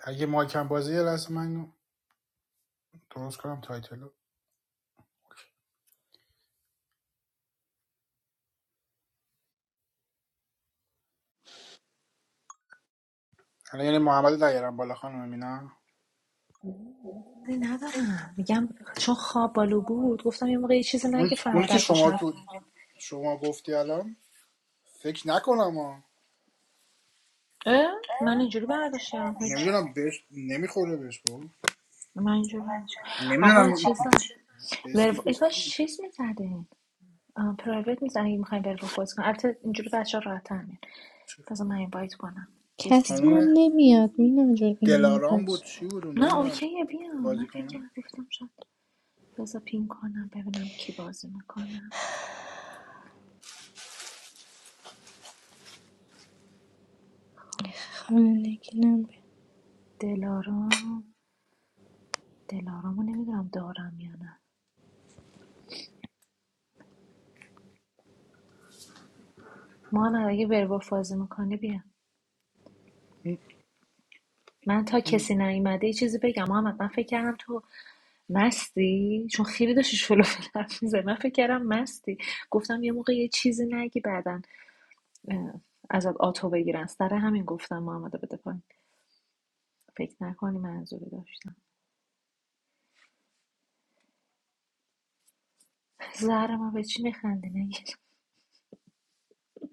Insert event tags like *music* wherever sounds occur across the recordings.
اگه مایکم بازی لازم لحظه من درست کنم تایتلو الان یعنی محمد دیرم بالا خانم مینا ندارم میگم چون خواب بالو بود گفتم یه موقع یه چیزی اون نگه اونی که فردا تو شما حرف تو نبین شما گفتی الان فکر نکنم ها من اینجوری برداشت کردم هیچ نمیدونم بهش نمیخوره بهش بود من اینجوری برداشت آقا نمیدونم چیزم به ورو ای استیفش کاش نمی‌دونم. چیز میزدین پرایوت میزن اگه میخوایم ورو فوز کنیم البته اینجوری بچه ها راحت تر میان بذار من اینوایت کنم چیز پین کسی هم خانم کنم نمیاد مینا جون این دلارام موقعش بود چی بود اون نه میدونم اوکیه بیام من بازی فکر کنم کردم- گفتم شاید بذار پین کنم ببینم کی بازی میکنم خب خانندگی نم بگو. دلارام دلارامو نمیدونم دارم یا نه ما نه اگه ورو فازی میکنی بیا من تا کسی نیومده یه چیزی بگم محمد من فکر کردم تو مستی چون خیلی داشتی شلو حرف می‌زدی. من فکر کردم مستی گفتم یه موقع یه چیزی نگی بعدا اه، ازت آتو بگیرن سر همین گفتم محمد رو بده پایین فکر نکنی منظوری داشتم زهر ما به چی میخندی نگیر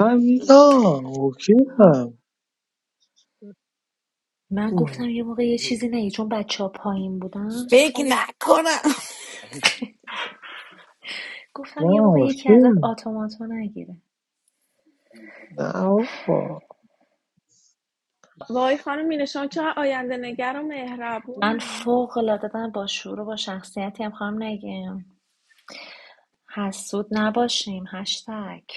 عزیزا اوکیم ها. من گفتم یه موقع یه چیزی نگی چون بچه ها پایین بودن فکر گفتم یه نکنم گفتم نه یه موقع یکی ازت اوکیم آتوماتو نگیره نه آقا وای خانم مینه شما چقدر آینده نگر و من مهربونی فوق العاده با شعور و با شخصیتی هم خواهم نگیم حسود نباشیم هشتگ.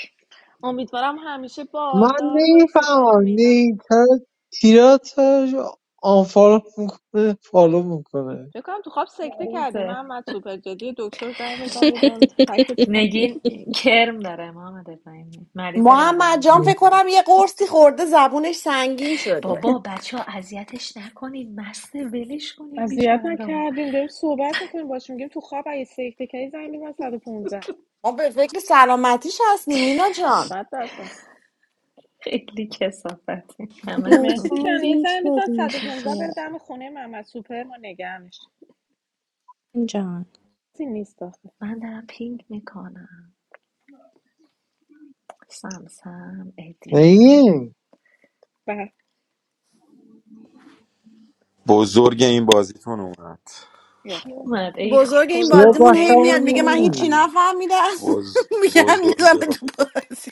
امیدوارم همیشه من باردار باشی خانم نمیفهمم مینا نیتر تیرات آنفالو میکنه فالو میکنه فکر کنم تو خواب سکته کردیم مریضه احمد سوپر جدی دکتر زنگ بزن یه داریم پکت کرد. *laughs* نگین کرم داره محمد ابراهیمی مریض محمد روانی جان فکر کنم یه قرصی خورده زبونش سنگین شده بابا بچه ها اذیتش نکنید مسته ولش کنید بیچاره رو نکردیم داریم صحبت میکنیم باش میگیم تو خواب اگه سکته کردی زنگ بزن 115 ما به فکر سلامتیش هستیم مینا جان صد درصد خیلی کسافتی مهدی همتون لطفا جان یه لینک زنگ بزن بدین 115 دیگه بره دم خونه محمد سوپر ما نگهمش جان چیزی نیست آخه من دارم پینگ میکنم سمسم ادی نگین بله. بزرگ این بازیتون اومد یا کی خدا اومد ای بزرگ این چرا خدا بازیمون باید هی ای میاد میگه من خدا هیچی *laughs* نگین نفهمیدم *laughs* بز... میگن بزرگ میزنه با- تو بازی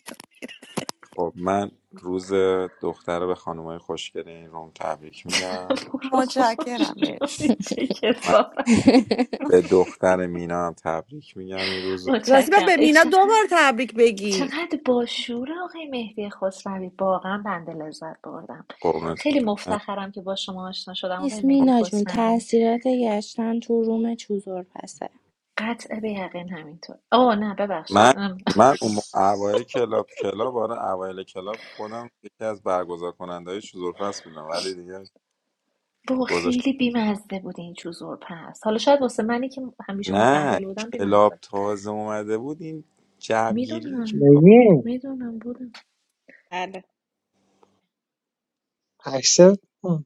خب من روز دختر به خانمای خوشگل این روم تبریک میگم برو گم شو. متشکرم مرسی. چه *laughs* من کسافت به دختر مینا هم تبریک میگم این روز راستی باید متشکرم به ای مینا دو چقدر بار تبریک بگی چقدر باشور آقای مهدی خسروی واقعا بنده لذت بردم قربونتون خیلی مفتخرم که با شما آشنا شدم آقای نیست مهدی مینا جون خسروی تاثیرات گشتن تو روم چوزور پسه قطع به یقین همینطور آه نه ببخشید من با من اون اوایل کلاب کلاب آره اوایل کلاب خودم یکی از برگزار کننده های شزورفست بودم ولی دیگه گذاشت خیلی بیمزده بود این چوزور پس حالا شاید واسه منی که همیشه نه متأهل بودم کلاب بیمزده تازه اومده بود این جوگیری میدونم کلاب نگین میدونم بودم بله اکسپ کن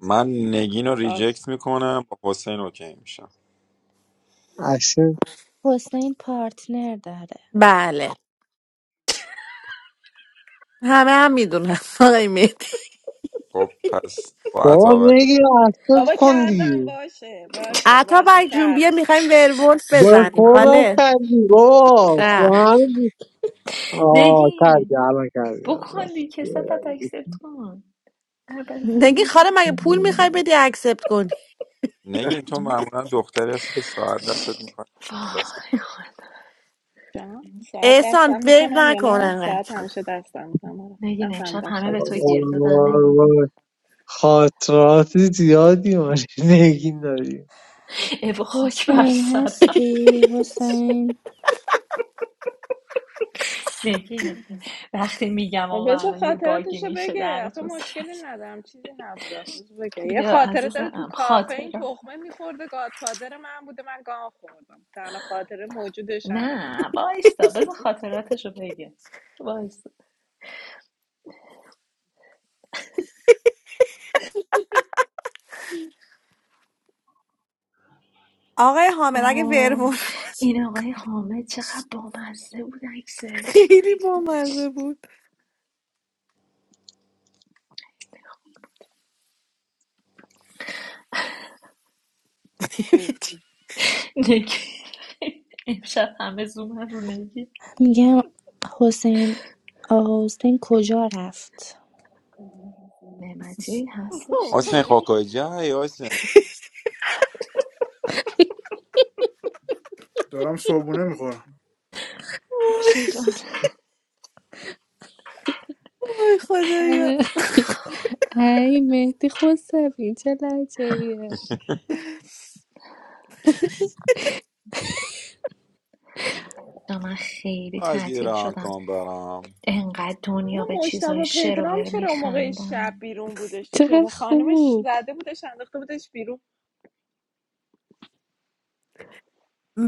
من نگین رو باش ریجکت میکنم با حسین اوکی میشم اکسپ حسین پارتنر داره بله همه هم میدونم *laughs* آقای مهدی خب پس با بابا عطابک نگین بابا اکسپ کن کردم دیگه باشه باشه عطا باشه برگ جون کردم بیا میخوایم ورولف با بزنیم کن خاله کردی بابا به نه همین آه کردی نگین الان کردی بکن راست دیگه میگی. کسافت اکسپت کن نگی عبازی خاله مگه پول میخوای بدی اکسپت نگین تو معمولا دختری هستی که ساعت دستت میکنه ساعت دستت وای خدا جان ساعت احسان دستم ویو میکنم یا نکن نه ساعت انقدر همیشه دستم میکنم آره نگین امشب نفهمیدم همه سال به تو گیر دادن نگین وای. خاطرات زیادی ما نگین داریم ایو خاک بر حسین سرم هستی حسین نگین وقتی میگم ما آقا بذار الان یه باگی خاطراتشو میشه بگه آخه دهنتون مشکلی سرویس ندارم چیزی نبود آخه بذار بگه یه بیا خاطره داره تو عزیزم کافه این خاطره تخمه میخورده گاتفادر من بوده من گان خوردم تنها خاطره موجودش همینه نه وایستا بذار خاطراتشو بگه وایستا آقای حامد اگه وای ورولف باشه این آقای حامد چقدر بامزه بود عکسش خیلی بامزه بود کوف نگین امشب همه زوم رو نگین میگم حسین آقا حسین کجا رفت نعمتی هستش یه حسین خوکای جای حسین دارم صبحونه میخورم وای باشه جان. وای خدایا *laughs* ای مهدی خسروی چه لحجه ایه جان، من خیلی از تعطیل ایران شدم کن برام انقدر دنیا اما به چیزای مجتبا *laughs* شر و پدرام ور چرا اون موقع شب میخندن بیرون بودش تو چقدر خیابون خانمش خوب زده بودش انداخته بودش بیرون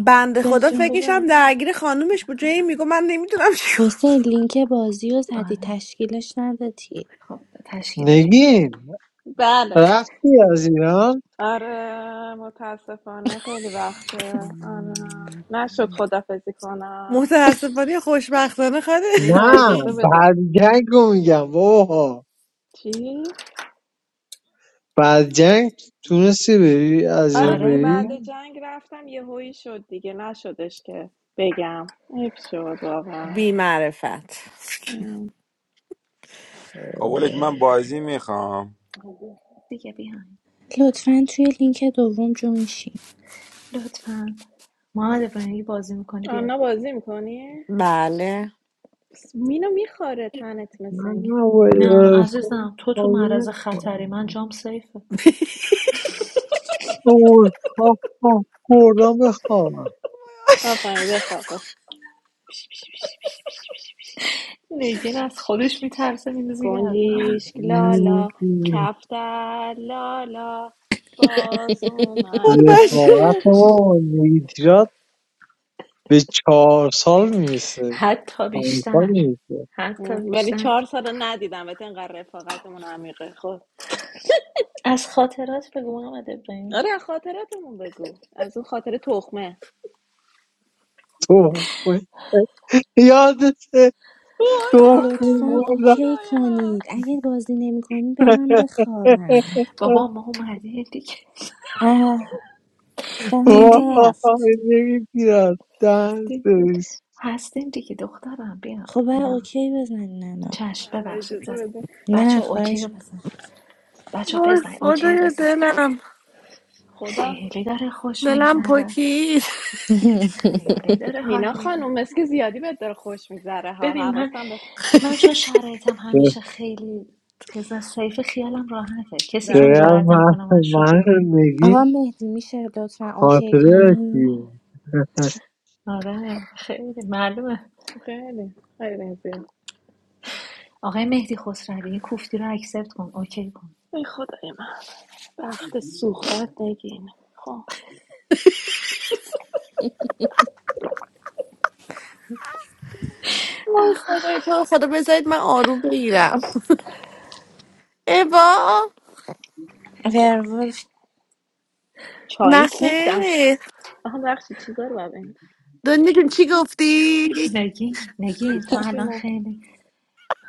بنده خدا چه بخن فکرش هم خوبه درگیر خانومش بود جایی میگو من نمیدونم چیکار کنم. حسین لینک بازی رو زدی آره تشکیلش ندادی خب تشکیلش بده نگین بله رفتی از ایران آره متاسفانه خیلی وقته آره نشد خدافزی کنم متاسفانه یا خوشبختانه خاله نه نه اجازه بده بعد جنگ رو میگم بابا چی؟ بعد جنگ تونستی بری از آره ایران دیگه آره بری آره بعد جنگ رفتم یه هویی شد دیگه نشدش که بگم حیف شد واقعا بی معرفت ام. خب ولک من بازی میخوام دیگه بیاین لطفا توی لینک دوم جونشین لطفا محمد ابراهیمی بازی میکنی بیا آنا بازی میکنی؟ بله مینو میخوره تنت نه مثل اینکه نه وای، نه عرفان عزیزم تو تو معرض کامل خطری من کنم. جام سیفه اوه، کاف، کاف، خوردم بخوابم آفرین بخواب بخواب. نگین از خودش میترسه میندازه گردن من گنجیش این لالا کفتر لالا باز وای اومده بچه رفاقت ما کن- با مهدی راد به چهار سال میرسه حتی پنج سال بیشتر میرسه حتی ولی بیشتر چهار سال ندیدم بهت اینقدر رفاقتمون عمیقه خب از خاطرات بگو محمد ابراهیمی آره خاطراتمون بگو از اون خاطر تخمه اوه، وای، یادته وای *laughs* دختر لطفا یادمه بردم اوکی خدای من کنید اگه بازی نمی کنید برم بخوابم بابا ما اومدیم دیگه اه سرم دیدین رفت وای نمیگیرم دست دیدین بریز هستیم دیگه دخترم بیا خب بر نه اوکی بزنین الان چشم بله ببخشید اجازه زده بده بچه نه اوکی رو خواهش بزن بچه وای بزن اوکی رو خدای بزنه دلم خدا خیلی داره خوش دلم میگذره پکید خیلی داره مینا حال میده خانم مسکی زیادی بهت داره خوش میگذره ها ببین من حواسم به من چون شرایطم همیشه خیلی چیز سیف خیالم راحته کسی چون بله بله چقدر جرئت من نمیکنه من شوخی من رو کنه آقا نگین مهدی میشه لطفا اوکی خاطره کنی داشتیم آره خیلی معلومه خیلی خیلی زیاد آقای مهدی خسروی این کوفتی رو اکسپت کن اوکی کن ای خدای من وقت سوختت نگین خب وای خدای تو رو خدا بذارید من آروم بگیرم ای بابا ورولف چایم کوفتم شد. نخیر آها بخشی چیزا رو ببین دنیا جون چی گفتی؟ نگین نگین تو الان جونا خیلی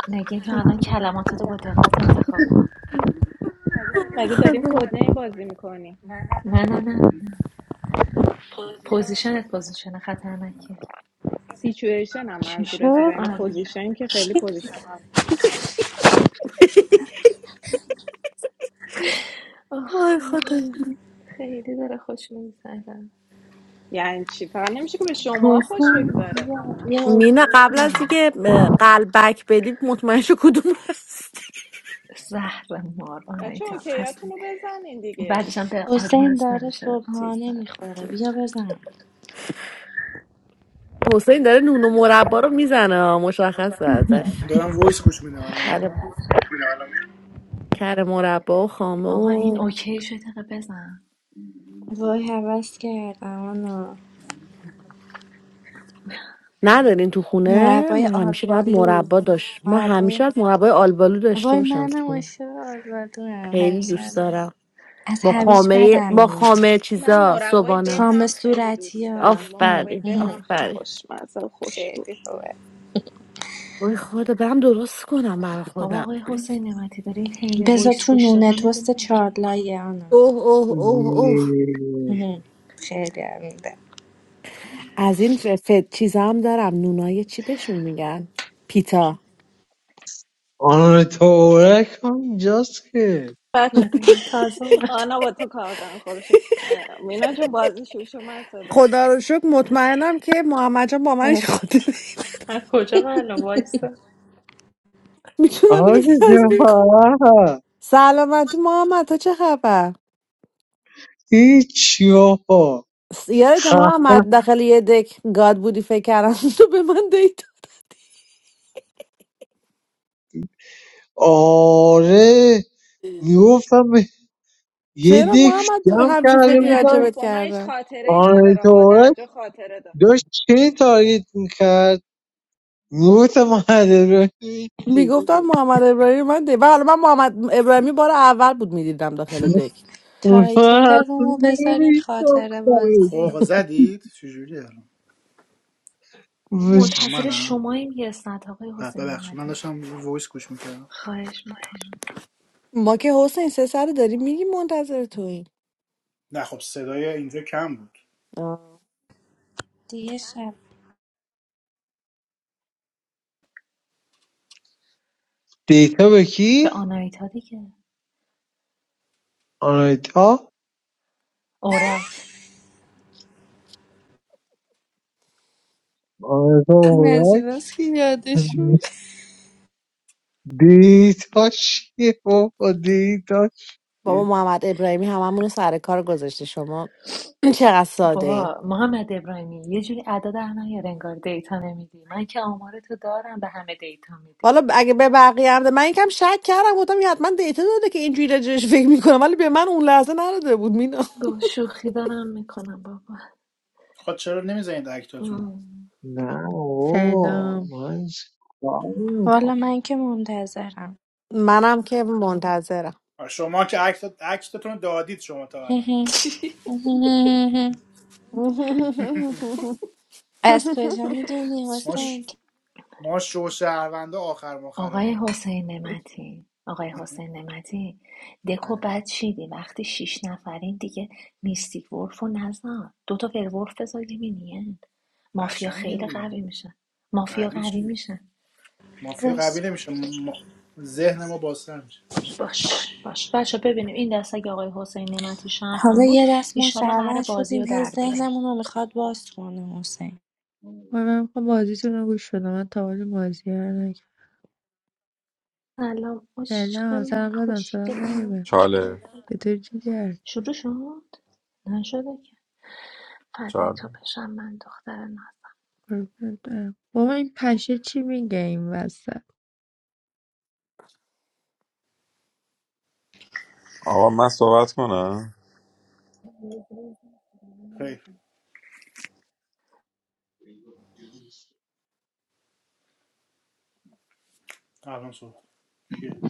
نگین تو چی الان کلماتتو با دقت انتخاب کن وای مگه داریم خدا کد نیم بازی میکنیم نه نه نه پوزیشنت پوزیشن خطرنکیه سیچویشن هم چی منظورته و شد؟ یعنی آره پوزیشن که خیلی پوزیشن آب. آه وای خدا خدا خیلی داره خوش میگذره یعنی چی فقط نمیشه که به شما خوش حسین بگذاره بیا بیا مینا اوکی قبل از کنم اینکه اه، قلبک بدی مطمئن شو کدوم هست زهر مار بچه آنایتا اوکیاتون هستیم رو بزنین دیگه بعدش هم به حسین آدینس داره نمیشه چیز صبحانه داد میخوره بیا بزن حسین داره نون و مربا رو میزنه مشخصه ازش دارم وایس گوش میدم الان کره میام. کره مربا و خامه آقا این و اوکی شده دقیقه بزن وای حوض کردم آنو ندارین تو خونه مربای من همیشه باید آلبالو مربا داشت من همیشه مربای باید مربای آلبالو داشته وای باشم تو منم خونه عاشق آلبالو هم خیلی همیشه دوست هم داشت. دارم از با هویج خامه بدم با میاد خامه من چیزا مربای به صبحانه خام هم خیلی صورتی دوست ها دارم هم، مربای آفرین به هم هم. خیلی آفرین خوشمزه و خوشبو خیلی خوبه وای خدا برم درست کنم برا بابا خودم آقای حسین نعمتی داری این حین بذار وایس تو گوش نونه دادن توست اینو اوکی کن چارلایه آنو اوه اوه اوه اوه هم. خیلی هم میده از این ف ف- چیزا هم دارم نونای چی بهشون میگن پیتا آن تورک هم اینجاست که بچه *laughs* آره تازه اومد آنا با تو کار دارم خودشو مینا جون بازی شوی شو من صدا خدا رو شکر مطمئنم که محمد جان با منش خاطره از کجا معلوم وایسه میتونم *laughs* اینو آره تضمین کنم جفا سلامتی محمد تا چه خبر هیچی آقا س- یادت خ... محمد داخل یه دک گاد بودی فکر کردم *laughs* تو به من دیتا آره میگفتم یه چرا دک محمد جمع همچین کرده فکری همین الان بودن گفت راجبت با من هیچ کردم خاطره نداره ها آن در جا خاطره داشت داشت چه تارگیت میکرد موت معدل رو میگفتم محمد ابراهیمی من دی و حالا من محمد ابراهیمی بار اول بود میدیدم داخل دک تایتل رومو بذارین نمیشتم خاطره خب بازی آقا زدید چجوری الان آه، منتظر منم شماییم یه اسنت آقای ب- حسین ببخشید من نعمتی داشتم وایس گوش میکردم خواهش میکنم ما که حسین سه سر داریم میگی منتظر تویی نه خب صدای اینجا کم بود آه. دیگه شب دیتا به کی؟ به آنایتا دیگه آنایتا اورک آنایتا این از هورک ایناست که یادش میره دیتا چیه بابا دیتا بابا چیه محمد ابراهیمی هممون رو سر کار گذاشته شما *clears throat* چقدر ساده ای بابا محمد ابراهیمی یه جوری ادا در نیار انگار دیتا نمیدی من که آمار تو دارم به همه دیتا میدی حالا اگه به بقیه هم ده- من یکم شک کردم گفتم یه حتما دیتا داده که اینجوری راجعش فکر میکنم ولی به من اون لحظه نداده بود مینا گفت شوخی دارم میکنم بابا خب چرا نمیزنید اکتاتونو ام. نه بابا Senão, من چیکار والا من که منتظرم منم که منتظرم *laughs* آه، شما که اکت اکتاتون دادید شما تا الان از کجا میدونی ما ش... حسین ما شو شهرونده آخر آقای ماخراییم حسین نمتی آقای حسین نمتی دکو بله بد چیدی وقتی شیش نفرین دیگه میستیک ورف و نزار دوتا ورولف بذار یه مینین مافیا قشنگه خیلی قوی دیگه. میشن مافیا قوی قوی چیه میشن مافیا قوی راست. نمیشه ما... ذهن ما بازتر میشه باش باش بچه ببینیم این دست اگه آقای حسین نعمتی حالا شهروند بود یه دست ما ایشالله قرار شهروند بازی رو شدیم هی در بیاره ذهنمون رو میخواد باز کنه حسین mas mesmo com mozi tu não gostas não, então olha mozi, né? سلام عشق Senão, se ela من vai dançar خوشگل nem من igual. جگر چاله طلا Eu tenho dinheiro, شروع شد نشده که فدای چال تو بشم من دختر نازم porra, então. Vou me encaixar de ninguém, vaza. آقا من صحبت کنم خیر الان صحبت کیه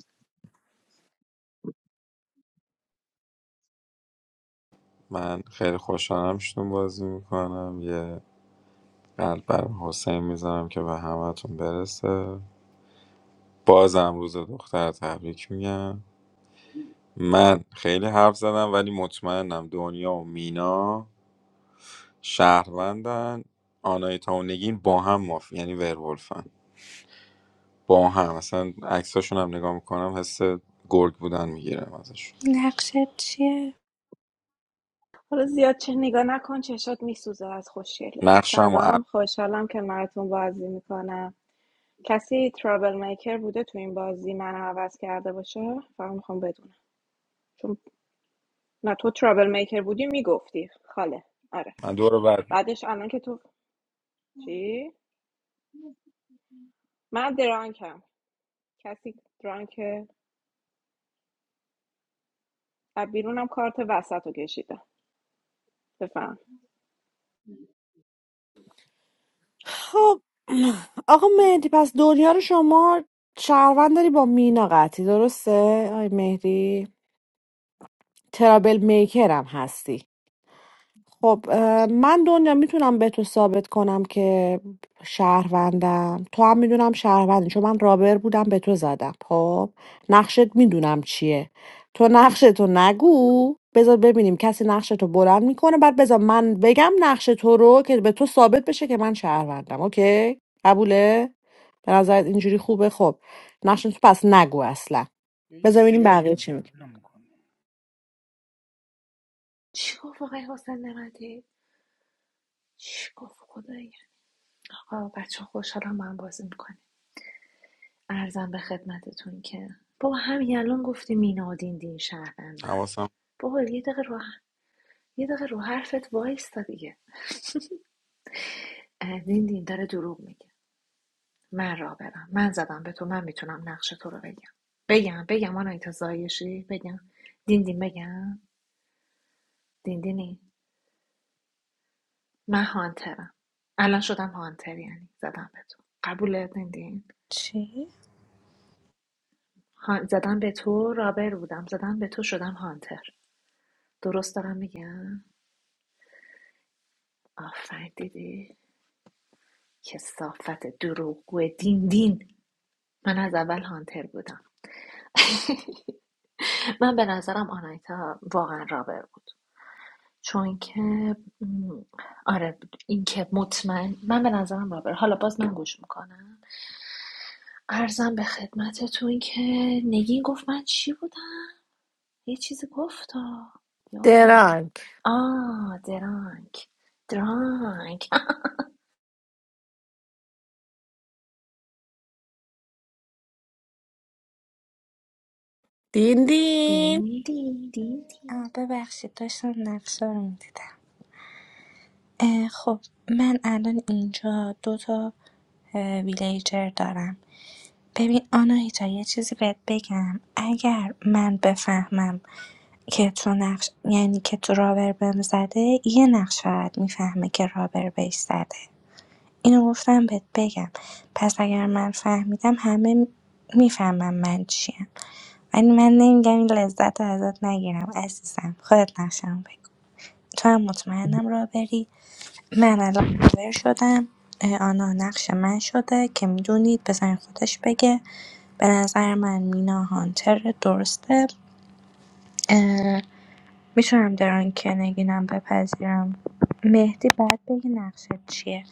من خیلی خوشحالم شدون بازی میکنم یه قلب بر حسین میزنم که به همتون برسه بازم روز دختر تبریک میگم من خیلی حرف زدم ولی مطمئنم دنیا و مینا شهروندن آنایتا و نگین با هم ماف یعنی ورولفن با هم اصلا عکساشون هم نگاه میکنم حس گرگ بودن میگیرم ازش نقشت چیه؟ حالا زیاد چه نگاه نکن چشات میسوزه از خوشگلی نقشم و سلام عرب. خوشحالم که مرتون بازی میکنم کسی ترابل میکر بوده تو این بازی من عوض کرده باشه فقط میخوام بدونم چون نه تو ترابل میکر بودی میگفتی خاله آره من دور رو بر می‌گردم. بعدش الان که تو چی من درانکم کسی درانکه از بیرونم کارت وسط رو کشیدم بفهم. خب آقا مهدی پس دنیا رو شما شهروند داری با مینا قطعی درسته آی مهدی ترابل میکر هم هستی خب اه، من دنیا میتونم به تو ثابت کنم که شهروندم تو هم میدونم شهروندی چون من رابر بودم به تو زدم خب نقشت میدونم چیه تو نقشتو نگو بذار ببینیم کسی نقشتو بلند میکنه بعد بذار من بگم نقش تو رو که به تو ثابت بشه که من شهروندم اوکی قبوله به نظرت اینجوری خوبه خب نقش تو پس نگو اصلا یه یه بذار ببینیم سیر بقیه مونده چی میگه ولم می‌کنی. چی گفت آقای حسین نمدی چی گفت خدایی آقا بچه خوشحالم من بازی میکنیم ارزم به خدمتتون که بابا همین الان گفتی مینادین دین شهروندن حواسم بابا یه دقیقه رو یه دقیقه رو حرفت وایستا دیگه اه، دین دین داره دروغ میگه من راه برم من زدم به تو من میتونم نقش تو رو بگم بگم بگم آنایتا زایشی بگم دین دین بگم دین دینی من هانترم الان شدم هانتر یعنی زدم به تو قبوله دین دین چی؟ زدم به تو رابر بودم زدم به تو شدم هانتر درست دارم میگم آفرین دیدی کسافت دروغگو دین دین من از اول هانتر بودم من به نظرم آنایتا واقعا رابر بود چون که آره این که مطمئن من به نظرم رابر حالا باز من گوش میکنم ارزم به خدمتتون که نگین گفت من چی بودم یه چیزی گفت یادم رفت درانک آه درانک درانک دین دین دین دین دین دین آه ببخشید داشتم نقشه رو میدیدم اه، خب من الان اینجا دو تا اه، ویلیجر دارم ببین آناهیتا یه چیزی بهت بگم اگر من بفهمم که تو نقش یعنی که تو رابر بهم زده یه نقش فقط میفهمه که رابر بهش زده اینو گفتم بهت بگم پس اگر من فهمیدم همه میفهمم من چیم ولی من نمیگم این لذت رو ازت نگیرم عزیزم خودت نقشم بگو تو هم مطمئنم رابری من الان کاور شدم اه، آنا نقش من شده که میدونید بزن خودش بگه به نظر من مینا هانتر درسته اه، میتونم دران که نگینم بپذیرم مهدی باید بگی نقشت چیه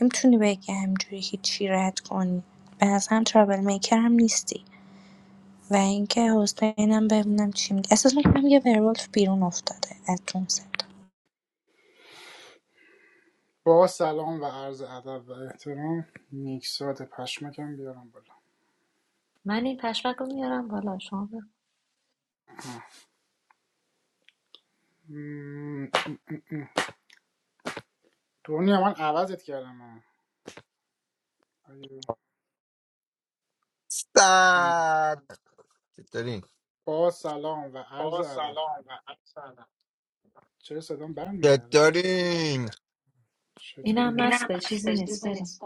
نمیتونی بگی همجوری هیچی رد کنی به نظرم ترابل میکر هم نیستی و اینکه حسینم ببینم چی میگه احساس میکنم یه ورولف بیرون افتاده از اون صدا با سلام و عرض ادب و احترام میکسات پشمکم بیارم بالا من این پشمک رو میارم بالا شما برو. م، دنیا من عوضت کردم ها. آیه، Stop. Chatarin. با سلام و عرض ادب چرا صدام برمیگرده Chatarin. چطوری اینم نیست مست به چیزی نیست بریم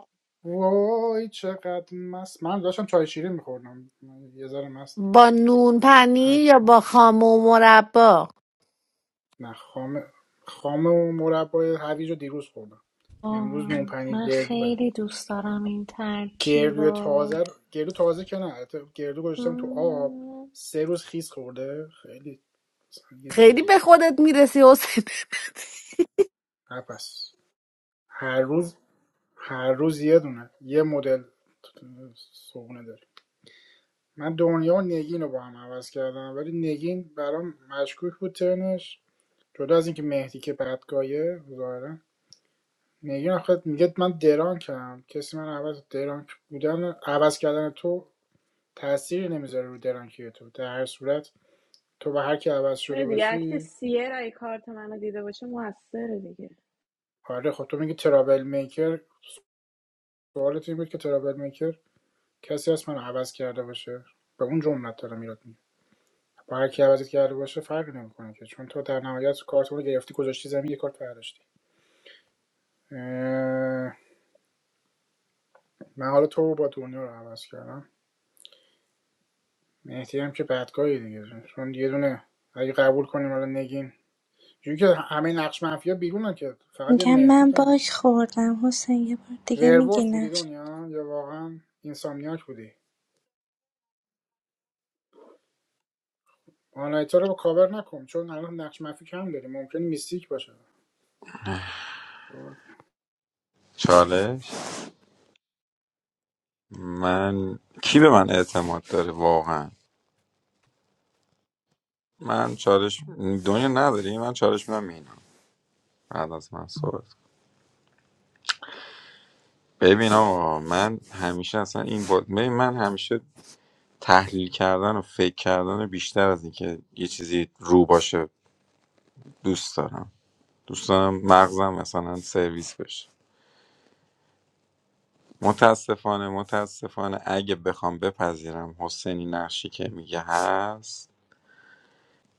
وای چقدر مست من داشتم چای شیرین میخوردم یه ذره مست با نون هر... پنیر یا با خام و مربا نه خامه خامه و مربای هویج رو دیروز خوردم امروز آه، نونپنیر من گردوه خیلی دوست دارم این ترکیب گردو تازه و رو- گردو تازه که نه البته گردو گذاشتم تو آب سه روز خیس خورده خیلی مثلا یه خیلی چیزی به خودت میرسی حسین پس هر روز هر روز یه دونه یه مدل صبحونه داریم من دنیا و نگین رو با هم عوض کردم ولی نگین برام مشکوک بود ترنش جدا از اینکه مهدی که بدگاهه ظاهرا نگین آخه میگه من درانکم کسی من عوض درانک بودن عوض کردن تو تأثیری نمیذاره رو درانکی تو در هر صورت تو به هر کی عوض چرا شده دیگه اکت باشی سیر ای کارت منو دیده باشه موثره دیگه آره خب تو میگی ترابل میکر سوالت این بود که ترابل میکر کسی هست من عوض کرده باشه به اون جملت دارم ایراد میگیره. با هر کی عوضت کرده باشه فرقی نمیکنه که چون تو در نهایت کارت رو گرفتی گذاشتی زمین یه کارت برداشتی من حالا تو رو با دنیا رو عوض کردم مهدی هم که بدگاهی دیگه چون یه دونه اگه قبول کنیم حالا نگین جوری که همه نقش منفی ها بیرونن که فقط یه میگم مهدی من دارم باگ خوردم حسین یه بار دیگه ورولف بودی میگی دنیا یا واقعا اینسامنیاک بودی آنایتا رو با کاور نکن چون الان نقش منفی کم داری ممکن میستیک باشه خب، چالش من کی به من اعتماد داره واقعا من چالش دنیا نداری من چالش میدم مینا بعد از من صحبت کن. ببین آقا من همیشه اصلا این با... ببین من همیشه تحلیل کردن و فکر کردن بیشتر از اینکه یه چیزی رو باشه دوست دارم دوست دارم مغزم مثلا سرویس بشه متاسفانه متاسفانه اگه بخوام بپذیرم حسینی نقشی که میگه هست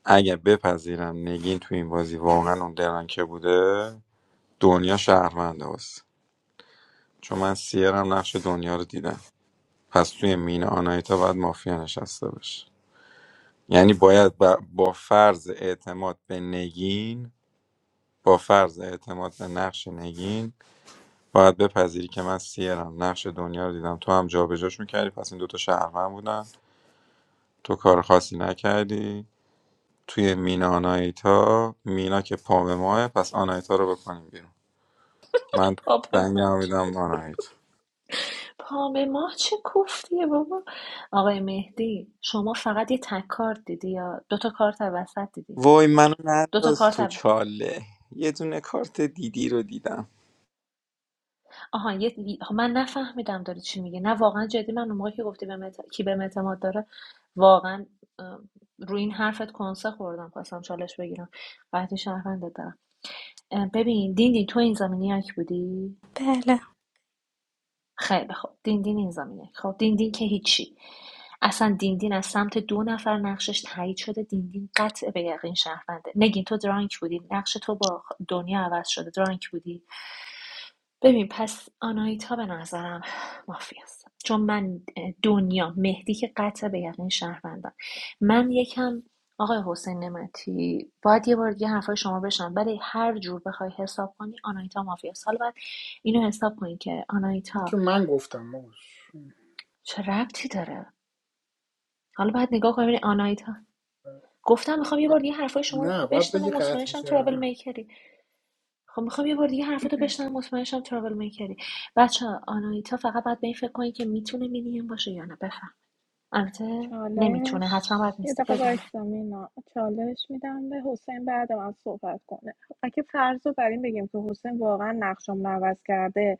اگه بپذیرم نگین تو این بازی واقعا اون درن که بوده دنیا شهرونده هست چون من سیرم نقش دنیا رو دیدم پس توی مین آنایتا باید مافیا نشسته باشه یعنی باید با با فرض اعتماد به نگین با فرض اعتماد به نقش نگین باید بپذیری که من سیرم نقش دنیا رو دیدم تو هم جابجاش میکردی پس این دوتا شهروند بودن تو کار خاصی نکردی توی مینا آناهیتا مینا که پا به ماه پس آناهیتا رو بکنیم بیرون من پاپ دنگم مود میدم به آناهیتا پام ماه چه کوفتیه بابا آقای مهدی شما فقط یه تک کارت دیدی یا دوتا کارت وسط دیدی وای منو دوتا ننداز کارت تو اول چاله یه دونه کارت دیدی رو دیدم آها یه... خب من نفهمیدم داری چی میگه نه واقعا جدی من اون موقع که گفتی به مت... کی به اعتماد داره واقعا ام، روی این حرفت کنسه خوردم خواستم چالش بگیرم قطعی شهروندت دارم ام، ببین دیندین تو این زمینی یک بودی بله خیلی خوب دیندین این زمینه خب دیندین که هیچی اصلا دیندین از سمت دو نفر نقشش تایید شده دیندین قطع به یقین شهرونده نگین تو درانک بودی نقش تو با خ- دنیا عوض شده درانک بودی ببین پس آنایتا به نظرم مافیاست چون من دنیا مهدی که قطع به یقین شهروندم من یکم آقای حسین نمتی باید یه بار دیگه حرفای شما بشنم ولی هر جور بخوای حساب کنی آنایتا مافی است حالا باید اینو حساب کنی که این آنایتا که من گفتم ما چه ربطی داره حالا باید نگاه کنیم ببینی آنایتا گفتم میخوام یه بار دیگه حرفای شما رو نه باید بشنوم بگی و مطمئن قطعی شم شد. ترابل میکری خب میخوام یه بار دیگه حرفاتو بشنوم مطمئن شم ترابل میکری بچه آنایتا فقط باید به این فکر کنید که میتونه مینیم باشه یا نه بفهم البته نمیتونه چالش حتما باید یه میستیک دقیقه بزنه وایسا مینا چالش میدم به حسین بعد من صحبت کنه اگه فرض رو بر این بگیم که حسین واقعا نقشم عوض کرده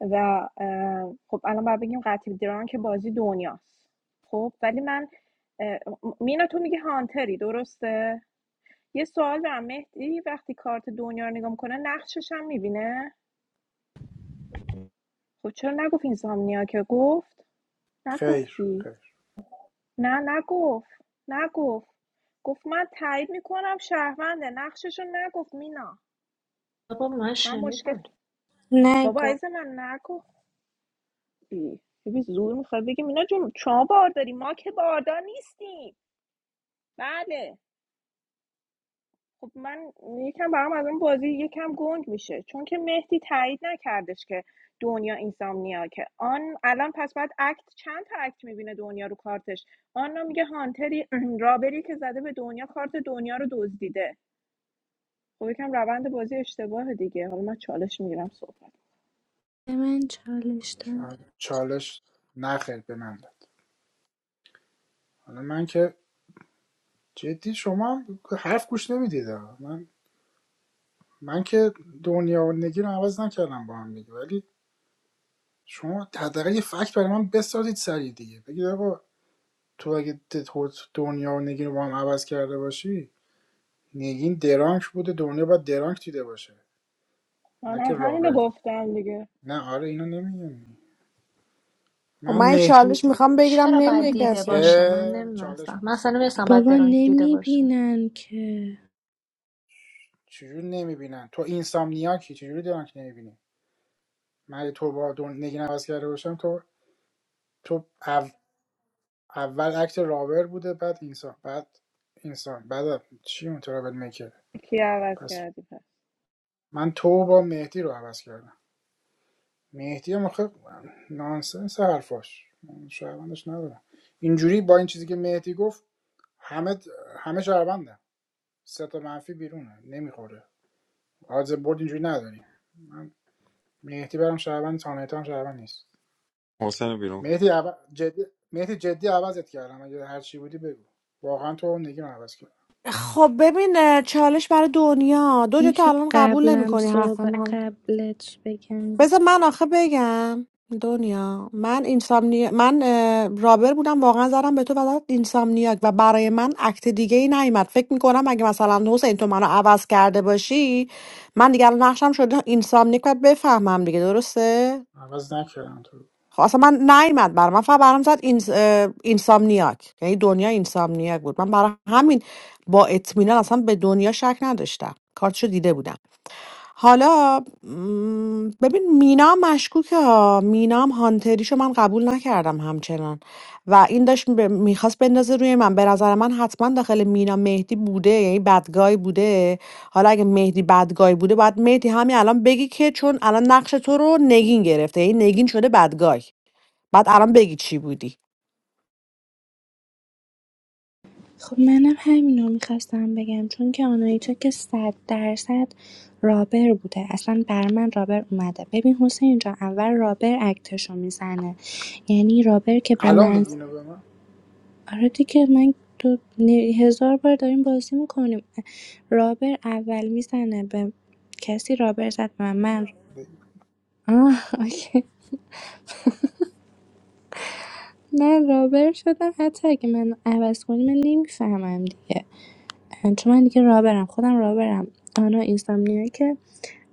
و اه، خب الان باید بگیم قطعی دران که بازی دنیاست خب ولی من اه، مینا تو میگی هانتری درسته یه سوال دارم مهدی وقتی کارت دنیا رو نگاه میکنه نقشش هم میبینه خب چرا نگفت این سامنیا که گفت خیر نگفتی خیر نه نگفت نگفت گفت من تایید میکنم شهرونده نقششو نگفت مینا بابا من من مشکل شنیدم بابا نگو عزیز من نگفتی ببین زور میخوای بگی مینا جون شما بارداری ما که باردار نیستیم بله خب من یکم برام از اون بازی یکم گنگ میشه چون که مهدی تایید نکردش که دنیا اینسامنیا که آن الان پس بعد اکت چند تا اکت میبینه دنیا رو کارتش آن میگه هانتری *clears throat* رابری که زده به دنیا کارت دنیا رو دزدیده خب یکم روند بازی اشتباه دیگه حالا من چالش میگیرم صحبت به من چالش من داد چالش نه خیر به من داد. حالا من که جدی شما هم حرف گوش نمیدید آقا. من من که دنیا و نگی رو عوض نکردم با هم دیگه ولی شما حداقل یه فکت برای من بسازید سریع دیگه بگید آقا تو اگه د- خود دنیا و نگین رو با هم عوض کرده باشی نگین درانک بوده دنیا باید درانک دیده باشه نه من که هم همین رو رابرت گفتم دیگه نه آره اینو نمیگم خب من من این مهدی چالش میخوام بگیرم چرا باید نمیده دیده کسی باشه من اه، چالش نمیدونستم من اصلا میخواستی بگید. نمیدونستم باید بابا درانک دیده باشه نمیبینن که چجوری نمیبینن تو اینسامنیاکی چجوری دارن که نمیبینی من تو با دون نگی عوض کرده باشم تو تو او- اول اکت رابر بوده بعد اینسان بعد اینسان بعد چی اون ترابل میکر کی عوض پس کردی پس من تو با مهدی رو عوض کردم مهدی هم آخه نانسنس حرفاش من شهروندش ندارم اینجوری با این چیزی که مهدی گفت همه همه شهروندن سه تا منفی بیرونه نمیخوره آدز برد اینجوری نداری من مهدی برام شهروند تانیتا هم شهروند نیست حسین رو بیرون کن. مهدی عو... جدی مهدی جدی عوضت کردم اگه هر چی بودی بگو واقعا تو اون نگی من عوض کردم خب ببین اه، چالش برای دنیا دنیا تو میشه الان قبول قبلم نمیکنی حرف صحبت من قبلت بگم بذار من آخه بگم دنیا من اینسامنی من اه، رابر بودم واقعا زدم به تو و زدم اینسامنیاک و برای من عکت دیگه ای نیومد فکر میکنم اگه مثلا حسین تو منو عوض کرده باشی من دیگه الان نقشم شده اینسامنیاک و بفهمم دیگه درسته عوض نکردم تو رو. خب اصلا من نیومد برام من فقط برام زد این اینسامنیاک یعنی دنیا اینسامنیاک بود من برای همین با اطمینان اصلا به دنیا شک نداشتم کارتشو دیده بودم حالا م، ببین مینا مشکوکه ها مینا هم هانتریشو من قبول نکردم همچنان و این داشت میخواست بندازه روی من به نظر من حتما داخل مینا مهدی بوده یعنی بدگای بوده حالا اگه مهدی بدگای بوده باید مهدی همین الان بگی که چون الان نقش تو رو نگین گرفته یعنی نگین شده بدگای بعد الان بگی چی بودی خب منم همینو میخواستم بگم چون که آنایتا که صد درصد رابر بوده اصلا بر من رابر اومده ببین حسین جان اول رابر اکتشو میزنه یعنی رابر که به الان من میگی اینو به من آره دیگه من تو نه- هزار بار داریم بازی میکنیم رابر اول میزنه به کسی رابر زد به من من بگی. آه اوکی. من رابر شدم حتی اگه من عوض کنی من نمیفهمم دیگه چون من دیگه راه برم خودم راه برم آنا اینسامنیاکه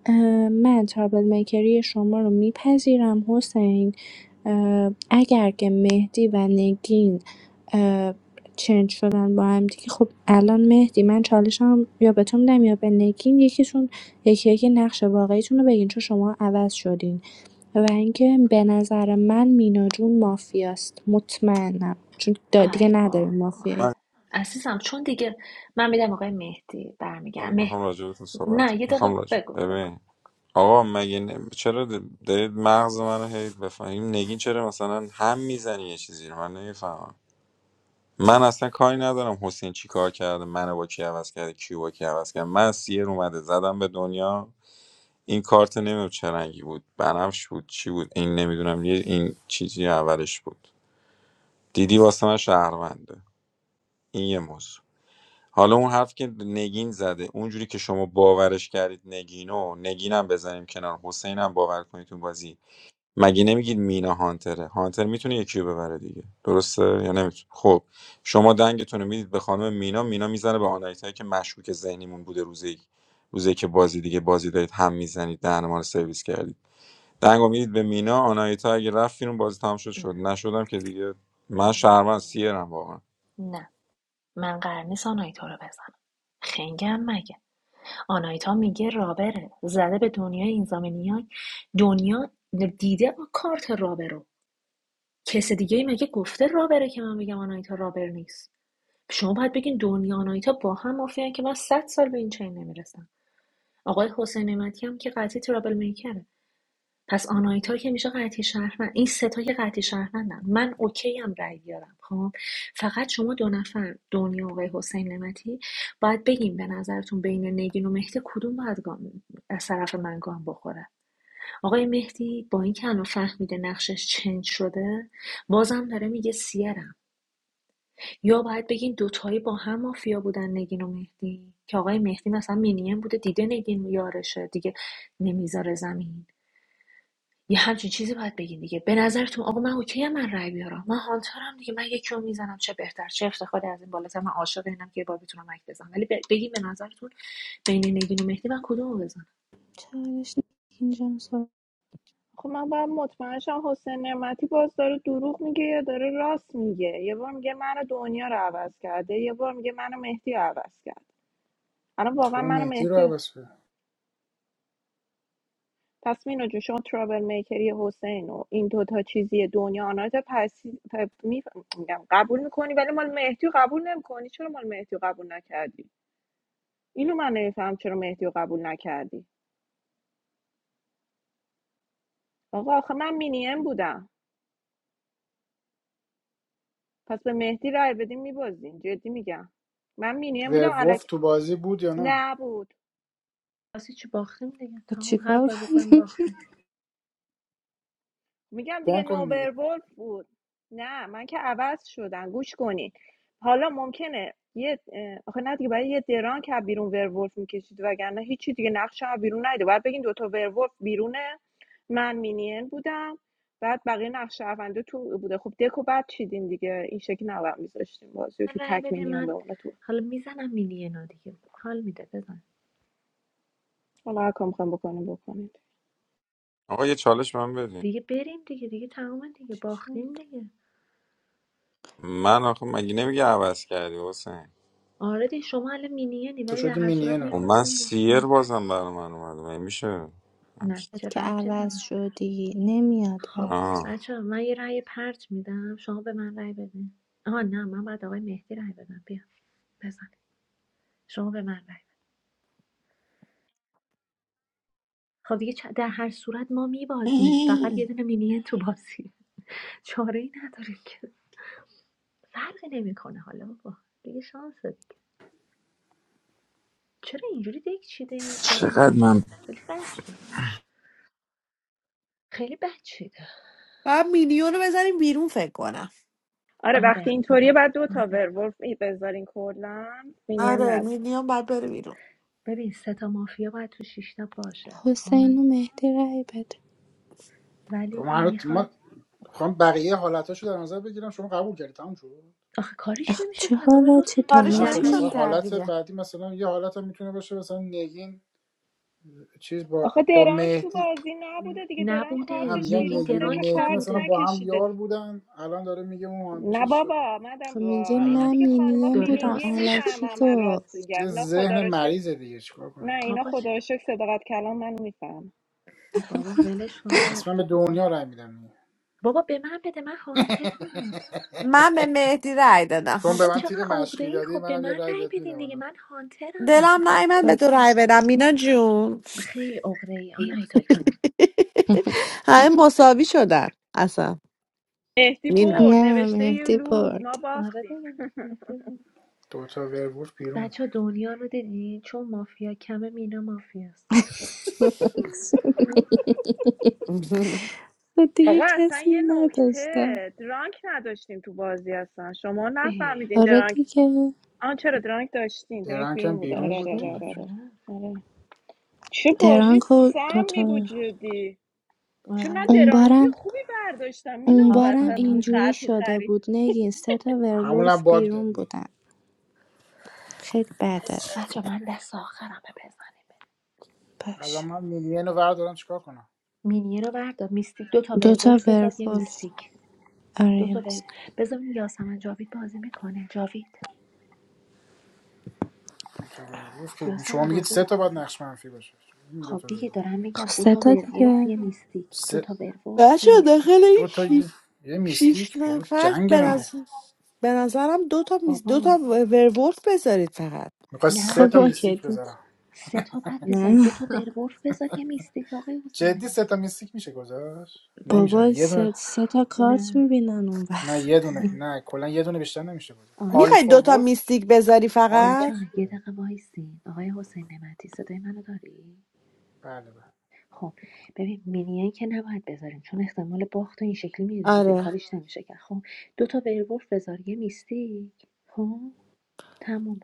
اه، من ترابل میکری شما رو میپذیرم حسین اه، اگر که مهدی و نگین اه، چنج شدن با هم دیگه خب الان مهدی من چالشم یا به تو میدم یا به نگین یکیشون یکی یکی نقش واقعیتون رو بگین چون شما عوض شدین و اینکه به نظر من مینا جون مافیاست مطمئنم چون دا- دیگه ای نداریم بابا من مافیایی عزیزم چون دیگه من میدم آقای مهدی برمیگم چون مه... میخوام راجع بهتون صحبت نه کنم. یه میخوام دقیقه راجع بگو بگو ببین آقا مگه نه- چرا د- دارید مغز منو هی بفهمیم نگین چرا مثلا هم میزنی یه چیزی رو من نمیفهمم من اصلا کاری ندارم حسین چی کار کرده منو با کی عوض کرده کیو با کی عوض کرده من از سیر اومده زدم به دنیا این کارت نمیدونم چه رنگی بود بنفش بود چی بود این نمیدونم یه این چیزی اولش بود دیدی واسه من شهرونده این یه موضوع حالا اون حرف که نگین زده اونجوری که شما باورش کردید نگینو نگینم بزنیم کنار حسینم باور کنید تو بازی مگه نمیگید مینا هانتره هانتر میتونه یکی رو ببره دیگه درسته یا نمیتونه خب شما دنگتون رو میدید به خانم مینا مینا میزنه به آنایتایی که مشکوک ذهنیمون بوده روزی روزی که بازی دیگه بازی دارید هم میزنید دهن ما رو سرویس کردید دنگو میدید به مینا آنایتا اگه رفت بیرون بازی تمام شد شد م، نشدم که دیگه من شهروند سیرم واقعا نه من قرار نیست آناهیتا رو بزنم خنگم مگه آناهیتا میگه رابره زده به دنیای این زامنیان دنیا دیده کارت رابر رو کس دیگه ای مگه گفته رابره که من بگم آناهیتا رابر نیست شما باید بگین دنیا آناهیتا با هم مافیان که من صد سال به این چین نمیرسم آقای حسین نعمتی هم که قطعی ترابل میکره پس آناهیتا که میشه قطعی شهروند این سه تا که قطعی شهروندم من اوکی هم رأی بیارم خب فقط شما دو نفر دنیا و آقای حسین نعمتی باید بگیم به نظرتون بین نگین و مهدی کدوم باید گام- از طرف من گام بخوره آقای مهدی با اینکه الان فهمیده نقشش چنج شده بازم داره میگه سیرم یا باید بگین دوتایی با هم مافیا بودن نگین و مهدی که آقای مهدی مثلا مینیم بوده دیده نگین یارشه دیگه نمیذاره زمین یه همچین چیزی باید بگین دیگه به نظرتون آقا من اوکی من رای بیارم من هانترم دیگه من یکی رو میزنم چه بهتر چه افتخاری از این بالاتر من عاشق اینم که یه بار بتونم مک بزنم ولی ب- بگین به نظرتون بین نگین و مهدی من کدومو بزنم چالش نگین جان، صحبت خب من باید مطمئن شم حسین نعمتی باز داره دروغ میگه یا داره راست میگه یه بار میگه من دنیا رو عوض کرده یه بار میگه منو مهدی رو عوض کرد الان تو واقعا منو مهدی رو مهدی عوض کردم پس مینا جون شما ترابل میکری حسین و این دوتا چیزی دنیا آنات پس پ- می- میگم قبول میکنی ولی مال مهدی رو قبول نمیکنی چرا مال مهدی رو قبول نکردی اینو من نمیفهم چرا مهدی رو قبول نکردی آقا آخه من مینیم بودم پس به مهدی رای بدیم میبازیم جدی میگم من مینیم بودم ورولف تو بازی بود یا نه نبود خب چیکار کنیم میگم بان دیگه کن دیگه نوبرولف بود نه من که عوض شدم گوش کنین حالا ممکنه یه اه، آخه نه دیگه برای یه دران که از بیرون ورولف میکشید وگرنه هیچی دیگه نقش از بیرون نیده باید بگین دوتا ورولف بیرونه من مینین بودم بعد بقیه نقش شهرونده تو بوده خب دکو بعد چیدین دیگه این شکل نباید میذاشتیم بازی رو من که رای تک بده مینیان من بمونه تو حالا میزنم مینینا دیگه حال میده بزن حالا هر کام میخوام بکنیم بکنید آقا یه چالش به من بدین دیگه بریم دیگه دیگه تمام *laughs* دیگه چی شد باختیم دیگه من آخه مگه نمیگه عوض کردی حسین آره دیگه شما الان مینینی تو ولی در شدی هر صورت مینین و الان من میپرسیم داداش دیگه سیر آره بازم برای من اومده مگه میشه نه بد چه که ربطی داره عوض شدی نمیاد خب برات آه. بچه من یه رأی پرت میدم شما به من رأی بده آها نه من باید آقای مهدی رأی بدم بیا بزن شما به من رأی بده خب دیگه چ- در هر صورت ما میبازیم *laughs* فقط یه دونه مینیه تو بازی *laughs* چاره ای نداریم که فرقی نمیکنه حالا بابا دیگه شانس دیگه چرا اینجوری دیگه چیده این باد چقدر من خیلی بد شده. خیلی بد چیده بعد مینیون رو بزنیم بیرون فکر کنم آره وقتی آره اینطوریه بعد دو تا آره ورولف بذارین کلا مینین آره آره نذارین. مینیون باید بره بیرون ببین سه تا مافیا باید تو شیشتا باشه خب حسین و مهدی رای بده ولی ما هنوز میخوای ما خواهم بقیه حالتاشو در نظر بگیرم شما قبول کردی تموم شد آخه کاریش اخ نمیشه چه کرد آقای حالا چه حسین نمک کارش نه در خب دالتی هر نمیشد مثلا نداره صورت کرد حالت دیگه بعدی مثلا یه حالت هم میتونه باشه مثلا نگین چیز با آخه با درانک تو مهدی بازی نبوده دیگه درانک نه نبوده کارتش میگم نگین بیرون نگین بوده و که درانک مهدی کارت مثلا نبوده با هم نکشیده یار بودن الان داره میگه اون نه چیز شده بابا مدام خب میگه با اینا آه. من دیگه خانما مینیم داره بودم فیلینگی راستشو *laughs* علکی میفهمم میگه من راست میگم گفت یه اینا خدا ذهن رو شکر مریضه دیگه چیکار نه کنیم اینا آقا چه خدا رو شکر صداقت کلام من میفهم بابا ولش کن آقای پس من به حسین دنیا رای میدم بابا به من بده من هانترم من به *laughs* مهدی رأی دادم چون به بابا من تیر چقدر عقده مشقی ای دادی خب به منم یه من رای رأی بهت بدین میدم دیگه حالا من هانترم دلم نیمد به تو کار- رأی بدم مینا جون خیلی عقده ای آنایتا جون *laughs* *laughs* همه مساوی شدن اصلا مهدی مینا برد نه نوشته یه مهدی لوز برد ما آره باختیم دیگه نکته بود. دوتا ورولف بیرون بود بچه دنیا رو دیدی چون مافیا کمه مینا مافیاست *laughs* *laughs* خب دیگه آقا اصلا کسی رو یه نکته نداشتم درانک نداشتیم تو بازی اصلا شما ای نفهمیدین آره درانک دیگه آن چرا درانک داشتین درانک درنگ بیرون هم بوده بیرون آره آره بود داشته آره دیگه آره, آره آره. چه آره بازی درانکو سمی بود دوتا جدی چون من آره اون درانکی بارم خوبی برداشتم مینا اون اون بارم وسط آفرین تو آره. خر اینجوری تو شده خری بود نگین سه تا همونم ورولف باگ بیرون دادی بودن خیلی بده بچه من دست آخرم به بزنیم الان باش من میلین رو وردارم چیکار کنم مینیه رو بردار میستیک دو تا دوتا ورولف بذار یه ورولف میستیک آره دو یه تا ور میز. بذار یاسمن جاوید بازی میکنه جاوید دوتا ورولف که شما یاسمن میگید بازی سه تا باید میکنه نقش منفی باشه می خب دوتا دیگه ورولف دارم میگم خب دو سه تا تا ورولف دیگه یه میستیک دو سه تا ورولف بچه یه میستیک داخل این دوتا یه شیش یه شیش میستیک بابا نفر جنگ به آره مگه نظر- به نظرم دو تا میز دو بابا تا ورولف بذارید فقط میخوای سه نه تا خب ای اوکی میستیک بذارم دوتا سه تا بعد بذاریم نه دو تا ورولف بذار یه میستیک آقای جدی حسین سه تا میستیک میشه گذاشت من نمیشه بابا یه دونه سه, سه تا کارت نه میبینن اون نه وقت یه دونه نه نه کلا یه دونه بیشتر نمیشه بود آره میخوای آلفا دوتا ولف چی- میستیک بذاری آلفا بچه فقط ها یه چیه دقیقه وایسین آقای حسین نمتی صدای منو داری؟ بله بله خب ببین مینین که نباید بذاریم چون احتمال باخت این شکلی میره دیگه آره کاریش نمیشه کرد خب دو تا ورولف بذار یه میستیک خب تموم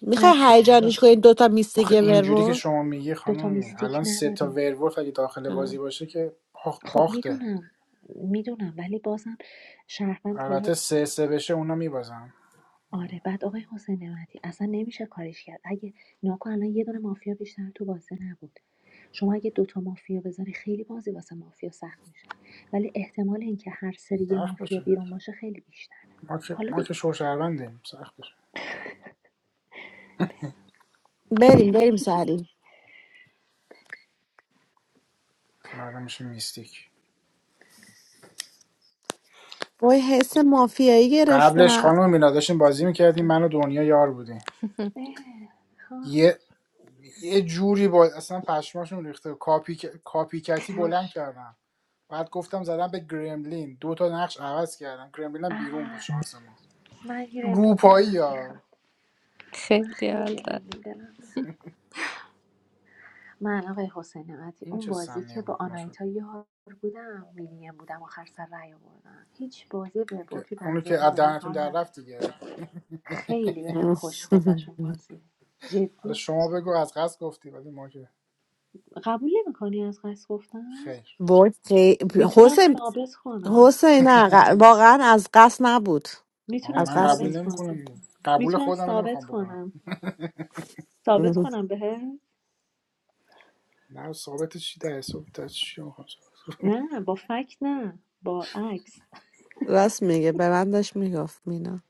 میخوای نقشش آره. هیجانش کنی دوتا میستیک آخه اینجوری که ورور شما میگی دو تا خانم می میستیک الان سه تا نداریم ورولف اگه داخل بازی باشه که آخ، خب باخته میدونم میدونم ولی بازم شهروند حالا البته سه سه بشه اونا میبازن آره بعد آقای حسین نعمتی اصلا نمیشه کاریش کرد اگه نگاه کن، الان یه دونه مافیا بیشتر تو بازی نبود شما اگه دوتا مافیا بذاری خیلی بازی واسه مافیا سخت میشه ولی احتمال اینکه هر سری یه سخت مافیا بشه بیرون باشه خیلی بیشتره ما که حالا ما دیگه که شوشهروندیم سخت بشه چون میشه میستیک قبلش بایستم خانم مینا داشتیم بازی میکردیم من و دنیا یار بودیم اه، ها یه یه جوری با اصلا پشماشون ریخته کاپی کاپیکتی بلند مش. کردن بعد گفتم زدم به گرملین دو تا نقش عوض کردم گرملین هم بیرون بود آه، شانس ما من گرemlin روپایی دلم میخواد ها من خیلی خیلی حال داد. گرemlin دلم میخواد من آقای حسین نعمتی این اون چه بازی سمی که با بود ما شد آنایتا یار بودم مینیم بودم آخر سر رأی آوردم هیچ بازی به برد که تو اونو بنزه که اون از به من دهنتون حال در رفت نداد دیگه *laughs* بازی حالا جدی شما بگو از قصد گفتی ولی ما که قبول نمیکنم خیر حسین میتونم حسین نه ق- واقعا از قصد نبود آه از من قصد قبول میتونم نمیکنم قبول خودم نمیخوام بکنم نبود. *laughs* میتونم نه ثابت چی در حساب در چی میخوام نه با فکت نه با عکس راست میگه به من داشت میگفت مینا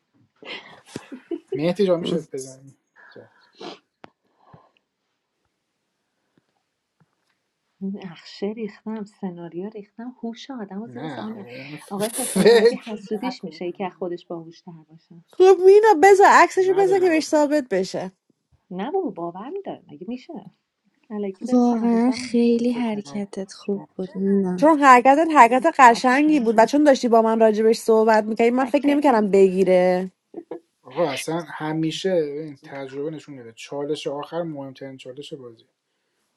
مهدی جا میشه بزنیم زد. نقشه ریختم سناریو ریختم هوش آدم و زیر سوال نه نه. اون ف- آقای حسین نعمتی فکر حسودیش میشه که از نکنم خودش باهوشتر باشه *laughs* خب مینا نه. بذار عکسشو بذار که نداریم بهش آخه ثابت بشه نه بابا باور میداره مگه میشه الکی داره سر به واقعا سرم می‌زنه. شما خیلی فکر کنم حرکتت شما خوب بود نه چون حرکتت حرکت قشنگی چکریم بود و چون داشتی با من راجبش صحبت میکردی من فکر چکریم نمیکردم بگیره آقا اصلا همیشه این تجربه نشون میده چالش آخر مهمترین چالش بازی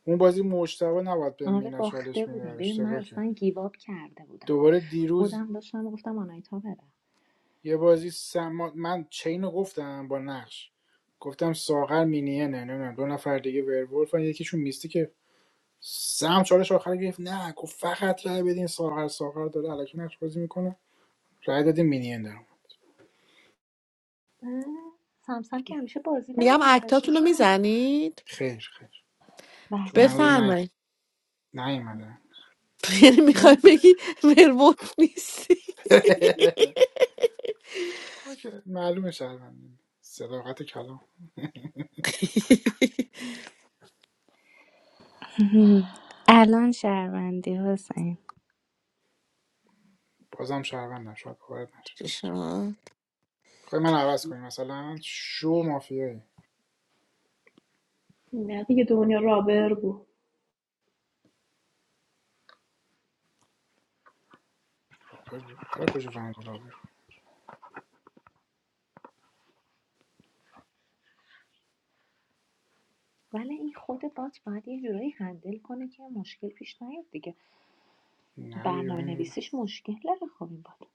اون بازی مجتبا نباید به آره مینا چالش باخته بودیم میداد ببین من اشتباه اصلا کرد گیواب کرده بودم دوباره دیروز خودم داشتم گفتم آنایتا بره یه بازی سما... من چین رو گفتم با نقش گفتم ساغر مینیه نه نمیدونم دو نفر دیگه ورولفن یکیشون میستی که سم چالش آخر گرفت نه گفت فقط رای بدین ساغر ساغر داره الکی نقش بازی میکنه رای دادیم مینین درم اه، سمسم که همیشه بازی در میگم میاره چی اکتاتون رو شد؟ میزنید خیر خیر بله چون بله هنوز نه بفرمایید نیومدن *laughs* یعنی میخوای من بگی ورولف نیستی *laughs* ما که معلومه شهروندیم صداقت کلام *laughs* الان شهروندی حسین بازم شهروندم شاید باورت نشه خب من عوض کنیم مثلا شو مافیایی نه دیگه دنیا رابر بود رابر بود تو از کجا فهمیدی رابر بود ولی این خود بات باید یه جورایی هندل کنه که مشکل پیش نیاد دیگه نه دیگه برنامه اون بود. نویسیش مشکل داره خب این بات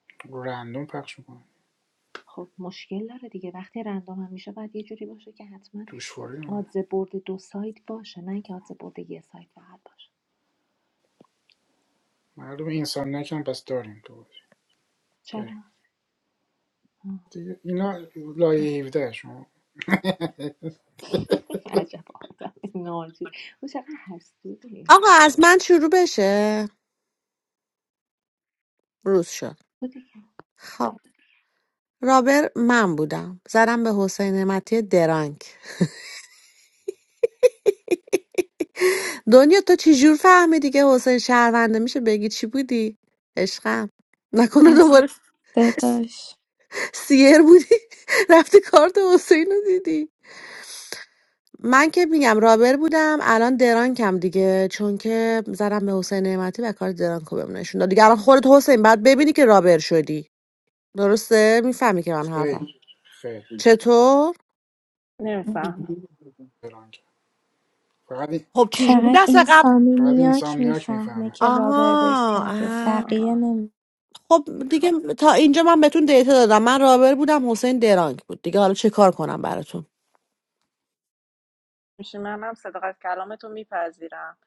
رندوم پخش میکنن خب مشکل داره دیگه وقتی رندوم هم میشه باید یه جوری باشه که حتما توش فوری نمیده آدز برد دو سایت باشه نه اینکه آدز برد یه سایت فقط باشه مردم انسان نکن پس داریم تو بازی. چرا بریم آه، دیگه اینا ببین *laughs* لایه 17 شما من عجب آدم ناجی او چقدر حسودی آقا از من شروع بشه روز شد بوده که خب رابر من بودم زدم به حسین نعمتی درانک *laughs* دنیا تو چی جور فهمیدی که حسین شهرونده میشه بگی چی بودی عشقم نکنه از دوباره صداش سیر بودی *laughs* رفتی کارت حسین رو دیدی من که میگم رابر بودم الان درانکم دیگه چون که زدم به حسین نعمتی و کار درانکو بهم نشون داد دیگه الان خودت حسین بعد ببینی که رابر شدی درسته میفهمی که من خیر حرفم خیر چطور نمیفهمم فلان کرد. فقط این خب چجوری فقط دست این قبل سامی فقط نیاک اینسامنیاک میفهمه میفهمه که رابر آها بیستده آه بقیه نمی خب دیگه تا اینجا من بهتون دیتا دادم من رابر بودم حسین درانک بود دیگه حالا چه کار کنم براتون میشه منم صداقت کلامتو میپذیرم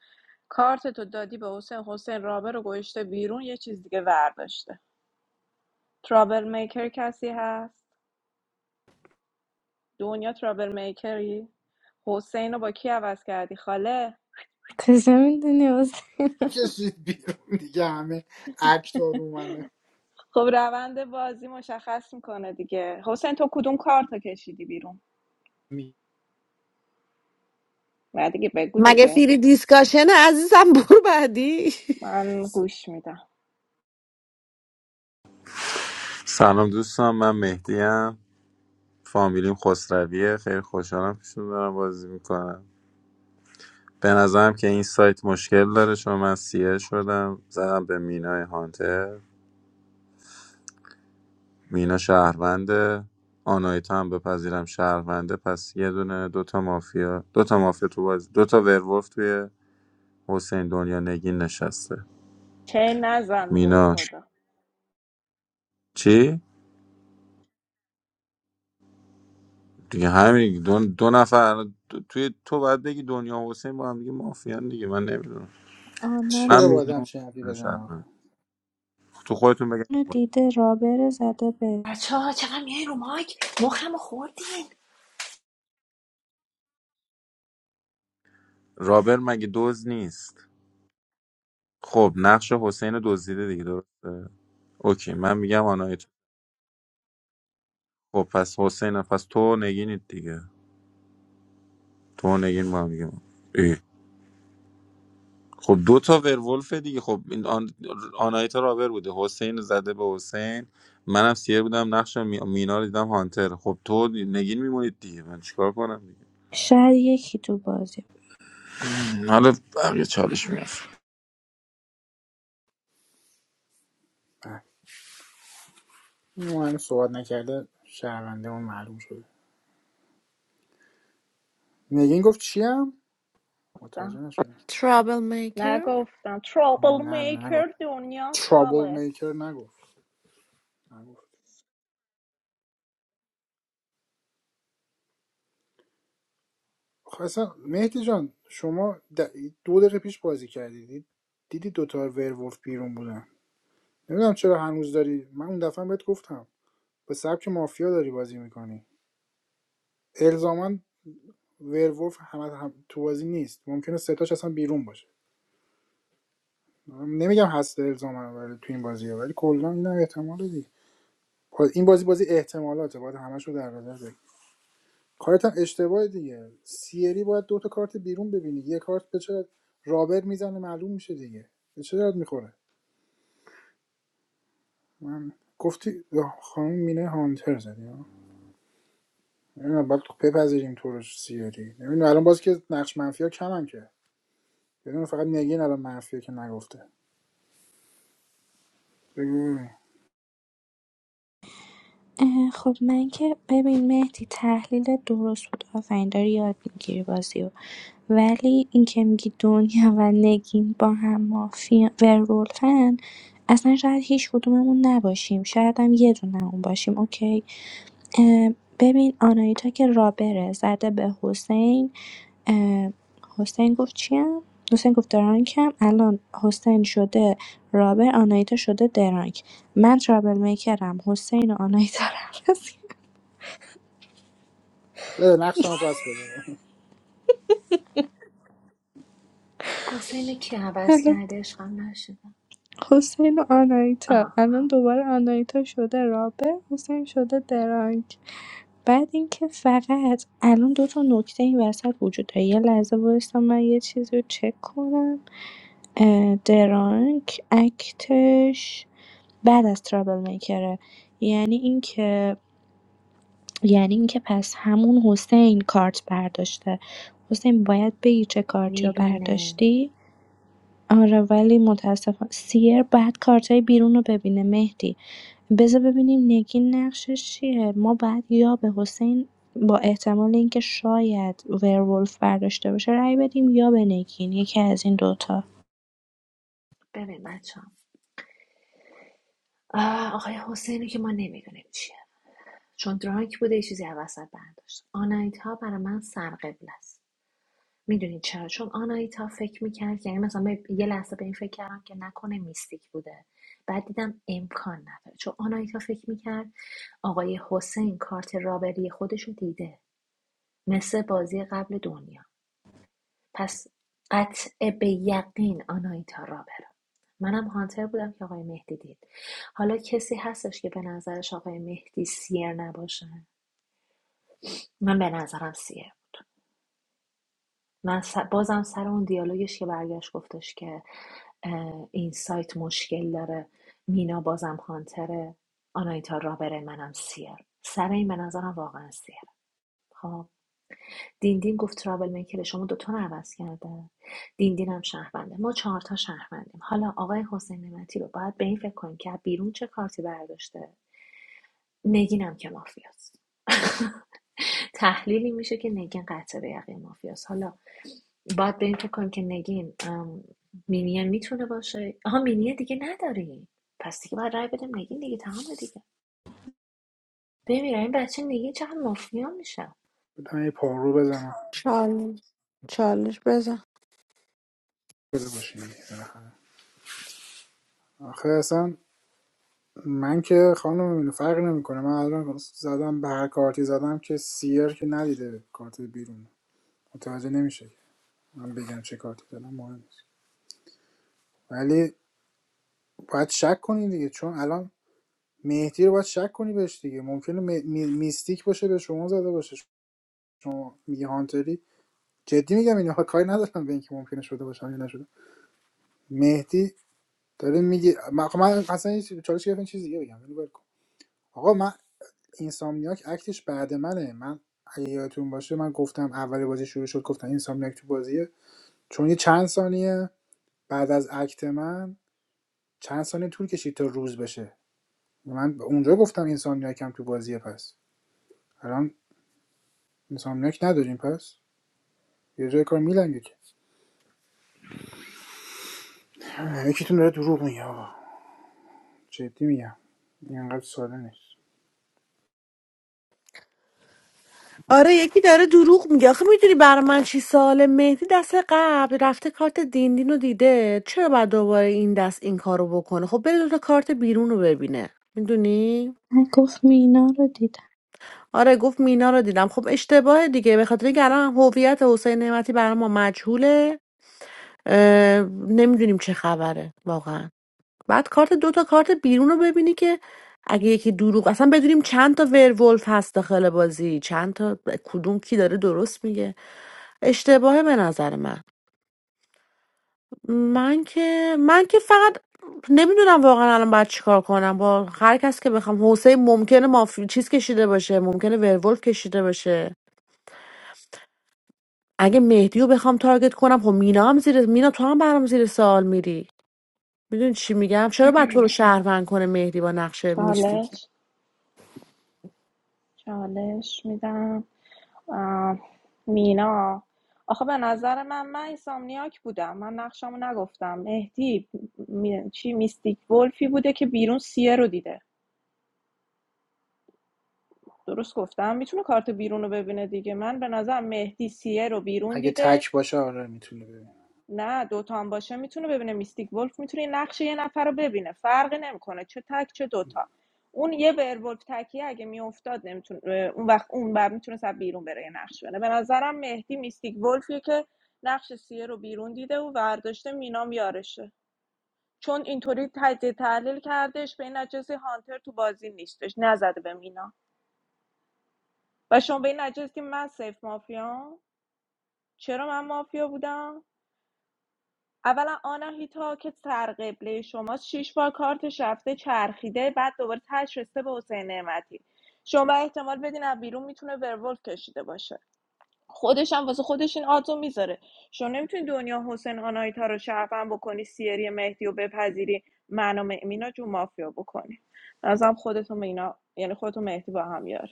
کارتتو دادی به حسین حسین رابر رو گوشته بیرون یه چیز دیگه ورداشته ترابل میکر کسی هست دنیا ترابل میکری حسین رو با کی عوض کردی خاله کجا میدونی حسین کشید بیرون دیگه همه اکتار اومنه خب روند بازی مشخص میکنه دیگه حسین تو کدوم کارتو کشیدی بیرون نه دیگه بگو مگه دیگه فیری دیسکاشنه عزیزم برو بعدی من گوش میدم سلام دوستان من مهدیم فامیلیم خسرویه خیلی خوشحالم پیشتون دارم بازی میکنم به نظرم که این سایت مشکل داره چون من سیه شدم زدم به مینای هانتر مینا شهرونده آنایتا هم بپذیرم شهرونده پس یه دونه دوتا مافیا دوتا مافیا تو بازی دوتا ورولف توی حسین دنیا نگین نشسته چه نزن تو رو مینا خدا چی؟ دیگه همین دو, دو نفر الان تو- توی تو باید بگی دنیا و حسین با هم دیگه مافیان دیگه من نمیدونم من آنان چرا با آدم میگم چه حرفی بزنه آخه شهروند. تو خودتون بگم اونو دیده رابره زده بره بچه ها چقدر میای رو مایک مخم خوردین رابر مگه دزد نیست خب نقش حسین دزدیده دیگه درسته اوکی من میگم آنایت خب پس حسین پس تو نگینید دیگه تو نگین ما میگم خب دو تا ورولف دیگه خب این آن... آنایتا رابر بوده حسین زده به حسین منم سیر بودم نقش می... مینا رو دیدم هانتر خب تو نگین میمونید دیگه من چیکار کنم دیگه شاید یکی تو بازی. حالا بقیه چالش میاد این مهم صحبت نکرده شرمنده اون معلوم شده نگین گفت چیم؟ متوجه گفتم نشدم ترابل میکر نگفتم ترابل نه نه نگفت میکر دنیاست ترابل خاله میکر نگفت نگفت خب اصلا مهدی جان شما د- دو دقیقه پیش بازی کردی دیدی دوتا ورولف بیرون بودن نمیدونم چرا هنوز داری من اون دفعه هم بهت گفتم به سبک مافیا داری بازی میکنی الزاما ورولف هم, هم تو بازی نیست ممکنه ستاش اصلا بیرون باشه نمیگم هست الزاما ولی تو این بازی ها، ولی کلا اینم احتمال دیگه این بازی بازی احتمالاته باید همش رو در نظر بگیر کارت هم اشتباه دیگه سیری باید دو تا کارت بیرون ببینی یه کارت به چه رابر میزنه معلوم میشه دیگه به چه درد میخوره من گفتی خانم مینه هانتر زدی ها نمیدونم باید بپذیریم تو رو سیری نمیدونم الان باز که نقش منفی ها کمن که بدون فقط نگین الان منفی که نگفته بگو اه، خب من که ببین مهدی تحلیل درست بود آفرین داری یاد میگیری بازی رو ولی این که میگی دنیا و نگین با هم مافیا ورولفن اصلا شاید هیچ کدوممون نباشیم شاید هم یه دونمون باشیم اوکی اه، ببین آنایتا که رابره زده به حسین اه، حسین گفت چیم؟ حسین گفت درانکم الان حسین شده رابر آنایتا شده درانک من ترابل میکرم حسین و آناهیتا رو بده نقش هم پس بده بده حسین کی عوض الان کرده عشقم نشدم *laughs* حسین و آناهیتا آها الان دوباره آناهیتا شده رابر حسین شده درانک بعد اینکه فقط الان دو تا نکته این وسط وجود داره یه لحظه وایسا من یه چیزی رو چک کنم اه، درانک اکتش بعد از ترابل میکره یعنی اینکه یعنی اینکه پس همون حسین کارت برداشته حسین باید بگی چه کارتی رو میبینه برداشتی آره ولی متاسفم سیر بعد کارتای بیرون رو ببینه مهدی بذار ببینیم نگین نقشش چیه ما بعد یا به حسین با احتمال اینکه شاید ورولف برداشته باشه رأی بدیم یا به نگین یکی از این دوتا ببین بچه هم آقای حسینی که ما نمیدونیم چیه چون درانک بوده یه چیزی از وسط برداشت آنایتا برای من سرقبل است میدونید چرا چون آنایتا فکر میکرد یعنی مثلا من یه لحظه به این فکر کردم که نکنه میستیک بوده بعد دیدم امکان نداره چون آنایتا فکر میکرد آقای حسین کارت رابری خودشو دیده مثل بازی قبل دنیا پس قطع به یقین آناهیتا رابر منم هانتر بودم که آقای مهدی دید حالا کسی هستش که به نظرش آقای مهدی سیر نباشه من به نظرم سیر من س- بازم سر اون دیالوگش که برگشت گفتش که این سایت مشکل داره مینا بازم هانتره آنایتا رابره منم سیر سر این به نظرم واقعا سیر دیندین گفت ترابل میکر شما دوتا رو عوض کرده دیندین هم شهرونده ما چهار تا شهروندیم حالا آقای حسین نعمتی رو باید به این فکر کنیم که از بیرون چه کارتی برداشته نگینم که مافیاست *laughs* تحلیلی میشه که نگین قطع به یقین مافیاست حالا باید به این فکر کنیم که نگین ام، مینین میتونه باشه آها مینیه دیگه نداریم پس دیگه باید رای بدیم نگین دیگه تمام دیگه ببین این بچه نگین چقدر مافیا میشه من یه پارو بزنم چالش چالش بزن بده باشیم آخه اصلا من که خانم میبینه فرقی نمیکنه من الان زدم به هر کارتی زدم که سیر که ندیده کارت بیرون متوجه نمیشه من بگم چه کارتی زدم مهم نیست ولی باید شک کنی دیگه چون الان مهدی رو باید شک کنی بهش دیگه ممکنه می- می- میستیک باشه به شما زده باشه شما میگه هانتری جدی میگم اینو ها کاری ندارم به اینکه ممکنه شده باشه یا نشده مهدی داره میگه من, خب من اصلا هیچ چالش گرفتم چیز دیگه بگم ولی ول کن. آقا من اینسامنیاک اکتش بعد منه من اگه یادتون باشه من گفتم اول بازی شروع شد گفتم اینسامنیاک تو بازیه چون یه چند ثانیه بعد از اکت من چند ثانیه طول کشید تا روز بشه من اونجا گفتم اینسامنیاک هم تو بازیه پس الان اینسامنیاک نداریم پس یه جای کار میلنگه که *sighs* یکیتون داره دروغ میگه آقا جدی میگم اینقدر ساده نیست آره یکی داره دروغ میگه آخه میدونی برای من چی ساله مهدی دست قبل رفته کارت دیندین رو دیده چرا باید دوباره این دست این کارو بکنه خب بره دوتا کارت بیرون رو ببینه میدونی من گفت مینا رو دیدم آره گفت مینا رو دیدم خب اشتباه دیگه به خاطر اینکه الان هویت حسین نعمتی برای ما مجهوله اه، نمیدونیم چه خبره واقعا بعد کارت دو تا کارت بیرون رو ببینی که اگه یکی دروغ اصلا بدونیم چند تا ورولف هست داخل بازی چند تا کدوم کی داره درست میگه اشتباهه به نظر من من که من که فقط نمیدونم واقعا الان باید چیکار کنم با هر کس که بخوام حسین ممکنه مافی چیز کشیده باشه ممکنه ورولف کشیده باشه اگه مهدی رو بخوام تارگت کنم خب مینا هم زیر مینا تو هم برام زیر سوال میری میدونی چی میگم چرا باید تو رو شهروند کنه مهدی با نقش میستی چالش چالش میدم مینا آخه به نظر من من ایسامنیاک بودم من نقشمو نگفتم مهدی می- چی میستیک ولفی بوده که بیرون سیه رو دیده درست گفتم میتونه کارت بیرون رو ببینه دیگه من به نظر مهدی سیه رو بیرون اگه دیده تک باشه آره میتونه ببینم نه دوتا هم باشه میتونه ببینه میستیک ولف میتونه یه نقش یه نفر رو ببینه فرقی نمیکنه چه تک چه دوتا اون یه ورولف تکیه اگه میافتاد نمیتونه اون وقت اون بعد میتونه از بیرون بره یه نقش بره به نظرم مهدی میستیک ولفیه که نقش سیه رو بیرون دیده و ورداشته مینام یارشه چون اینطوری تجزیه تحلیل کردش به این نجسی هانتر تو بازی نیستش نزده به مینا و شما به این نجس که من سیف مافیا چرا من مافیا بودم اولا آناهیتا که سرقبله شماست شیش بار کارتش رفته چرخیده بعد دوباره تش رسیده به حسین نعمتی شما احتمال بدین از بیرون میتونه ورولف کشیده باشه خودش هم واسه خودش این آدزو میذاره شما نمیتونی دنیا حسین آناهیتا رو شرفن بکنی سیری مهدی و بپذیری من و مینا جو مافیا بکنی به نظرم خودتون مینا یعنی خودتون مهدی با هم یار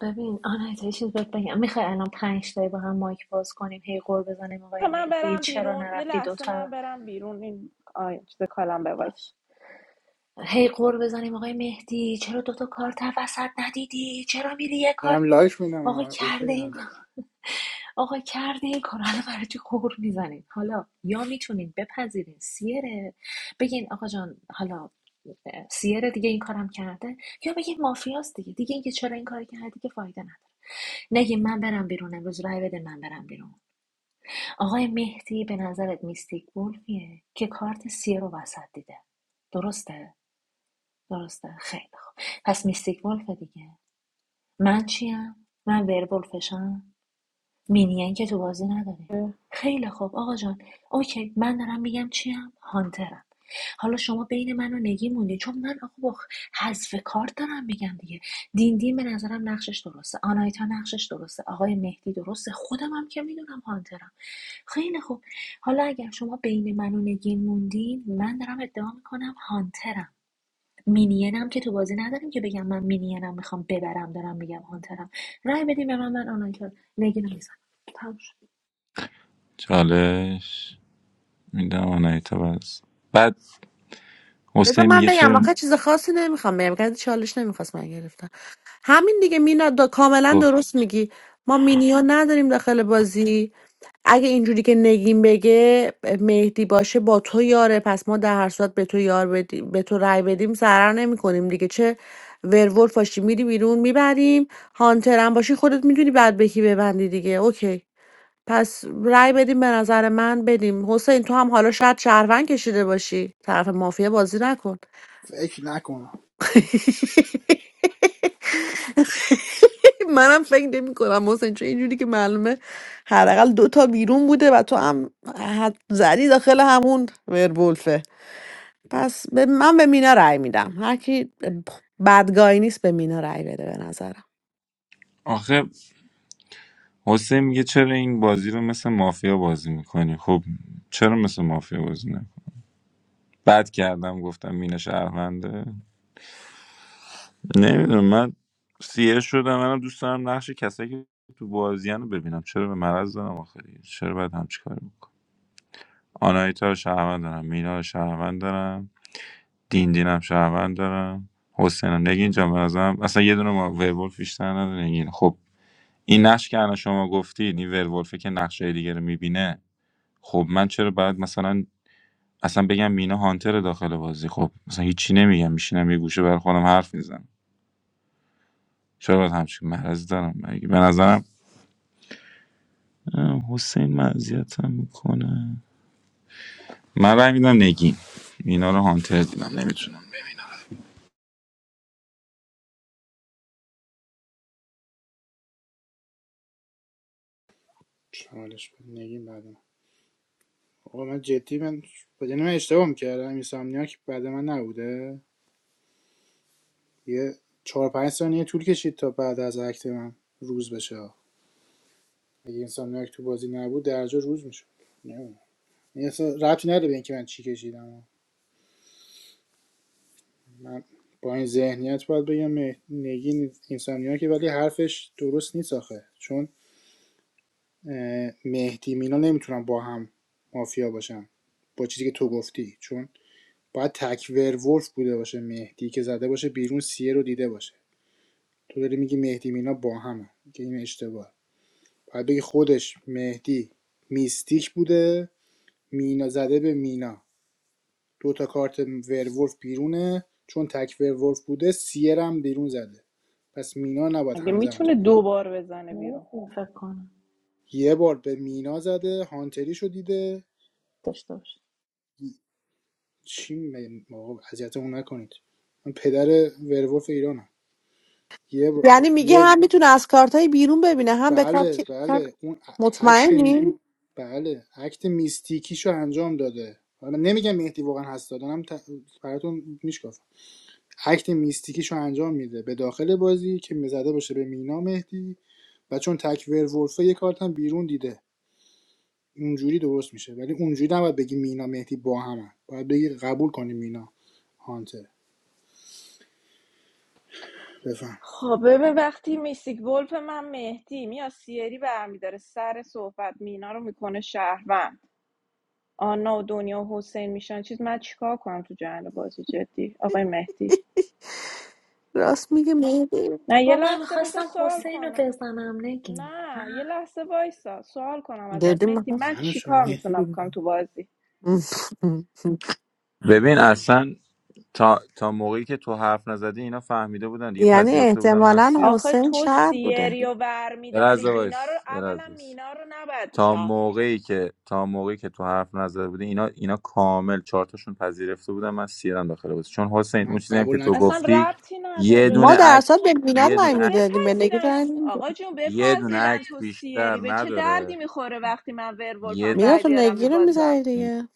ببین آنایتا یه چیز بهت بگم میخوای الان پنج تایی با هم مایک باز کنیم هی قور بزنیم آقای من مهدی برم چرا بیرون یه نرفتی لحظه دوتا من برم بیرون این آی چیز کالم بوایس باش هی قور بزنیم آقای مهدی چرا دوتا کارت وسط ندیدی چرا میری یه کارت دارم می- لایک میدم آقا آره، اوکی کرده این هم آقا کرده این کار حالا برای چی قور میزنیم حالا یا میتونین بپذیرین سیره بگین آقا جان حالا اه، سیره دیگه این کارم کرده یا بگین مافیاست دیگه دیگه اینکه چرا این کار کردی که فایده نداره نگین من برم بیرون امروز رای بده من برم بیرون آقای مهدی به نظرت میستیک وولفیه که کارت سیه رو وسط دیده درسته؟ درسته خیلی خوب پس میستیک وولفه دیگه من چیم؟ من ورولفشم مینین که تو بازی نداریم خیلی خوب آقا جان اوکی من دارم میگم چیم هانترم حالا شما بین من و نگی موندی چون من آقا با حذف کارت دارم میگم دیگه دین دین به نظرم نقشش درسته آنایتا نقشش درسته آقای مهدی درسته خودم هم که میدونم هانترم خیلی خوب حالا اگر شما بین من و نگین موندین من دارم ادعا میکنم هانترم مینینم که تو بازی نداریم که بگم من مینینم میخوام ببرم دارم میگم هانترم رای بدین به من من آنایتا نگین رو میزنم چالش میدم آنایتا بس بعد بذار حسین من میگه بگم چرا آخه چیز خاصی نمیخوام بگم که چالش نمیخواست من گرفتم همین دیگه مینا دا کاملا خب. درست میگی ما مینیون نداریم داخل بازی اگه اینجوری که نگیم بگه مهدی باشه با تو یاره پس ما در هر صورت به تو یار بدیم به تو رأی بدیم ضرر نمی کنیم دیگه چه ورولف باشی میری بیرون میبریم هانتر هم باشی خودت میدونی بعد به کی ببندی دیگه اوکی پس رأی بدیم به نظر من بدیم حسین تو هم حالا شاید شهروند کشیده باشی طرف مافیا بازی نکن فکر نکنم *laughs* منم فکر نمی کنم حسین چون اینجوری که معلومه حداقل دوتا بیرون بوده و تو هم حد زدی داخل همون ورولفه پس به من به مینا رأی میدم هر کی بدگاهی نیست به مینا رأی بده به نظرم آخه حسین میگه چرا این بازی رو مثل مافیا بازی میکنی خب چرا مثل مافیا بازی نه بد کردم گفتم مینه شهرونده نمیدونم من سیه شدم منم دوست دارم نقش کسایی که تو بازیان رو ببینم چرا به مرض دارم آخه دیگه؟ چرا باید همچی کاری بکنم آنایتا رو شهروند دارم مینا رو شهروند دارم دین دینم شهروند دارم حسینم نگین جان به نظرم اصلا یه دونه ما ویبول بیشتر نداره نگین خب این نقش که الان شما گفتید این ورولفه که نقشه دیگه رو میبینه خب من چرا باید مثلا اصلا بگم مینا هانتر داخل بازی خب مثلا هیچی نمیگم میشینم یه گوشه بر خودم حرف میزنم چرا باید همچین مرض دارم مگه به نظرم اه، حسین مزیتم میکنه من رای میدم نگین مینا رو هانتر دیدم نمیتونم چالش بده. نگیم بعد آقا من جدی من بدون من اشتباه میکردم این بعد من نبوده یه چهار پنج ثانیه طول کشید تا بعد از اکت من روز بشه اگه این سامنیاک تو بازی نبود درجا روز میشد نه این اصلا ربطی نداره به اینکه من چی کشیدم من با این ذهنیت باید بگم مه- نگین که ولی حرفش درست نیست آخه چون اه، مهدی مینا نمیتونن با هم مافیا باشن با چیزی که تو گفتی چون باید تک ورولف بوده باشه مهدی که زده باشه بیرون سیه رو دیده باشه تو داری میگی مهدی مینا با همه که این اشتباه باید بگی خودش مهدی میستیک بوده مینا زده به مینا دو تا کارت ورولف بیرونه چون تک ورولف بوده سیر هم بیرون زده پس مینا نباید اگه همزمان میتونه تارگت دوبار بار بزنه بیرون نمیتونی فکر کنم یه بار به مینا زده هانتریشو دیده داشته باشه چی میگم آقا اذیتمون نکنید من پدر ورولف ایرانم یه بار یعنی میگه یه هم میتونه از کارتای بیرون ببینه هم به کار بله کار- بله اون ا- اکت م- مطمئنی بله اکت میستیکیشو انجام داده حالا من نمیگم مهدی واقعا هست دادنم ت... براتون میشکافم اکت میستیکیشو انجام میده به داخل بازی که میزده باشه به مینا مهدی و چون تک ورولفه یه کارت هم بیرون دیده اونجوری درست میشه ولی اونجوری نباید بگی مینا مهدی با همن باید بگی قبول کنی مینا هانتر بفهم خب ببین وقتی میستیک ولف من مهدی میاد سیری برمیداره سر صحبت مینا رو میکنه شهروند آنا و دنیا و حسین میشن چیز من چیکار کنم تو جهان بازی جدی آقای مهدی راست میگه مهدی نه یه با من لحظه بذار میخواستم سوال حسین رو کنم بزنم نگین نه یه لحظه وایسا سوال کنم ازت دادی مهدی می‌خواست. من منو چون چیکار مهدی میتونم رو بکنم تو بازی ببین اصلا تا, تا موقعی که تو حرف نزدی اینا فهمیده بودن دیگه یعنی پذیرفته بودن من احتمالا سیاه آخه حسین تو شهر بوده سیری و یه برمیداری لحظه مینا رو وایس یه لحظه اولا وایس. مینا رو نباید تا شهر میکرد موقعی که تا موقعی که تو حرف نزده بودی اینا اینا کامل چارتاشون پذیرفته بودن من سیرم داخل بود چون حسین اون من چیزی هم که قبول تو اصلا گفتی نکردم ربطی یه ما دونه نداره در اصل اکت به مینا یه دونه رای خب اکت میدادیم به نگی بپذیرن رای نمی‌دادیم. آقا جون یه دونه بپذیرن اکت تو بیشتر سیری به چه دردی نداره میخوره وقتی من ورولفم یه مینا رای تو بیارم نگی رو میبازم میزنی دیگه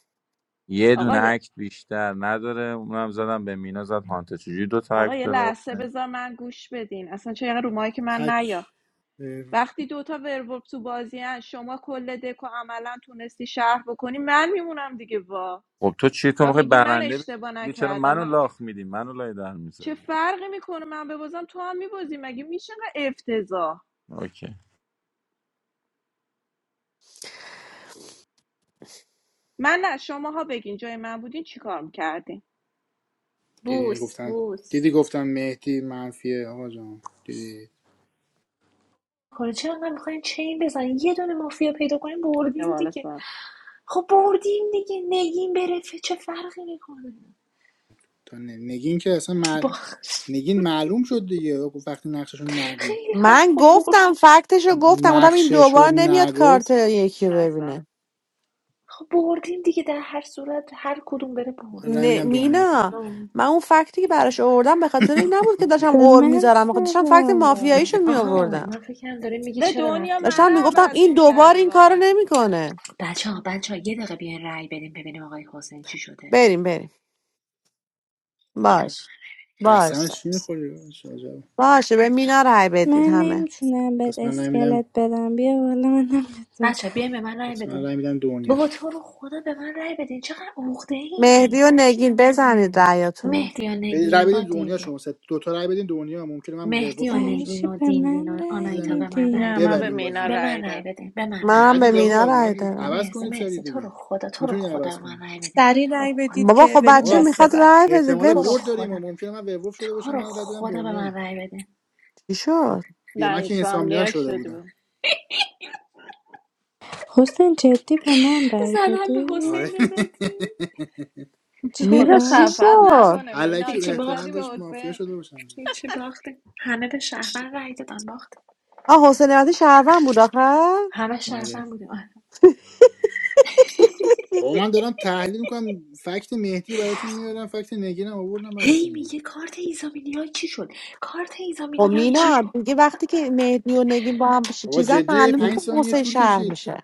یه آقا دونه یه- اکت بیشتر نداره اونم زدم به مینا زد هانته چجوری دو تا آقا اکت یه داره لحظه حسین؟ بذار من گوش بدین اصلا چه یعنی رو مایک من نیا تک وقتی دوتا ورولف تو بازی هن، شما کل دکو عملا تونستی شهر بکنی من میمونم دیگه وا خب تو چی تو و میخوای میگی من برنده بشی اشتباه دیگه چرا نکردم منو من لاخ میدی منو لای در چه میذاری فرقی میکنه من ببازم تو هم میبازی مگه میشه انقدر افتضاح اوکی من نه شماها بگین جای من بودین چیکار میکردین دیدی بوس گفتن بوس دیدی گفتم مهدی منفیه آقا جان دیدی کنه چرا من میخواین چین بزنیم یه دونه مافیا پیدا کنیم یه بردیم بالا دیگه خب بردیم دیگه نگین بره ف- چه فرقی میکنه تا نگین که اصلا با مل... نگین معلوم شد دیگه گفت وقتی نقشش رو نگفت خیلی خب من خب گفتم بردیم فکتش رو گفتم گفتم این نقشش رو دوبار نمیاد کارت نگفت یکی رو سر ببینه خب بردیم دیگه در هر صورت هر کدوم بره من رای بردیم نه میدم حالا دنیا پس مینا من اون فکتی که براش آوردم به خاطر این نبود که داشتم به قور من میذارم بخاطر داشتم فکت چرا مافیاییشو آها میآوردم من فکرم داره میگه به چرا دنیا رفتیم داشتم منو اونجوری میگفتم دیگه عوض این دوبار میکردی این کارو واقعا نمیکنه بچه ها بچه ها یه دقیقه بیاین رأی بدیم ببینیم آقای حسین چی شده بریم بریم باش باش قسمش چی میخوری باشه به مینا رای بدید من همه نمیتونم بهت پس من رای میدم اسکلت بدم بیا والا منم بهت بچه بدم ها بیاین به من رأی پس من بده رای میدم دنیا بابا تو رو خدا به من رأی بدین چقدر عقده این مهدی و نگین بزنید رایاتونو مهدی و بدید رای نگین با بدین دنیا دیندین شما سه دو تا رای بدین دنیا ممکنه من مهدی ورولف و شده برای باشم نگین چی و به دیندین من و رأی آنایتا به بزنید من رأی نه من به بدین میدی ببریم مینا بازی به رو رای من رأی داد بدین به من رأی منم بدین به ندید مینا مرسی آقا رای ندید دارم عوض مرسی کنید سری مرسی تو رو دیگه خدا تو رو میتونید خدا عوض به من کنید رأی بدین سریع تو رو رأی خدا بدید بابا که خب بریم بچه آقا دسته میخواد بعد رای بدید احتمال تو رو برد ولش داریم و خدا ممکنه من ورولف شده باشم تو رو من رد دادم خدا به من دنیا رأی بدین چی شد بیا نه من که اینسامنیاک اینسامنیاک شده شده بودم بود حسین جدی به من رأی زدم به دادی آره حسین نمتی مینا خدا چی چرا؟ خفت شد نکنه *laughs* مینا الکی هیچی چرا زدی احتمال به داشت باختیم مافیا حسین شده باشم هیچی باختیم همه به شهروند رأی دادن باختیم آه حسین نعمتی شهروند بود آخه همه آره شهروند بودیم آه. بابا من دارم تحلیل میکنم فکت مهدی براتون میارم فکت نگینم آوردم براتون هی میارم میگه کارت ایزامینیان چی شد کارت خب ایزامینیان چی مینا شد دیگه وقتی که مهدی و نگین با هم بشه بابا چیزا جدی معلومه پنج که ثانیه حسین طول شهر کشید میشه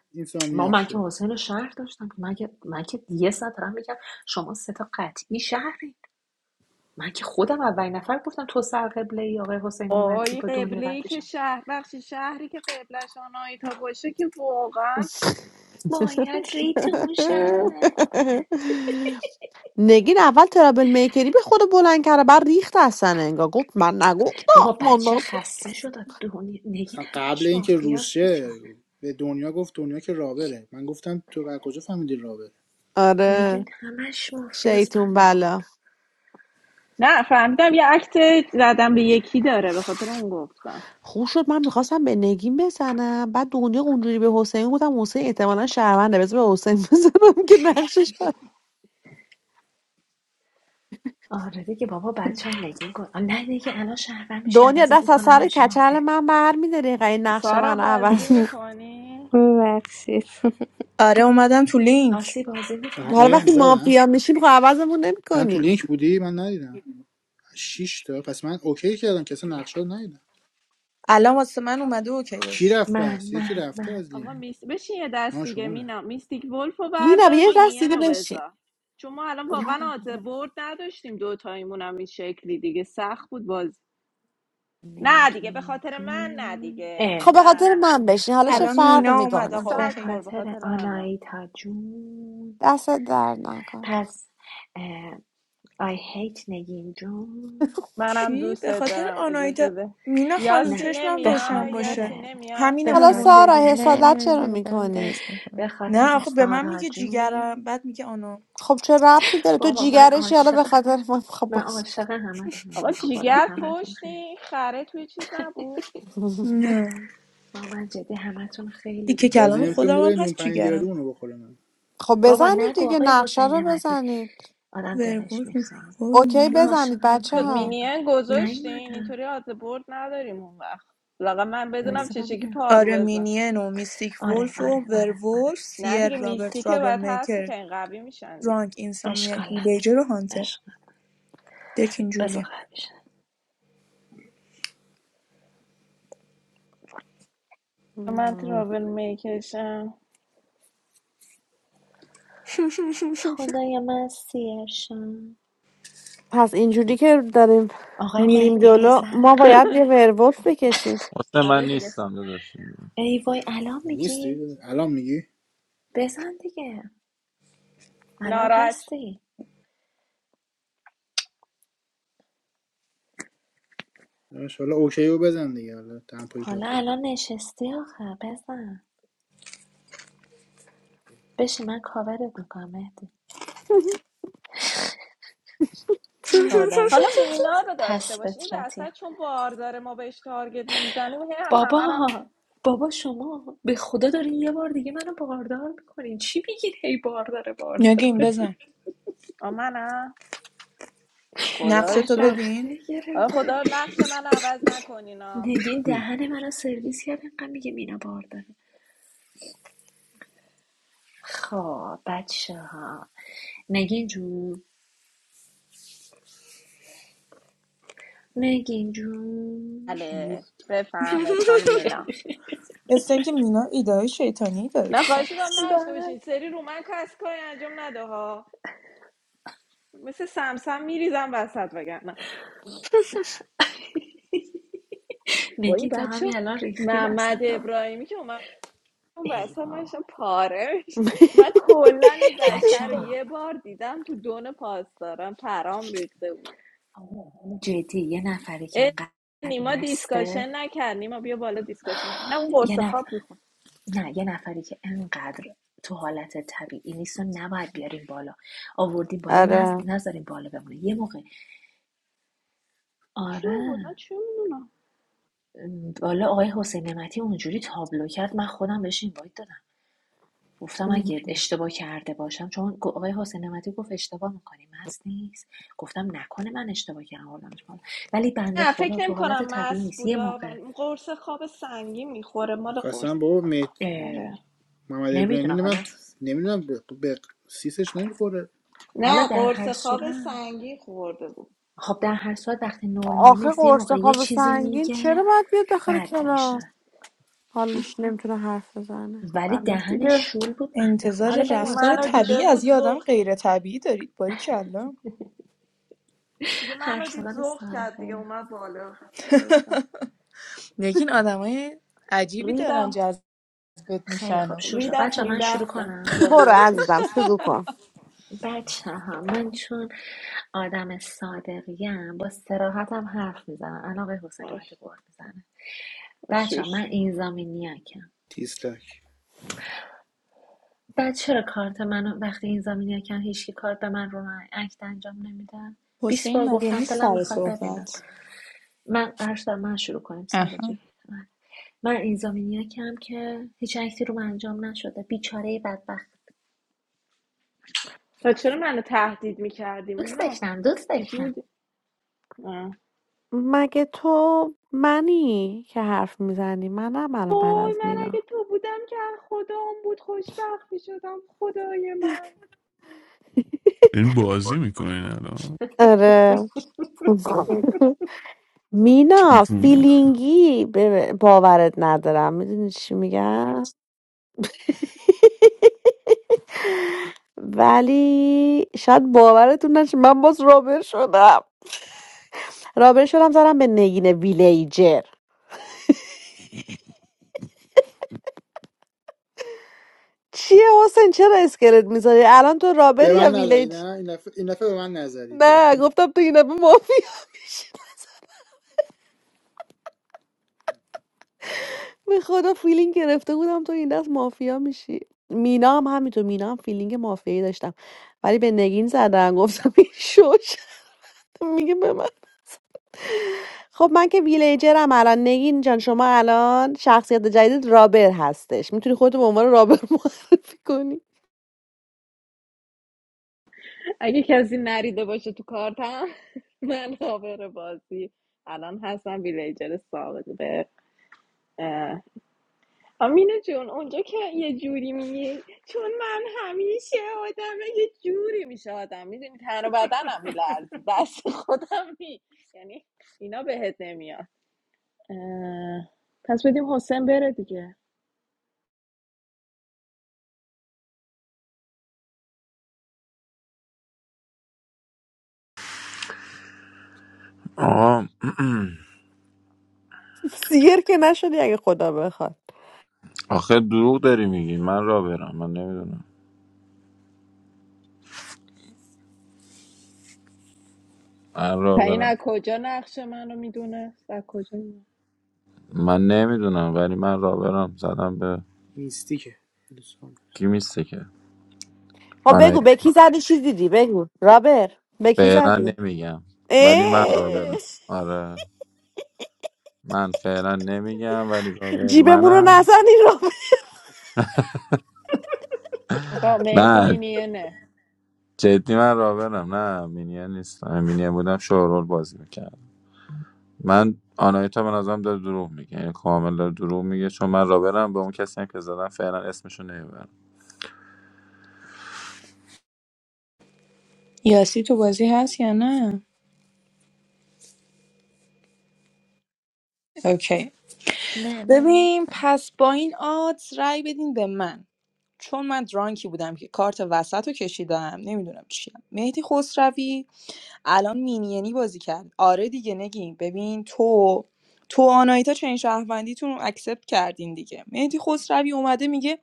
ما اینسامنیاک من که شه حسین رو شهر داشتم من که, من که یه ساعت دارم میگم شما سه تا قطعی شهرین من که خودم اولین نفر گفتم تو سر قبله ای آقای حسین نعمتی وای با دنیا قبله ای که قطعشم شهر بخشی شهری که قبلش آنایتا باشه که واقعا باید ریتون شهر نگین اول ترابل میکری به خود بلند کرده بعد ریخت اصلا انگار گفت من نگفتم بابا من بچه نگفتم. خسته شد از نگین اصلا قبل همش اینکه روز مافیاس بیچاره شه به دنیا گفت دنیا که رابره من گفتم تو از کجا فهمیدی رابره نگین آره همش مافیاس شیطون بنده بلا. خدا نه فهمیدم یه عکت زدم به یکی داره به خاطر اون گفتم خوب شد من میخواستم به نگین بزنم بعد دنیا اونجوری به حسین گفتم حسین احتمالا شهرونده بذار به حسین *laughs* بزنم که نقشش بر آره دیگه بابا بچه هم نگین کن نه دیگه الان شهرور میشه دنیا عوضت دست از میکنن سر میشه کچل مافیا من برمیداری این نقش سارا من بازی عوض کن. میکنی؟ ببخشید *laughs* آره اومدم تو لینک ناسی بازی آها حالا میکنه اه، وقتی زدم مافیا میشیم خب عوضمون الان تو نمیکنیم لینک بودی من ندیدم شش تا پس من اوکی کردم که اصلا نقشه رو ندیدم الان واسه من اومده کی اوکیش رفت من بس یکی من رفته من از لینک آقا میس بشین یه دست ها دیگه شما رفت مینا میستیک ولف رو مینا بردار یه دست مینین دیگه رو بشین بذار چون ما الان واقعا آدز برد نداشتیم دوتاییمون هم این شکلی دیگه سخت بود باز نه دیگه به نگین خاطر من نه جون دیگه اه خب به نه خاطر نه من بشین حالا چه الان باش آره فرق مینا س- اومد میکنه آقا به سگ خور اوکیه به خاطر خاطر آنا آنایتا جون دست در نکن پس اه, I hate نگین جون منم چی به دوستت خاطر دارم آنایتا اجازه ده مینا خانم یاسی نه چشمم به نمیا روشن باشه یاسی خاطر نمیا به همینمون حالا مونده خاطر سارا بود Na حسادت na na, چرا Adam, میکنی dasne ho. به نه خاطر آخه به من سارا میگه جیگرم جون بعد میگه آنا خب چه ربطی داره تو بابا من جیگرشی حالا به عاشق خاطر من خب من بس کن. عاشق همتونم آقا به خدا جیگر همتون پشت خیلی این خره توی چیز نبود *laughs* نه با من جدی همتون خیلی تیکه دوست بازی کلام دارم نمی‌کنی ما خودم هم بریم نون هست پنیر گردو جیگرم اونو بخورم خب بابا بزنید نگو دیگه آقای نقشه حسین رو نعمتی بزنید آدم دلش ورولف میزنی میخواد اوکی من عاشق بزنید اون بچه شد ها پرگردان مینیه گذاشتین نیومده اینطوری آز برد نداریم اون وقت لاغا من بدونم آره وایسا چه شکلی ببینم پارو آره بزن مینین و میستیک آره ولف آره و اوکی. آره آره ورولف نه سیر دیگه آره آره رابرت میستیکه رابل باید هست میکر که این قوی میشن دیگه رانک اشکال اینسامنیاک نداره ویلیجر و هانتر اشکال دک بذار اینجوریه قبلش من مم. ترابل میکشم خدای من سیرشم پس اینجوری که داریم آقای میریم مهدی جلو بزن ما باید یه *laughs* ورولف بکشیم حسین من آره دیگه خ- نیستم داداش ای وای الان میگی نیستی الان میگی بزن دیگه الان ناراحت هستی داداش، حالا اوکی رو بزن دیگه حالا تمپوی حالا کاتو الان نشستی آخه بزن بشی من کاورت میکنم مهدی آدم حالا مینا رو داشته پس باشین این فطرتی وسط چون بار داره ما بهش تارگت نمیزنیم هی هم بابا همه رو هم بابا شما به خدا دارین یه بار دیگه منو باردار میکنین چی میگین هی بارداره نگیم بارداره بزن آ، منم خدا نقشه تو شد ببین بدبخته گرفتارین خدا نقش من عوض نکنین ها. نگین دهن منو سرویس کرد انقدر میگه مینا بارداره خب بچه ها نگین جون نگین جون بله بفرمایید خانم مینا مثل اینکه مینا ایدههای شیطانی داره تو نه خواهش میکنم سرش نشته بله باشین سری رو من کس کاری انجام نده ها مثل سمسم میریزم وسط وگرنه با نگین تا بچه همین الان ریختی محمد وسط ها ابراهیمی که اومد اون ای وسط من ایوا داشتم پاره می‌شدم. من کلا این بچه بشر رو ها یه بار دیدم تو دون پاسداران پرام ریخته بود جدی یه نفری که اه، انقدر نیما مسته دیسکاشن نکرد نیما بیا بالا دیسکاشن کنم نه اون یه قرص نفر خواب میخوام نه یه نفری که انقدر تو حالت طبیعی نیست و نباید بیاریم بالا آوردیم بالا نز... آره نذاریم بالا بمونه یه موقع چی بود آره من چه میدونم م، بالا آقای حسین نعمتی اونجوری تابلو کرد من خودم بهش اینوایت دادم گفتم اگه اشتباه کرده باشم چون گ- آقای حسین نعمتی گفت اشتباه میکنی مست نیست گفتم نکنه من اشتباه کردم آوردمش بالا ولی بنده نه خدا فکر تو نمی حالت کنم طبیعی مست نیست یه بودا موقع ولی قرص خواب سنگین میخوره مال قرص قسم بابا مهد... آره اه... محمد ابراهیمی نمیدونم نه من حالا نمیدونم به به سیسش نمیخوره حالا نه در قرص هر خواب صورت سنگین خورده بود خب در هر صورت وقتی نرمال آخه نیست یه قرص موقع یه خواب چیزی سنگین میگه چرا باید بیاد داخل بد کلاس میشه حالش نمیتونه حرف بزنه ولی بنده خدا. دهنش دیگه شول بود بنده خود انتظار حالا بماد رفتار شد منو ولش دیده کن طبیعی از بود یه آدم زوغ کرد غیر طبیعی دارید باری کلا دیگه منو حرف دید زدن زوغ سارا کرد دیگه خیلی خوب اومد بالا چیکارش کنم؟ نگین آدمای عجیبی دارن ریدم جذبت خیلی میشن خوب و شروع شد ریدم تو بچه این من شروع بختم کنم برو عزیزم واقعیتش شروع کن بچه ها من چون آدم صادقیم با سراحتم حرف میزنم الان آقای حسین نعمتی آش قرد میزنه بچه ها من آشوش این زمینیکم تیسلک بعد چرا کارت منو وقتی این زمینیکم هیچکی کارت به من رو من اکت انجام نمیدن بیست بار حسین مگه گفتم نیست دلم سر میخواد ببینم صحبت من عرض دارم من شروع کنیم سارا اها جون. من من این زامینیاکم که هیچ عکسی رو انجام نشده بیچاره بدبخت و چرا منو تهدید میکردیم دوست اینا داشتم دوست یه جور داشتم نه. مگه تو منی که حرف میزنی منم الان بعد وای از من اگه مینا تو بودم که از خدا اون بود خوشبخت میشدم خدای من این بازی میکنین الان آره *laughs* *laughs* مینا تیفون فیلینگی به- باورت ندارم میدونی چی میگم ولی شاید باورتون نشه من باز رابر شدم رابر شدم زدم به نگین ویلیجر چیه حسین چرا اسکلت میذاری الان تو رابر به من یا نزدی ویلیج نه این دفعه این دفعه به من نزدی تو نه گفتم تو این دفعه مافیا به خدا فیلینگ گرفته بودم تو این دست مافیا میشی مینا هم همینطور مینا هم فیلینگ مافیایی داشتم ولی به نگین زدم گفتم این شوش میگه به من خب من که ویلیجرم الان نگین جان شما الان شخصیت جدید رابر هستش میتونی خودتو به عنوان رابر *laughs* معرفی کنی اگه کسی نریده باشه تو کارتم *laughs* من آبر بازی الان هستم ویلیجر سابقه اه، آمینه جون اونجا که یه جوری میگی چون من همیشه آدم یه جوری میشه آدم میدونی تن و بدنم میلرزه دست خودم می یعنی اینا بهت نمیاد اه، پس بدیم حسین بره دیگه آقا *clears throat* سیر که نشدی اگه خدا بخواد آخه دروغ داری میگی من را برم من نمیدونم من را تا این برم از کجا نقش منو میدونه از کجا میدونه من نمیدونم ولی من را برم زدم به میستیکه کی میسته که خب آنایی بگو به کی زدی چی دیدی بگو رابر به کی فعلا زدی نمیگم ولی من را اه، برم آره من فعلا نمیگم ولی را برم جیبمون رو منم نزنی آقا مهدی نه مینیه نه جدی من را برم نه مینیه نیستم مینیه بودم شورول بازی میکردم من آنایتا به نظرم داره دروغ میگه یعنی کامل داره دروغ میگه چون من را برم به اون کسی هم که زدم فعلا اسمشو نمیبرم یاسی تو بازی هست یا نه اوکی Na, mani. ببین پس با این آدز رای بدین به من چون من درانکی بودم که کارت وسط رو کشیدم نمیدونم چیه مهدی خسروی الان مینینی بازی کرد آره دیگه نگین ببین تو تو آنایتا چنین شهروندیتون رو اکسپت کردین دیگه مهدی خسروی اومده میگه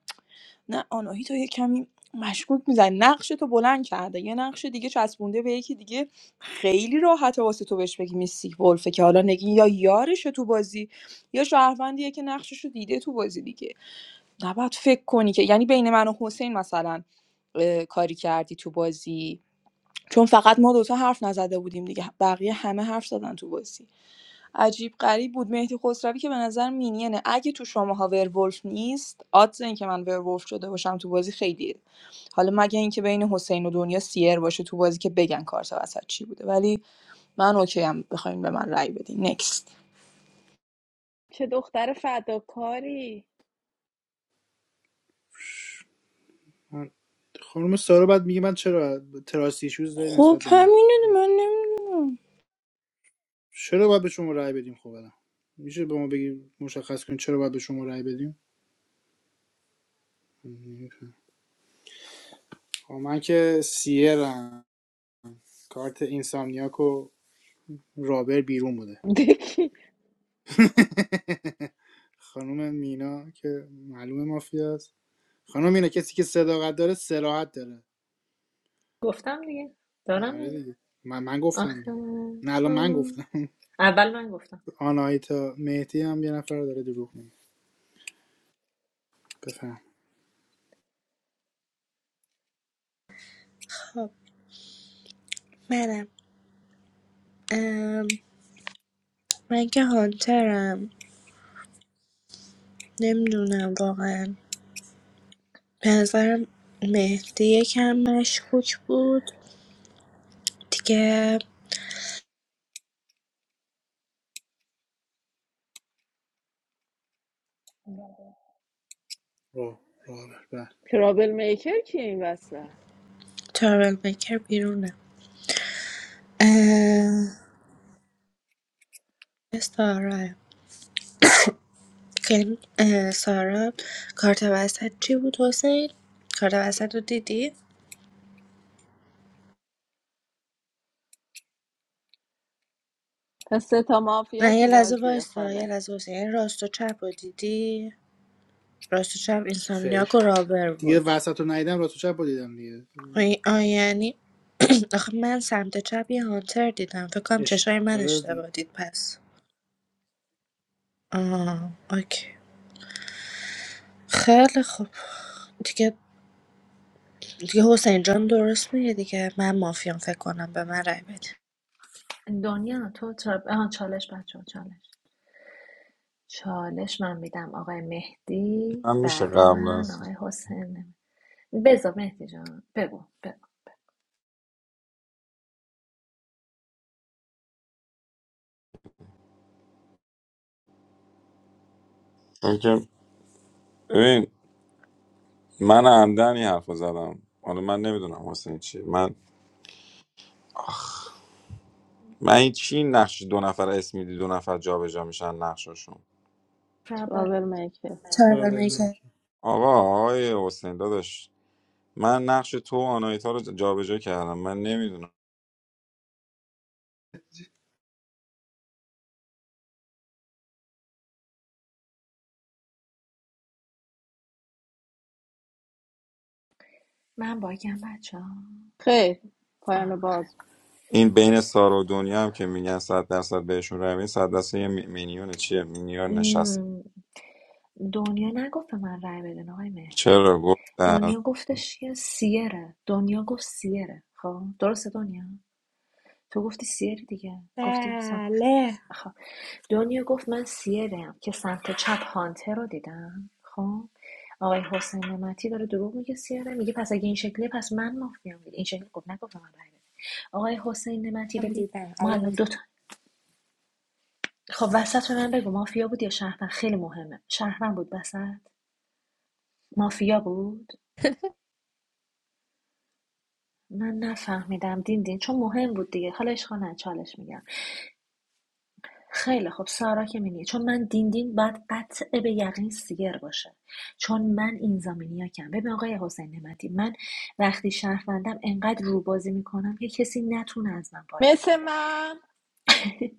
نه آناهیتا یه کمی مشکوک میزن نقش تو بلند کرده یه نقش دیگه چسبونده به یکی دیگه خیلی راحت واسه تو بهش بگی میسی ولفه که حالا نگی یا یارش تو بازی یا شهروندیه که نقشش رو دیده تو بازی دیگه نباید فکر کنی که یعنی بین من و حسین مثلا اه، کاری کردی تو بازی چون فقط ما دوتا حرف نزده بودیم دیگه بقیه همه حرف زدن تو بازی عجیب غریب بود مهدی خسروی که به نظر مینینه اگه تو شماها ورولف نیست آدز این که من ورولف شده باشم تو بازی خیلیه حالا مگه اینکه بین حسین و دنیا سیر باشه تو بازی که بگن کارت وسط چی بوده ولی من اوکی هم بخواین به من رأی بدین نکست چه دختر فداکاری خانم سارا بعد میگه من چرا تراسی ایشوز داری نسبت خب به من همینه دی- من نمیدونم چرا باید به شما رأی بدیم خب الان میشه به ما بگی مشخص کنید چرا باید به شما رأی بدیم خب من که سیرم کارت اینسامنیاک و رابر بیرون بوده دکی *laughs* خانم مینا که معلوم مافیا است خانم مینا کسی که صداقت داره سراحت داره گفتم دیگه دارم آره دیگه دیگه من من گفتم آخه دیگه نه الان من ام. گفتم *laughs* اول من گفتم آنایتا مهدی هم یه نفر داره دروغ میگه بفهم خب منم ام، من که هانترم نمیدونم واقعا به نظرم مهدی یکم مشکوک بود دیگه را رابر بله ترابل میکر کیه این وسط ترابل میکر بیرونه اه، سارا که- اه، سارا کارت وسط چی بود حسین کارت وسط رو دیدی پس سه تا مافیا نه یه تو لحظه بازیه وایسا یه خاله لحظه وایسا یعنی راست و چپ رو دیدی راست و چپ اینسامنیاک و خیر رابر دیگه بود وسط رو ندیدم را تو چپ رو دیدم دیگه آی آی یعنی *clears throat* آخه من سمت چپ یه هانتر دیدم فکر کنم چشای من اشتغال اشتباه دید پس آه اوکی خیلی خوب دیگه دیگه حسین جان درست میگه دیگه من مافیام فکر کنم به من رای بده دنیا تو چا- آها، چالش بچه ها چالش چالش من میدم آقای مهدی من میشه بعد قبل من آقای است حسین بزا مهدی جان بگو بگو ببین من عمدن این حرف رو زدم حالا من نمیدونم حسین چیه من من این چی نقش دو نفر اسم میدی دو نفر جابجا میشن نقششون رابل ترابل میکر تربل باور میشه نکن آقا آقای حسین داداش من نقش تو و آنایتا رو جابجا کردم من نمیدونم من باگم بچه ها. خیر پایان آخ باز این بین سارا و دنیا هم که میگن صد درصد بهشون روی صد درصد یه می- مینیون چیه مینیون نشسته ام. دنیا نگفت به من رای بدین آقای مهدی چرا گفتم دنیا گفتش که سیره دنیا گفت سیره خب درسته دنیا تو گفتی سیری دیگه گفتی سم بله خب دنیا گفت من سیرم که سمت چپ هانتر رو دیدم خب آقای حسین نمتی داره دروغ میگه سیره میگه پس اگه این شکلیه پس من مافیام دیگه این شکلی گفت نگفت به من رأی بده آقای حسین نمتی هم ببین دیدم ما الان علاوه دو تا خب وسط من بگو مافیا بود یا شهروند خیلی مهمه شهروند بود وسط مافیا بود من نفهمیدم دین دین چون مهم بود دیگه حالا اشکال نداره، چالش میگم خیلی خب سارا که مینی چون من دین دین باید قطع به یقین سیر باشه چون من این زامینی کم ببین آقای حسین نمتی من وقتی شهروندم انقدر روبازی میکنم که کسی نتونه از من باگ مثل بگیره من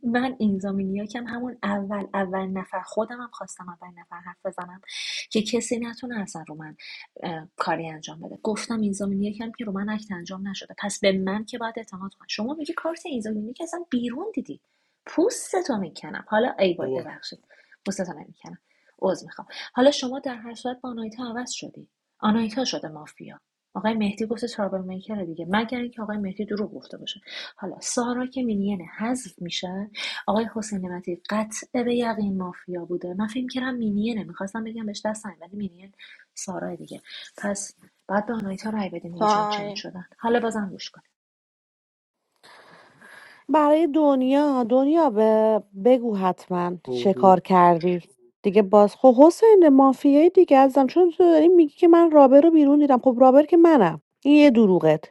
من اینزامینیاک هم همون اول اول نفر خودم هم خواستم اول نفر حرف بزنم که کسی نتونه اصلا رو من کاری انجام بده گفتم اینزامینیاک هم که رو من اکت انجام نشده پس به من که باید اعتماد کن شما میگی کارت اینزامینیاک اصلا بیرون دیدی پوستتو میکنم حالا ای وای بار ببخشید پوستتو نمیکنم عذر میخوام حالا شما در هر صورت با آنایتا عوض شدی آنایتا شده مافیا آقای مهدی گفته ترابل میکر دیگه مگر اینکه آقای مهدی دروغ گفته باشه حالا سارا که مینین حذف میشه آقای حسین نعمتی قطع به یقین مافیا بوده من فکر کردم مینینه میخواستم بگم بهش دست نزن، ولی مینین سارا دیگه پس بعد به آنایتا رای بدیم دیگه چون چنج تایم شدن حالا بازم گوش کن برای دنیا دنیا به بگو حتما چه پرو کار کردی دیگه باز خب حسین مافیایی دیگه ازم چون تو داری میگی که من رابر رو بیرون دیدم خب رابر که منم این یه دروغت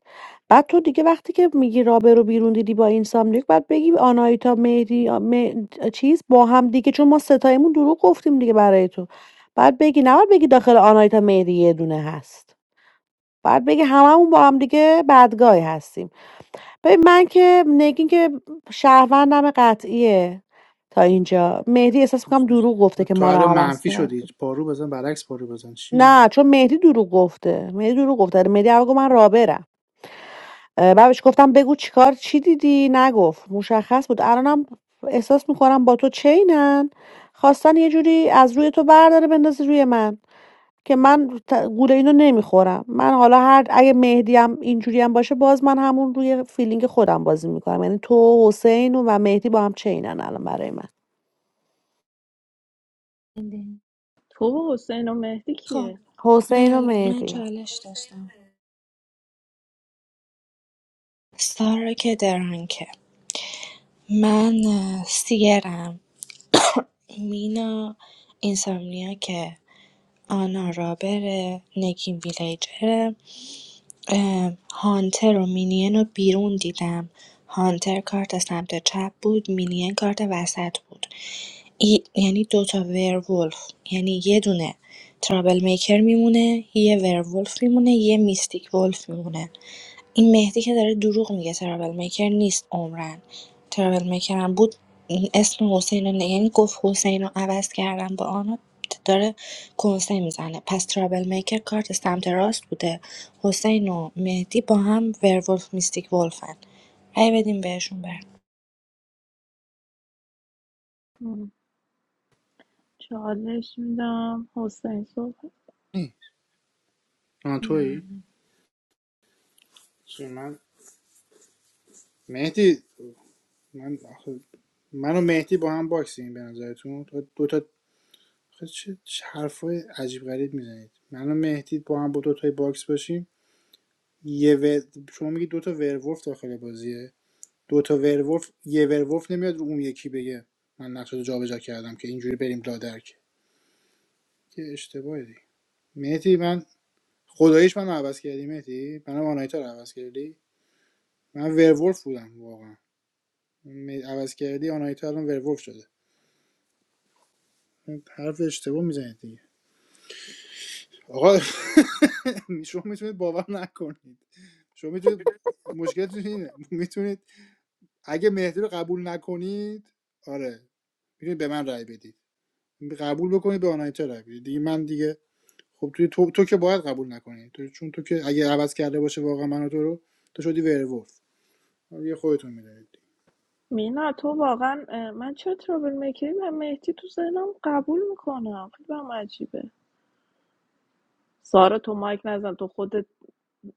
بعد تو دیگه وقتی که میگی رابر رو بیرون دیدی با اینسامنیاک بعد بگی آنایتا مهدی آ- مه- چیز با هم دیگه چون ما ستایمون دروغ گفتیم دیگه برای تو بعد بگی نباید بگی داخل آنایتا مهدی یه دونه هست بعد بگی هممون با هم دیگه بدگای هستیم ببین من که نگین که شهروندم قطعیه تا اینجا مهدی احساس میکنم دروغ گفته که تو ما رو الان عوض منفی کرد شدی پارو بزن برعکس پارو بزن چی میگی نه چون مهدی دروغ گفته مهدی دروغ گفته آره، مهدی اول گفت من رابرم اه، بعد بهش گفتم بگو چیکار چی دیدی نگفت مشخص بود الانم احساس میکنم با تو چینن خواستن یه جوری از روی تو برداره بندازه روی من که من ت- گول اینو نمیخورم من حالا هر اگه مهدی هم اینجوری هم باشه باز من همون روی فیلینگ خودم بازی میکنم یعنی تو حسین و مهدی با هم چینن الان برای من تو و حسین و مهدی خب کیه حسین و من من مهدی چالش داشتم سارا که درانکه من اه، سیرم *clears throat* *coughs* مینا اینسامنیا که آنا رابره نگین ویلیجره اه، هانتر و مینین رو بیرون دیدم هانتر کارت سمت چپ بود مینین کارت وسط بود ای یعنی دوتا ورولف یعنی یه دونه ترابل میکر میمونه یه ورولف میمونه یه میستیک ولف میمونه این مهدی که داره دروغ میگه ترابل میکر نیست عمرن ترابل میکر هم بود این اسم حسین رو نه- یعنی گفت حسین رو عوض کردم با آنا داره کنسه میزنه پس ترابل میکر کارت سمت راست بوده حسین و مهدی با هم ورولف میستیک ولفن هی بدیم بهشون بر ام، چالش میدم حسین صبح آن نه تویی چی من مهدی من آخه- من و مهدی با هم باکسیم به نظرتون تو دو تا چه چه حرفای عجیب غریب میزنید من و مهدی با هم با دو تای باکس باشیم یه ور... شما میگی دو تا ورولف داخل بازیه دو تا ورولف یه ورولف نمیاد رو اون یکی بگه من نقشه رو جابجا کردم که اینجوری بریم لادرک که اشتباهی مهدی من خداییش من عوض کردی مهدی منم آنایتا رو عوض کردی من ورولف بودم واقعا م- عوض کردی آنایتا الان ورولف شده این حرف اشتباه میزنید دیگه آقا *laughs* شما میتونید باور نکنید شما میتونید مشکلتون اینه میتونید اگه مهدی رو قبول نکنید آره میتونید به من رای بدید قبول بکنید به آنایتا رای بدید دیگه من دیگه خب توی تو, تو که باید قبول نکنید. تو چون تو که اگه عوض کرده باشه واقعا منو تو رو تو شدی ورولف یه خودتون میدونید مینا تو واقعا من چه ترابل میکری و مهدی تو ذهنم قبول میکنم خیلی برام عجیبه سارا تو مایک نزن تو خودت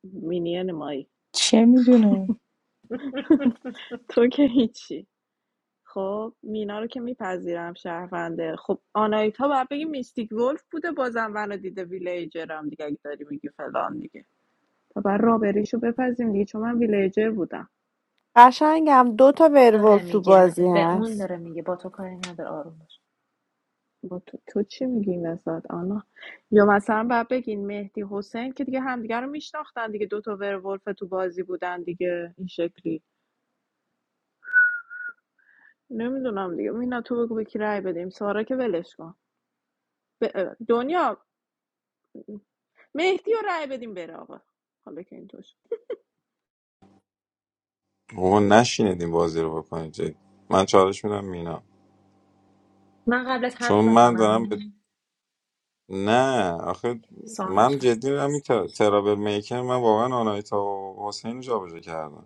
مینین مایی چه میدونم تو که هیچی خب مینا رو که میپذیرم شهرونده خب آنایتا باید بگی میستیک ولف بوده بازم منو دیده ویلیجرم دیگه اگه داری میگی فلان دیگه تا بر رابریشو بپذیم دیگه چون من ویلیجر بودم قشنگم دو تا داره ورولف تو میگه بازی به اون هست داره میگه با تو کاری نداره آروم باش با تو, تو چی میگی این وسط آنا یا مثلا باید بگین مهدی حسین که دیگه همدیگه رو میشناختن دیگه دوتا ورولف تو بازی بودن دیگه این شکلی نمیدونم دیگه مینا تو بگو به کی رأی بدیم سارا که ولش کن ب- دنیا مهدی رو رأی بدیم بره آقا حالا که اینطور شد. بابا نشینید این بازی رو بکنید جدی. من چالش میدم مینا من قبلت چون حرف من دارم بزنم نه آخه سوال من داشتم جدی میگم این تر- ترابل میکر من واقعا آنایتا و حسین رو جابجا کردم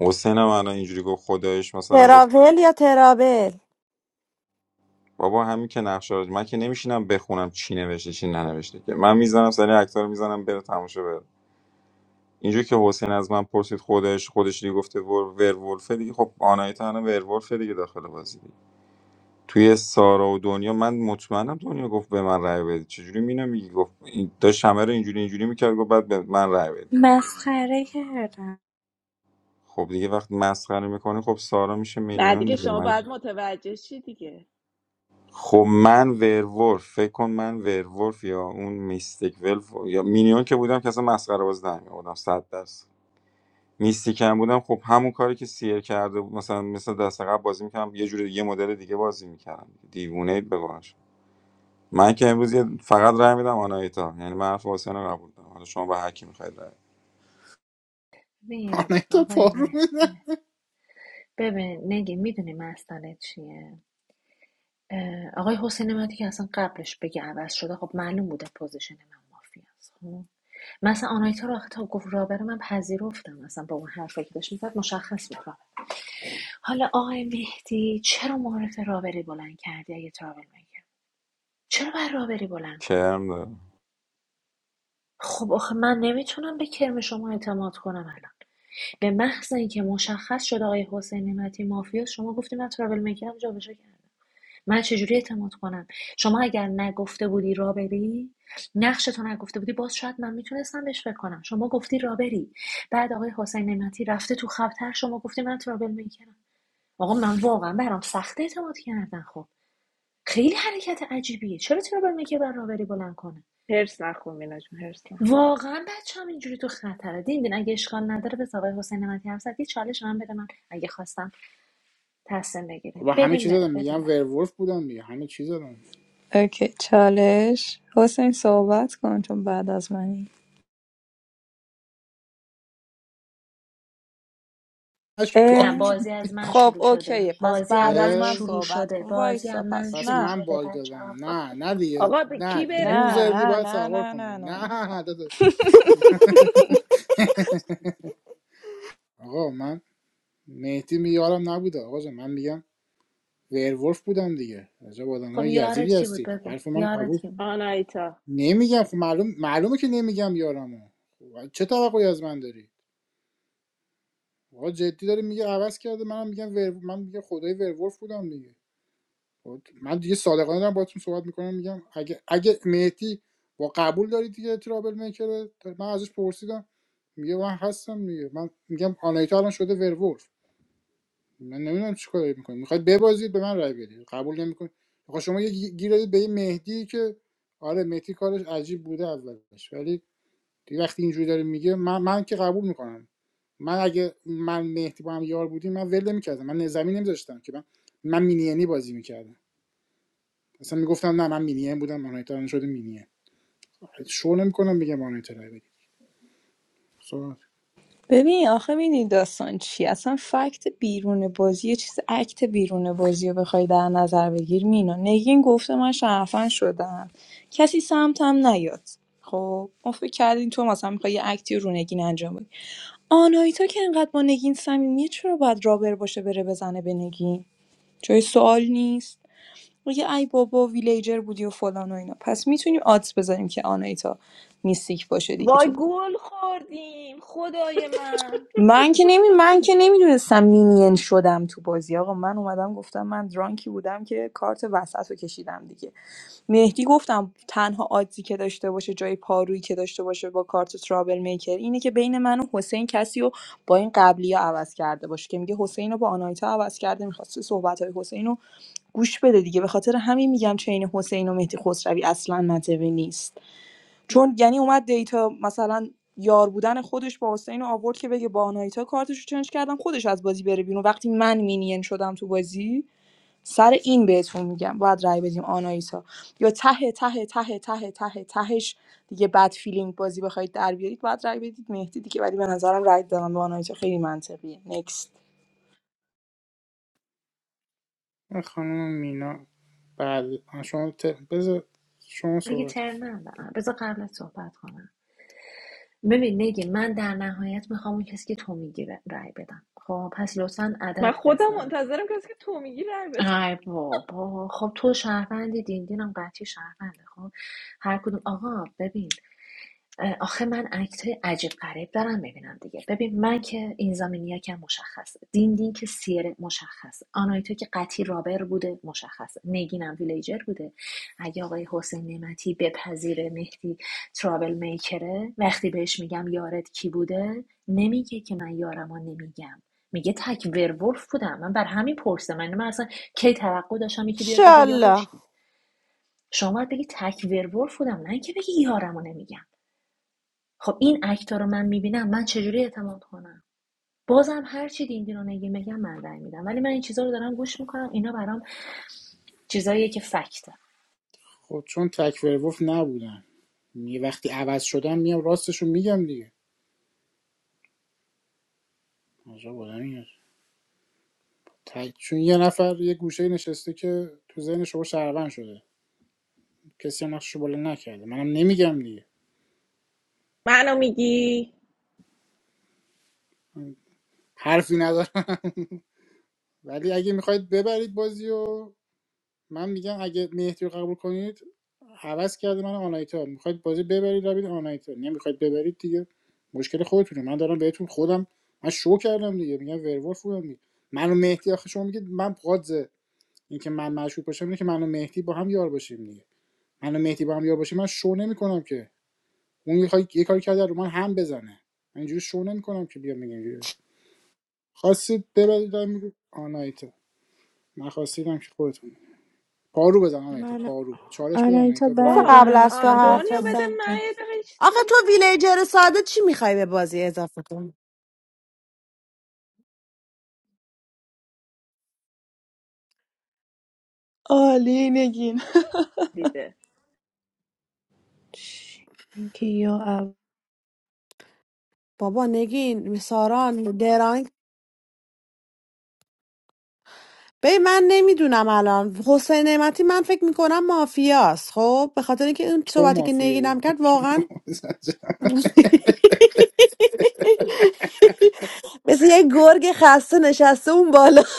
حسین هم الان اینجوری گفت خدایش مثلا ترا- گفت بابا همین که نقشه رو من که نمیشینم بخونم چی نوشته چی ننوشته که من میزنم سری اکتا رو میزنم بره تماشا بره اینجوری که حسین از من پرسید خودش خودش دیگه گفته ور ورولفه دیگه خب آنایتا الان ورولفه دیگه داخل بازی دیگه توی سارا و دنیا من مطمئنم دنیا گفت به من رای بدید چجوری مینم میگی گفت این- داشت همه رو اینجوری اینجوری میکرد گفت بعد به من رأی بدید مسخره کردم خب دیگه وقتی مسخره میکنی خب سارا میشه نه مینیون دیگه دیگه شما من باید متوجه شی دیگه خب من ورولف فکر کن من ورولف یا اون میستیک ولف یا مینیون که بودم که اصلا مسخره باز نمی‌آوردم 100 درصد میستیک هم بودم خب همون کاری که سیر کرده بود. مثلا مثل دست قبل بازی میکردم یه جوری یه مدل دیگه بازی میکردم دیوونه اید بگوش من که امروز یه- فقط رای میدم آنایتا یعنی من حرف حسین رو قبول دارم حالا شما به هر کی میخواید رای ببین تا آقای پارو میدن مهدی ببین نگی میدونی مسئله چیه اه، آقای حسین نعمتی که اصلا قبلش بگه عوض شده خب معلوم بوده پوزیشن من مافیا است خب مثلا آنایتا رو آخه تا گفت رابر من پذیرفتم اصلا با اون حرفی که داشت میزد مشخص بود رابر. حالا آقای مهدی چرا معرف رابری بلند کردی اگه ترابل میگه چرا باید رابری بلند کنی کرم داره خب آخه من نمیتونم به کرم شما اعتماد کنم الان به محض اینکه مشخص شد آقای حسین نعمتی مافیا شما گفتی من ترابل میکرم جابجا کردم من چجوری اعتماد کنم شما اگر نگفته بودی را بری نقش تو نگفته بودی باز شاید من میتونستم بهش فکر کنم شما گفتی را بری بعد آقای حسین نعمتی رفته تو خبتر شما گفتی من ترابل میکنم. آقا من واقعا برام سخته اعتماد کردن خب خیلی حرکت عجیبیه چرا ترابل میکر بر راوری بلند کنه هرس نخون مینا جون هرس نخون واقعا بچه هم اینجوری تو خطره دیدین دین اگه اشکال نداره به آقای حسین نعمتی هم زد. یه چالش من بده من اگه خواستم تصمیم و بگیریم همه بدیم چیز بره دادم بدیم میگم بره ورولف بودم دیگه همه چیز دادم اوکی چالش حسین صحبت کن چون بعد از منی اش نه اه، باگ بازی از من خب شروع شده اوکیه پس بازی از بعد از من من اه، شروع صحبت شده کن بازی وایسا از من پس پس شروع نه من شده باگ بچه ها دادم نه نه دیگه آقا به نه کی بره بوغ نه په زدی نه باید نه سوار نه کنی نه نه نه نه داداش *laughs* آقا من مهدی میارم نبوده آقا جان من میگم ورولف بودم دیگه عجب آدم خب های یارت یزیدی کی بود هستید بگو حرف من یارت قبول کی بود آنایتا نمیگم خب معلوم معلومه که نمیگم یارمو خب، چه توقعی از من داری آقا جدی داری میگه عوض کرده منم میگم ور... من میگم خدای ورولف بودم دیگه خب، من دیگه صادقانه دارم باهاتون صحبت میکنم میگم اگه اگه مهدی با قبول دارید دیگه ترابل میکره من ازش پرسیدم میگه من هستم دیگه من میگم آنایتا الان شده ورولف من نمیدونم چیکار کار میکنید میخواید ببازید به من رای بدید قبول نمیکنید آقا شما یه گی- گیر دادید به یه مهدی که آره مهدی کارش عجیب بوده اولش ولی دیگه وقتی اینجوری داره میگه من من که قبول میکنم من اگه من مهدی با هم یار بودیم من ول نمیکردم من زمین نمیذاشتم که من من مینینی بازی میکردم اصلا میگفتم نه من مینیم بودم مانیتورم شده مینیه شو نمیکنم بگم مانیتور رای بدید صحبت ببین آخه میدونی داستان چی اصلا فکت بیرون بازی یه چیز اکت بیرون بازی رو بخوای در نظر بگیر مینا نگین گفته من شرفن شدم کسی سمتم نیاد خب ما فکر کردین تو مثلا میخوای یه اکتی رو نگین انجام بدی آناهیتا که انقدر با نگین صمیمیه چرا باید رابر باشه بره بزنه به نگین جای سوال نیست میگه ای بابا ویلیجر بودی و فلان و اینا پس میتونیم آدز بذاریم که آنایتا میستیک باشه دیگه تو وای گل خوردیم خدای من من که نمی من که نمیدونستم مینین شدم تو بازی آقا من اومدم گفتم من درانکی بودم که کارت وسط رو کشیدم دیگه مهدی گفتم تنها آدزی که داشته باشه جای پارویی که داشته باشه با کارت ترابل میکر اینه که بین من و حسین کسی رو با این قبلی ها عوض کرده باشه که میگه حسین رو با آنایتا عوض کرده میخواسته صحبت های حسین رو گوش بده دیگه به خاطر همین میگم چین حسین و مهدی خسروی اصلا منطقی نیست چون یعنی اومد دیتا مثلا یار بودن خودش با حسین رو آورد که بگه با آنایتا کارتش رو چنج کردم خودش از بازی بره بیرون وقتی من مینین شدم تو بازی سر این بهتون میگم باید رای بدیم آنایتا یا ته ته ته ته ته تهش دیگه بد فیلینگ بازی بخواید در بیارید باید رای بدید مهدی دیگه ولی به نظرم رای دادن به آنایتا خیلی منطقیه نکست خانم مینا بعد آه، شما ت... بذار شما دیگه صحبت ترنم دارم. بذار قبل صحبت کنم ببین نگی من در نهایت میخوام اون کسی که تو میگیره رأی بدم خب پس لطفا من عدد خودم بذار منتظرم کسی که تو میگی رای بده ای بابا خب تو شهروندی دین دینم قطعی شهرونده خب هر کدوم آقا ببین آخه من عکت عجیب غریب دارم ببینم دیگه ببین من که این زمینی که مشخصه دین دین که سیر مشخصه آنایتو که قطعی رابر بوده مشخصه نگینم ویلیجر بوده اگه آقای حسین نعمتی بپذیره مهدی ترابل میکره وقتی بهش میگم یارت کی بوده نمیگه که من یارمو نمیگم میگه تک ورولف بودم من بر همین پرسه من من اصلا کی توقع داشتم یکی بیاد بگه یارش شالله کیه شما باید بگی تک ورولف بودم نه اینکه بگی یارمو نمیگم خب این اکتا رو من میبینم من چجوری اعتماد کنم بازم هر چی دین دینا یه میگم من رأی میدم ولی من این چیزا رو دارم گوش میکنم اینا برام چیزاییه که فکته خب چون تک ورولف نبودن یه وقتی عوض شدن میام راستشو میگم دیگه عجب آدمی هست. تک... چون یه نفر یه گوشه نشسته که تو ذهن شما شهروند شده کسی هم نقششو بلند نکرده منم نمیگم دیگه منو میگی حرفی ندارم ولی اگه میخواید ببرید بازیو من میگم اگه مهدی رو قبول کنید عوض کرده من آنایتا میخواید بازی ببرید روید آنایتا نمیخواید ببرید دیگه مشکل خودتونه من دارم بهتون خودم من شو کردم دیگه میگم ورولف بودم دیگه منو مهدی آخه شما میگید من قاضه اینکه من مشهور باشم اینه که منو مهدی با هم یار باشیم دیگه منو مهدی با هم یار باشیم من شو نمیکنم که اون یه کاری یه کاری کرده رو من هم بزنه من اینجوری شو نمیکنم که بیا میگم اینجوری خواستید ببرید میگم آنایتا من خواستیدم که خودتون پارو بزن آنایتا من پارو چالش بده آنایتا آنایتا پارو بذار بعد با بزن قبل من از تو آ، صحبت حرف دنیا کن بده بزن من یه دقیقه چیز آخه تو بگم ویلیجر ساده چی میخوای به بازی اضافه کنی عالی نگین دیده چی؟ اینکه یا اول بابا نگین ساران ببین من نمیدونم الان حسین نعمتی من فکر میکنم مافیاست خب به خاطر اینکه اون تو صحبتی که نگینم مافیایی کرد واقعا *laughs* *laughs* مثل یه گرگ خسته نشسته اون بالا *laughs*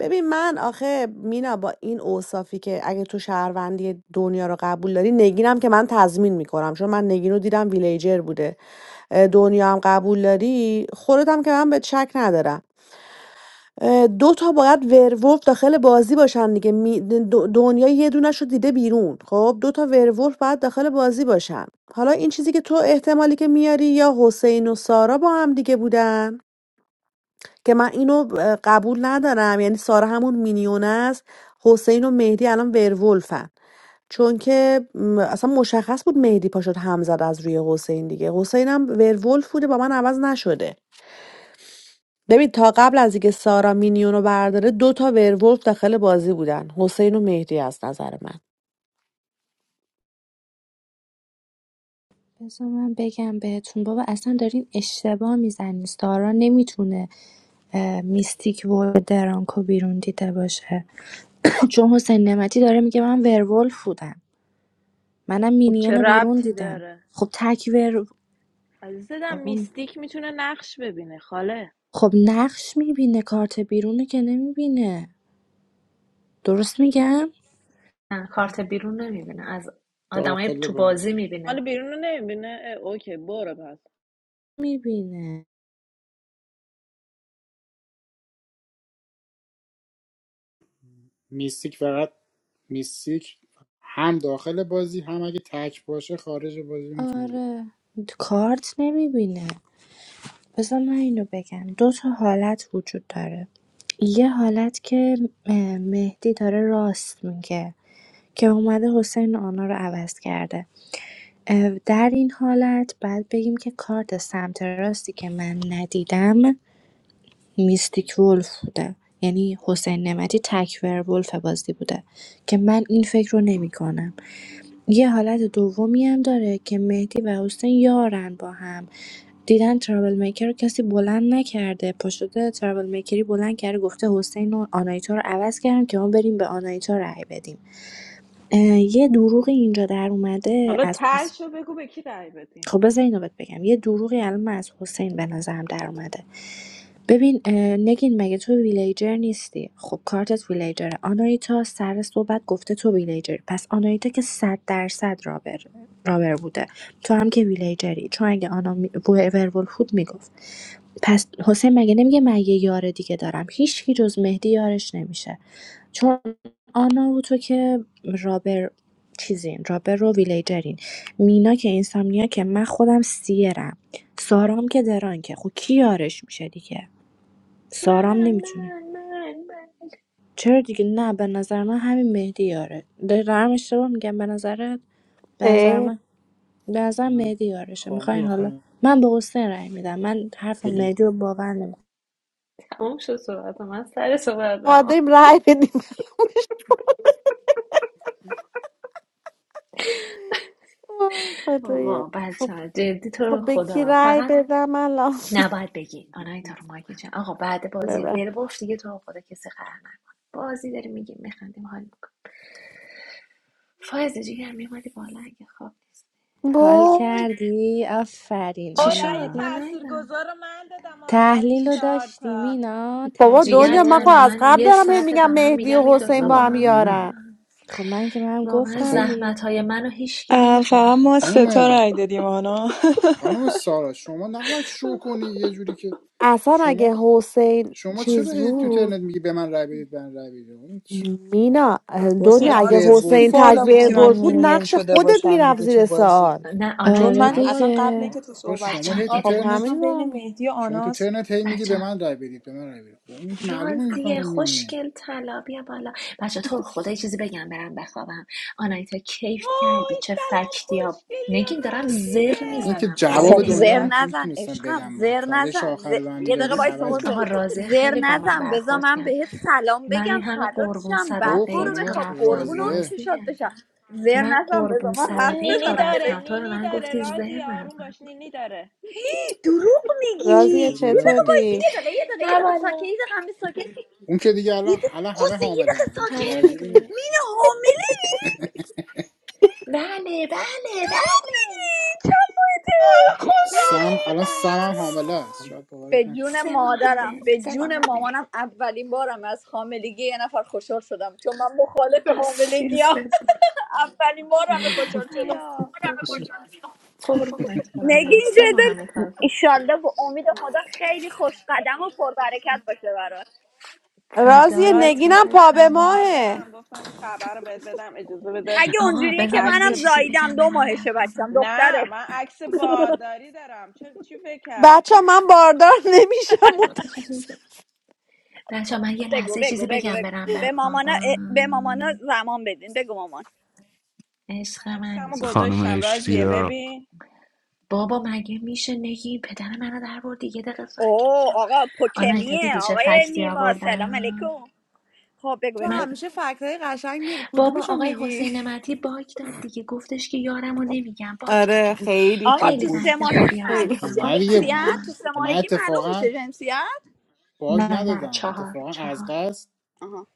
ببین من آخه مینا با این اوصافی که اگه تو شهروندی دنیا رو قبول داری نگینم که من تضمین میکنم چون من نگین رو دیدم ویلیجر بوده اه، دنیا هم قبول داری خودت هم که من به شک ندارم اه، دو تا باید ورولف داخل بازی باشن دیگه می- د- دنیا یه دونش رو دیده بیرون خب دو تا ورولف باید داخل بازی باشن حالا این چیزی که تو احتمالی که میاری یا حسین و سارا با هم دیگه بودن که من اینو اه، قبول ندارم یعنی سارا همون مینیون است حسین و مهدی الان ورولفن چون که م، اصلا مشخص بود مهدی پاشد هم زد از روی حسین دیگه حسین هم ورولف بوده با من عوض نشده ببین تا قبل از اینکه سارا مینیون رو برداره دو تا ورولف داخل بازی بودن حسین و مهدی از نظر من بذار من بگم بهتون بابا اصلا دارین اشتباه میزنین سارا نمیتونه میستیک و درانکو بیرون دیده باشه چون حسین نمتی داره میگه من ورولف بودم منم خب مینین چه رو بیرون ربطی دیدم داره خب تک ور عزیزم بابا، میستیک میتونه نقش ببینه خاله خب نقش میبینه کارت بیرونه که نمیبینه درست میگم نه کارت بیرون نمیبینه از آدمای داخل تو بازی بازی حالا میبینه بیرون رو نمیبینه اه، اوکی برو پس میبینه میستیک فقط میستیک هم داخل بازی هم اگه تک باشه خارج بازی میتونی بیاری آره کارت نمیبینه بذار من اینو بگم دو تا حالت وجود داره یه حالت که اه، مهدی داره راست میگه که اومده حسین آنا رو عوض کرده اه، در این حالت بعد بگیم که کارت سمت راستی که من ندیدم میستیک ولف بوده یعنی حسین نمتی تک ولف بازی بوده که من این فکر رو نمی کنم. یه حالت دومی هم داره که مهدی و حسین یارن با هم دیدن ترابل میکر رو کسی بلند نکرده پا شده ترابل میکری بلند کرده گفته حسین و آنایتا رو عوض کردم که ما بریم به آنایتا رأی بدیم اه، یه دروغ اینجا در اومده حالا از تاشو بگو به کی رای بدیم خب بذار اینو بهت بگم یه دروغی الان من از حسین به نظرم در اومده ببین اه، نگین مگه تو ویلیجر نیستی خب کارتت ویلیجره آنایتا سر صحبت گفته تو ویلیجری پس آنایتا که صد درصد رابر رابر بوده تو هم که ویلیجری چون اگه آنا می- ورولف بود میگفت پس حسین مگه نمیگه من یه یار دیگه دارم هیچکی جز مهدی یارش نمیشه چون آنا و تو که رابر چیزین رابر و ویلیجرین مینا که اینسامنیا که من خودم سیرم سارام که دران که خب کی یارش میشه دیگه سارام من نمیتونه من من چرا دیگه نه به نظر من همین مهدی یاره دارم اشتباه میگم به نظرت به نظر ای، من به نظر من مهدی یارشه حامی میخواین حالا آخه من به حسین رای میدم من حرف پلی مهدی رو باور نمیکنم تموم شد صحبت من سر ما صحبتم داریم رای بدیم وای آقا خدایا. خب بچه جدی تو خب رو بگی خدا رای فقط بدم الان نباید بگی آنای تا رو مایک جان آقا بعد بازی ببر. ورولف دیگه تو رو خدا کسی قهر نکن بازی داری میگیم میخندیم حال میکنیم فایز جیگر میومدی بالا اگه خواب حال وای. کردی آفرین چی شد آرای آنا من نیدم تاثیرگذار رو من دادم آخری تحلیل چی رو شد چهار داشتی تا مینا بابا جیگر دنیا من خب تحلیل طلا از من قبل یه دارم هی ساعت میگم دارم مهدی و میگم این حسین دوتا با با هم واه، هم نه. یارن یارن خب من که منم واقعا گفتم آخه دیگه زحمت های منو هیچکی اه، فقط نمیبینه ما ستا خانم رای دادیم آنا *laughs* خانم سارا شما نباید شو کنی یه جوری که اصلا شما اگه حسین شما چرا چیز هی تو بود ترنت میگی به من رای بدید به من رای بدید اون چ- باید مینا حسین دنیا باید اگه جونم آرتش خیلی حسین ورولفی بالا بازی بود تکبیر که من کنی برد بود مینین نقش شده خودت باشم میرفت دیگه زیر تو بازی سوال نه چون آره من آنایتا نباید اصلا قبل دیگه اینکه تو آقا صحبت شما بچه کنی ها هی تو یه آرت خب دقیقه ترنت گذاشتم همین رو بین هم. مهدی و شما تو آناس ترنت هی میگی بچه به من رای بدید به من رای بدید خب اون معلومه راضیه میفهمم میدونی خوشگل طلا بیا بالا بچه تو خدا یه چیزی بگم برم بخوابم آنایتا کیف کردی وای چه سلام فکتی ها خوشگلی نگین و دارم زر من راضیه اینکه میزنم خانم جواب خب اجازه بدیم دنیا زر نگین می- بخش نزن میتونستم عشقم بدم ما زر چالش نزن آخر رو به ز- من یه تو- دقیقه میدادید وایسا عوض حسین آقا میکردم راضیه زر خیلی با من نزن بذار برخورد من کرد بهت سلام من این بگم همه فدات قربون شم بعد او صدقه برو تو خانم بخواب رفتم قربون اون راضیه چشات راضیه بشم زر من نزن بذار قربون من حرف این صدقه تو نینی بزنم الهی داره رفتم تو به نینی من داره گفتی زر رازی آروم نزن باش نینی داره ای، دروغ راضیه میگی چطوری یه دقیقه راضیه وایسا چطوری یه دقیقه یه دقیقه یه نه دقیقه ساکت یه والا دقیقه همه ساکت اون که دیگه یه الان دقیقه الان همه حسین یه حامله دقیقه هن. اون چیز ساکت همه عجیبی میدونم نیست مینه حامله ای؟ بله بله بله میگی چند ماهته آه، نه به سم خدای الان سم خودم هم من حامله است وای. شاید به باورت نشه جون سه ماه مادرم همه به سه ماه جون همه مامانم اولین بارم از حاملگی یه نفر خوشحال شدم چون من مخالف حاملگی عزیزت هم *laughs* اولین بارم خوشحال شدم یا عزیزت *laughs* قربونت برم من نگین سه ماه همه جدل تازه ایشالله به امید خدا خیلی خوش قدم و پربرکت باشه برات رازی فدای تو نگینم راضیه پا بشم به منم ماهه باردارم گفتم این خبر رو بهت بدم اجازه بده اگه آقا اونجوریه بذار که من عکس منم یه چیزی زاییدم بگم دو برم ماهشه بچم بخوابم نه دختره من عکس بارداری دارم چه چی فکر بچه کردی من باردار *laughs* نمیشم *laughs* متاسف بچه من یه بگو لحظه بگو چیزی بگو بگم بگو برم به مامانا اه، به مامانا بخوابم زمان بدین بگو مامان عشق منی عکسمو جیگر خانم گذاشتم راضیه اشتیا ببین بابا مگه میشه نگی پدر منو در بردی یه دقیقه ساکت اوه شو آقا آنایتا پوکمیه دیدی چه آقای فکتی نیما سلام آوردم علیکم خب بگو تو بگو من بگو همیشه فکرهای قشنگ میری بابا کدومشو آقای میگی حسین نمتی باگ داد دیگه گفتش که یارمو نمیگم باگ داده آره بود خیلی آقا خوب خیلی تو سه بود فکت ماهگی خوبی خیلی معلوم خوب. آوردم میشه نه دیگه آفرین به جنسیت تو من سه من ماهگی معلوم اتفاقا میشه جنسیت باگ نه نه ندادم چهار اتفاقا از چهار قصد آها.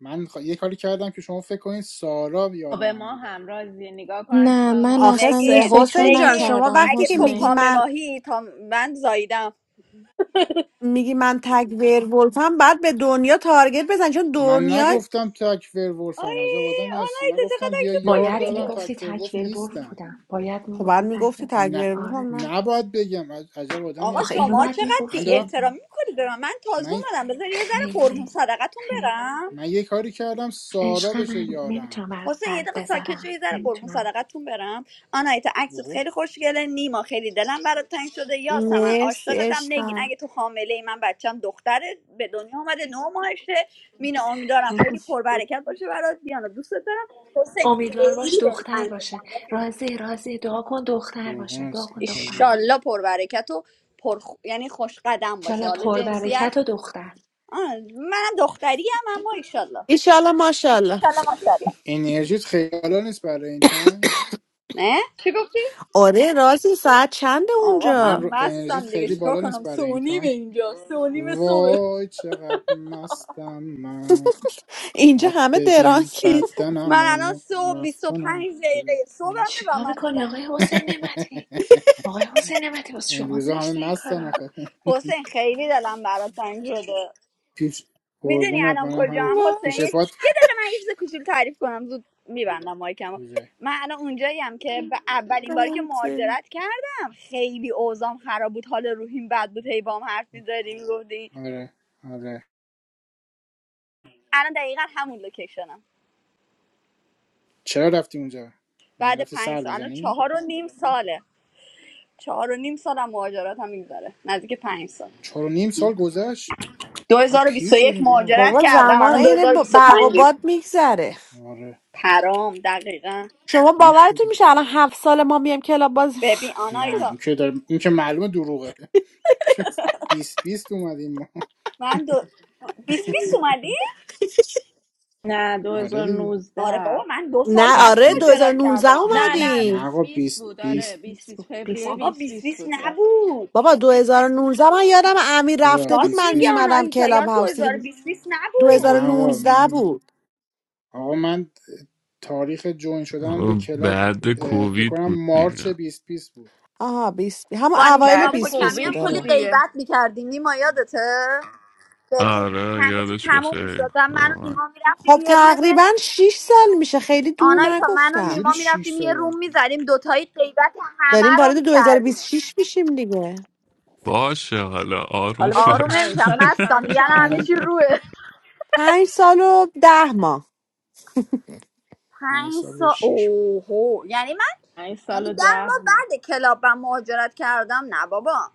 من خ- یه کاری کردم که شما فکر کنید سارا یار به من ما بوده هم رازی نگاه کن نه من عکسمو آخه اصلا این سه- نگین فکر رو حسین جان نگین شما نکردم وقتی اگه که تو میگی حسین پامه من ماهی تا من زاییدم میگی من تگ ولفم بعد به دنیا تارگت بزن چون من دنیا نگفتم تک آی ورولفم عجب آدمی هستی آنایی من تو گفتم چقدر یه اکشت یار باید دارم خوشگله میگفتی تک ورولف تکبیر برف نیستم بودم باید خب بعد میگفتی میگفتی تکبیر تگ نه آره ولفم نه نباید بگم عج- عجب آدمی آقا آخه اینو هستی شما باید چقدر من بی میگفتی دارم دیگه احترامی میکنید به من من تازه من اومدم بذار یه ذره قربون خیلی صدقتون خیلی برم من یه کاری کردم سارا عشق بشه منی یارم نمیتونم برات حسین یه قلب دقیقه ساکت شو بذارم یه ذره قربون نمیتونم صدقتون برم آنایتا عکست اوه خیلی خوشگله نیما خیلی دلم برات تنگ شده یاسمن مرسی عاشقتم نگین عشقم اگه تو حامله ای من بچم دختره به دنیا آمده نو ماهشه مینا امیدوارم خیلی پربرکت باشه برات دیانا دوست دارم حسین امیدوار باش خیلی دختر دلتنگتم باشه رفیق. راضی راضی دعا کن دختر قربون باشه دعا هستم. کن حاضر دختر باشه ایشالله پربرکت و پر یعنی خوش قدم باشه انشالله حالا جنسیت پربرکت و دختر آه، منم دختری هم اما ایشالله ایشالله ماشالله ایشالله ماشاءالله انرژیت خیلی بالا نیست برای این تایم نه چی گفتی آره رازی ساعت چنده آقا میگم من اونجا رو انرژیت مستم دیگه خیلی چیکار بالا نیست کنم برای این سونی به تایم اینجا سونی به صبح وای چقدر مستم من اینجا آخ همه ببین این- بدنم من الان اونو صبح رفتنم *laughs* 25 دقیقه صبحمه و چیکار میکنی مستم آقای حسین نعمتی آقای حسین نعمتی واسه این شما روزا همه زشته این مستن کارا آخه حسین خیلی دلم برات تنگ شده پیش میدونی قربونت الان منم هم کجام درانک حسین پیش یه پات یه دقیقه من یه چیز کوچولو تعریف کنم زود میبندم مایکمو کجای من الان اونجایی هم که به اولین باری که مهاجرت کردم خیلی اوضاع خراب بود حال روحیم بد بود هی بام حرف می‌زدی می‌گفتی آره آره الان دقیقا همون لوکیشنم چرا رفتی اونجا یعنی بعد رفتی پنج سر سال الان بزنی چهار و نیم ساله چهار و نیم سالم مهاجرت هم میگذره نزدیک پنج سال چهار و نیم سال گذشت دو چقدر هزار و بیست پیر و یک شدیم بابا مهاجرت بابا کردم زمان الان عین ب- برق و 2025 باد میگذره آره پرام دقیقا شما پیر باورتون شدیم میشه الان هفت سال ما میایم کلاب بازی ببین *laughs* نه آنایتا این که داره این که معلومه دروغه بیست بیست اومدیم ما من دو... 20 20 اومدی؟ نه آره دیگه 2019 آره بابا نه من دو نه سال بعد بیست آره بیست مهاجرت 2019 کردم نه نه نه نه نه اومدیم بیست آقا بیست بیست بود آره بیست بیست بیست بیست بیست بود بیست فوریه بابا بیست بیست 20 بیست 20 بود راست نبود بابا 2019 من یادم امیر چرا رفته بود راست بیست من میگه بیست میمدم آناهیتا کلاب یاد هاوس دیگه 2020 20 نبود نه آقا 2019 من بود آقا من تاریخ جوین شدن به آه، کلاب بعد اه، فکر کووید بود کنم مارچ دیگه 2020 بود آها 20 همون با اوایل نیما بعد بیست بیست پوکمی هم بود کووید کلی بود آره دیگه غیبت میکردیم نیما یادته؟ ببین آره همه چی یادش تموم میشد بخیر و من و واقعا. نیما میرفتیم خب یه روم تقریبا 6 سال میشه خیلی دور آنایتا من و نگفتم چجوری نیما 6 میرفتیم یه سال روم راه میزدیم دوتایی غیبت داریم همه رو وارد دو هزار و میکردیم بیست و شش میشیم دیگه باشه حالا آروم حالا بذار آروم پنج باش نمیشم سالش مستم تموم دیگه شه الان همه آنا پنج چی جون روه 5 سال و 10 ماه پنج پنج سال و سا 6 اوهو یعنی من پنج سال یعنی و ده ماه ده ماه بعد کلاب من مهاجرت کردم نه بابا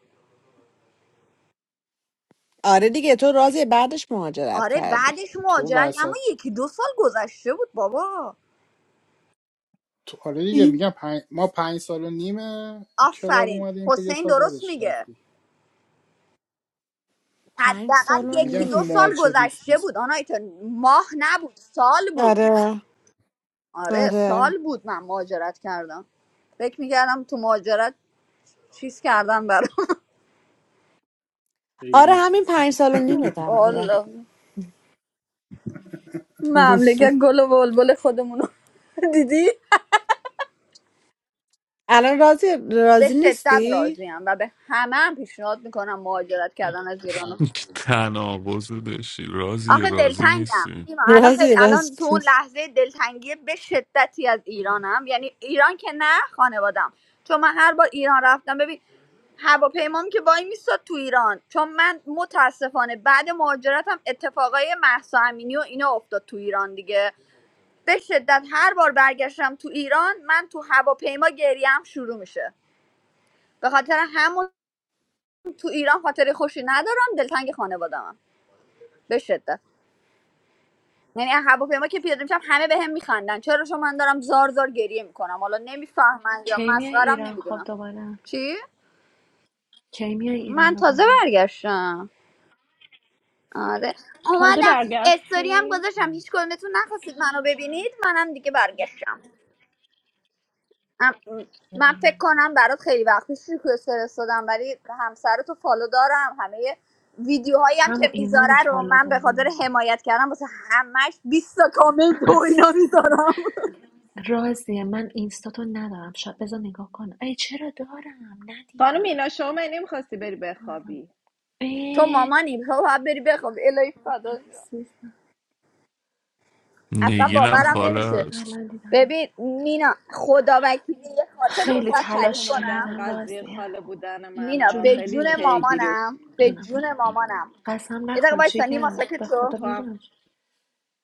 آره دیگه تو راضیه بعدش مهاجرت آره کردی بعدش تو مهاجرت اما وسط یکی دو سال گذشته بود بابا تو آره دیگه این میگم پنج... ما پنج سال و نیم کلاب آفرین اومدیم تو یه حسین سال درست بعدش میگه رفتی پنج حداقل سال و من میگم یکی تو دو نیم سال مارچ گذشته 2020 بود بود. آنایتا ماه نبود سال بود آره آره آره سال بود من مهاجرت کردم فکر میکردم تو مهاجرت چیز کردن برام آره ریدم همین پنج سال و نیمه *laughs* *laughs* تقریبا والا *laughs* مملکت گل و بلبل خودمونو *laughs* دیدی الان راضی به راضی شدت نیستی؟ راضیم و به همه هم پیشنهاد میکنم مهاجرت کردن از ایران *laughs* تناقض داشتی رازی آخه رازی دلتنگم نیستی نیما الان خیلی راضی الان تو راضی اون لحظه دلتنگی به شدتی از ایرانم یعنی ایران که نه خانوادم چون من هر بار ایران رفتم ببین هواپیمام که وای میستاد تو ایران چون من متاسفانه بعد مهاجرتم اتفاقای مهسا امینی و اینا افتاد تو ایران دیگه به شدت هر بار برگشتم تو ایران من تو هواپیما گریم شروع میشه به خاطر همون تو ایران خاطر خوشی ندارم دلتنگ خانوادمم به شدت یعنی از هواپیما که پیاده میشم همه بهم هم میخندن چرا شما من دارم زار زار گریه میکنم حالا نمیفهمن یا کی میای مسخرم ایران خب نمیدونم دوباره چی کی میای ایران من تازه دوباره برگشتم آره تازه اومدم استوری هم برگشتی گذاشتم هیچ کدومتون نخواستید منو ببینید منم دیگه برگشتم ام- من فکر کنم برات خیلی وقت پیش ریکوست فرستادم ولی همسر تو فالو دارم همه ویدیوهایی هم همون که ایمان رو میذاره رو فالو من به خاطر داره حمایت کردم واسه همش 20 تا کامنت *laughs* و اینا اسیستنت میذارم راضیه من اینستاتو ندارم شاید بذار نگاه کنم ای چرا دارم خانم ندیدم اینا شما منی میخواستی بری بخوابی تو ای مامانی تو باید بری بخواب الهی فدا شم. عزیزم اصلا نگینم باورم نمیشه خالص الان دیدم ببین اینستا. مینا خدا وکیلی یه خاطره خیلی خیلی واسه خوشت تعریف تلاش کنم اومدن کردم قضیه راضیه خاله بودن منو مینا به جونم جون خیلی پیگیرش مامانم به جونم بگو جون مامانم قسم یه دقیقه نخور بایستا نیما جیگر به ساکت شو خدا تو هم میدونم چی.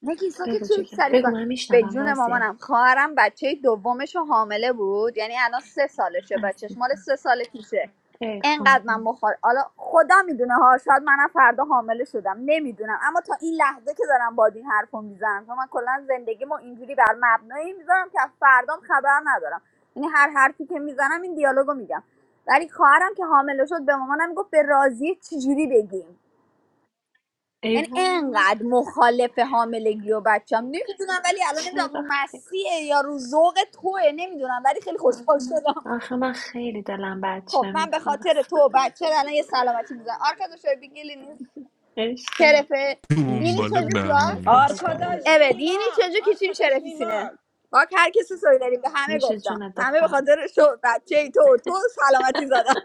نگین بگو ساکت چه جیگر سریف بگو کن من به میشنوم جون راضیه مامانم خواهرم بچه دومش رو حامله بود یعنی الان سه سالشه بچهش مال عزیزم سه سال پیشه ای انقدر من خدا مخال حالا خدا میدونه ها شاید منم فردا حامله شدم نمیدونم اما تا این لحظه که دارم با این حرفو میزنم چون من کلا زندگیمو اینجوری بر مبنایی میذارم که از فردام خبر ندارم یعنی هر حرفی که میزنم این دیالوگو میگم ولی خواهرم که حامله شد به مامانم گفت به راضیه چجوری بگیم ای یعنی وای انقدر مخالف حاملگی و بچم نمیدونم ولی الان نمیدونم رو چرا خیلی مسیحه یا رو ذوق توه نمیدونم ولی خیلی خوشحال شدم آخه من خیلی دلم خب بچه من به خاطر میخواست تو *laughs* و بچه الان یه سلامتی میزنم آرکادو شربیگیلینی عشق شرفه یعنی نوش دنبال جونت çocuklar بهونه عزیز است دلم آرکاداش evet yeni نیما çocuk için آرکاداش şerefisine نیما bak herkese söylerim به همه نوش گفتم جونت همه به دخترم خاطر شو بچه تو و تو سلامتی زدم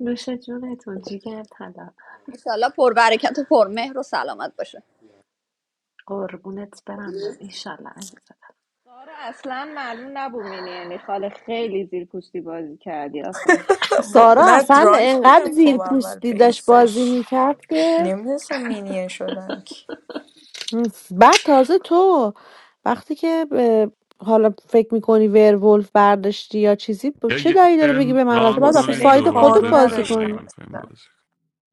نوش جونتون جیگر طلا انشالله پر برکت و پر مهر و سلامت باشه قربونت برم من ایشالله عزیزم سارا اصلا معلوم نبومینی یعنی خاله خیلی زیر پوستی بازی کردی آفه *laughs* خب، سارا نه اصلا درانک انقدر بودم زیر خب اول پوستی داشت بازی بیسش میکرد که نمیدونستم مینیه شدم که بعد تازه تو وقتی که به- حالا فکر میکنی ورولف برداشتی یا چیزی ب- یا چه یه دایی داره بگی ترم به من راضی ران باید آخه کنیم حوصله ساید دوباره خودت کارو بازی بزنیم اگه نداشتم کنی میخوایم اصلا بازی کنیم.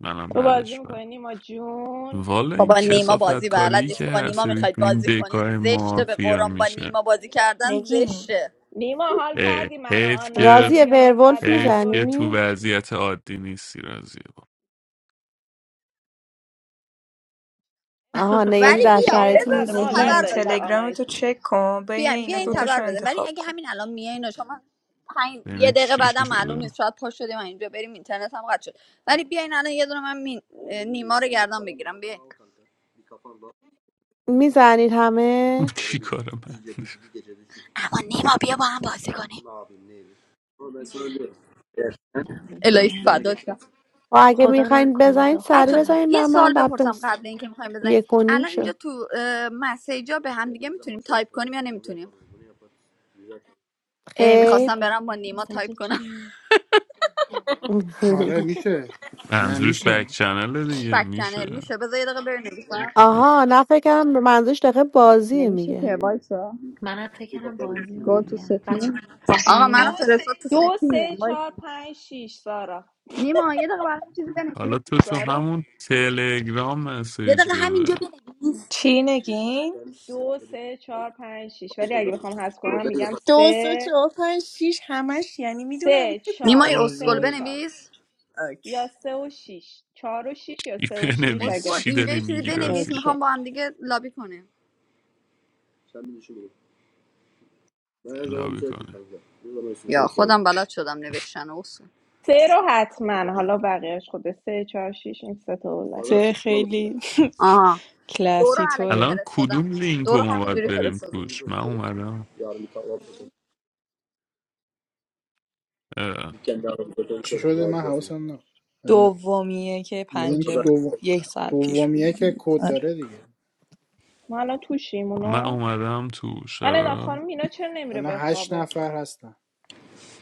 منم تو بازی بعدش برم میکنی نیما جون والا این بابا نیما کسافت بازی بلد کاری که نیست با هر نیما سری میخواید تو این بازی کنید دکای زشته به مافیا قرآن با میشه نیما بازی کردن نگین زشته نیما حال اه، کردی من و حیف آنا که راضی بازی و واسط ورولف در حیف که آوردی تو میزنی؟ وضعیت عادی نیستی رازی. با آها *laughs* نه یعنی ولی فدا نداره در بیام سر دیگه اب شرایطی نداره بابا ما بزنم نیستی که عادت نگین تبر داریم به بزنم تلگرام آنایت تو چک کن بین بیام بیا اینا این آره. تبر دوتاشو بزن ولی انتخاب اگه کن همین الان میایین و شما پنج- یه بین دقیقه چی چی بعدم معلوم شده نیست شاید پاش شدیم و اینجا بریم اینترنت هم قطع شد ولی بیاین الان یه دونه من می... نیما رو گردن بگیرم بیاین میزنید *laughs* همه چی کار من اما نیما بیا با هم بازی کنیم اینم الهی فدات شم. و اگه خدا میخواین نکنه بزنید سری بچه دخترم بزنید یه به من سوال بعد بپرسم بس قبل اینکه میخوایم بزنیم یک و نیم الان اینجا شد تو اه، مسیجا به هم دیگه میتونیم تایپ کنیم یا نمیتونیم ای خیر میخواستم برم با نیما تایپ سجه کنم چی؟ آره *laughs* میشه نه منظورش میشه بک چنل *laughs* دیگه بک چنل میشه میشه بذار یه دقیقه بنویسم آها نه فکرم به منظورش دقیقه بازیه نمیشه میگه که وایسا منم فکرم بازی رو با تو میگم بچه ستیم آقا من نمی‌دونم. فرستاد تو دو ستیم سه چهار وایسا پنج شیش سارا نیما یه دقیقه برام چیزی بنویس حالا تو تو سارا همون تلگرام یه مسیج دقیقه همینجا بده بنویس چی نگین؟ دو سه چهار پنج شیش ولی اگه بخوام حذف کنم میگم دو سه سه چهار پنج شیش همش یعنی میدونم سه نیما چهار یه سه رول و چهار بنویس اوکی. یا سه و شیش چهار و شیش یا ای سه و شیش بنویس اگه اصول من چی اینجا یه داری چیزی میگی بنویس راضیه اوکی میخوام با هم دیگه لابی کنیم لابی کنه خودم بلد شدم نوشتن اصول سه رو حتما حالا بقیهش خوده سه چهار شیش این سه تا اولاد سه خیلی آها *laughs* دورو کلاسی علکی طوره الان فرستادم کدوم و لینک رو دورو ما هم باید بریم توش من اومدم اه، چی شده من حواسم نه دومیه که لینک پنجاه دوم یک ساعت پیش بوده دومیه که دیگه کد آره. داره دیگه ما الان توشیم خب من اونو اومدم توش من ادا چرا خانم اینا چرا نمیره الان هشت بخوابه نفر هستن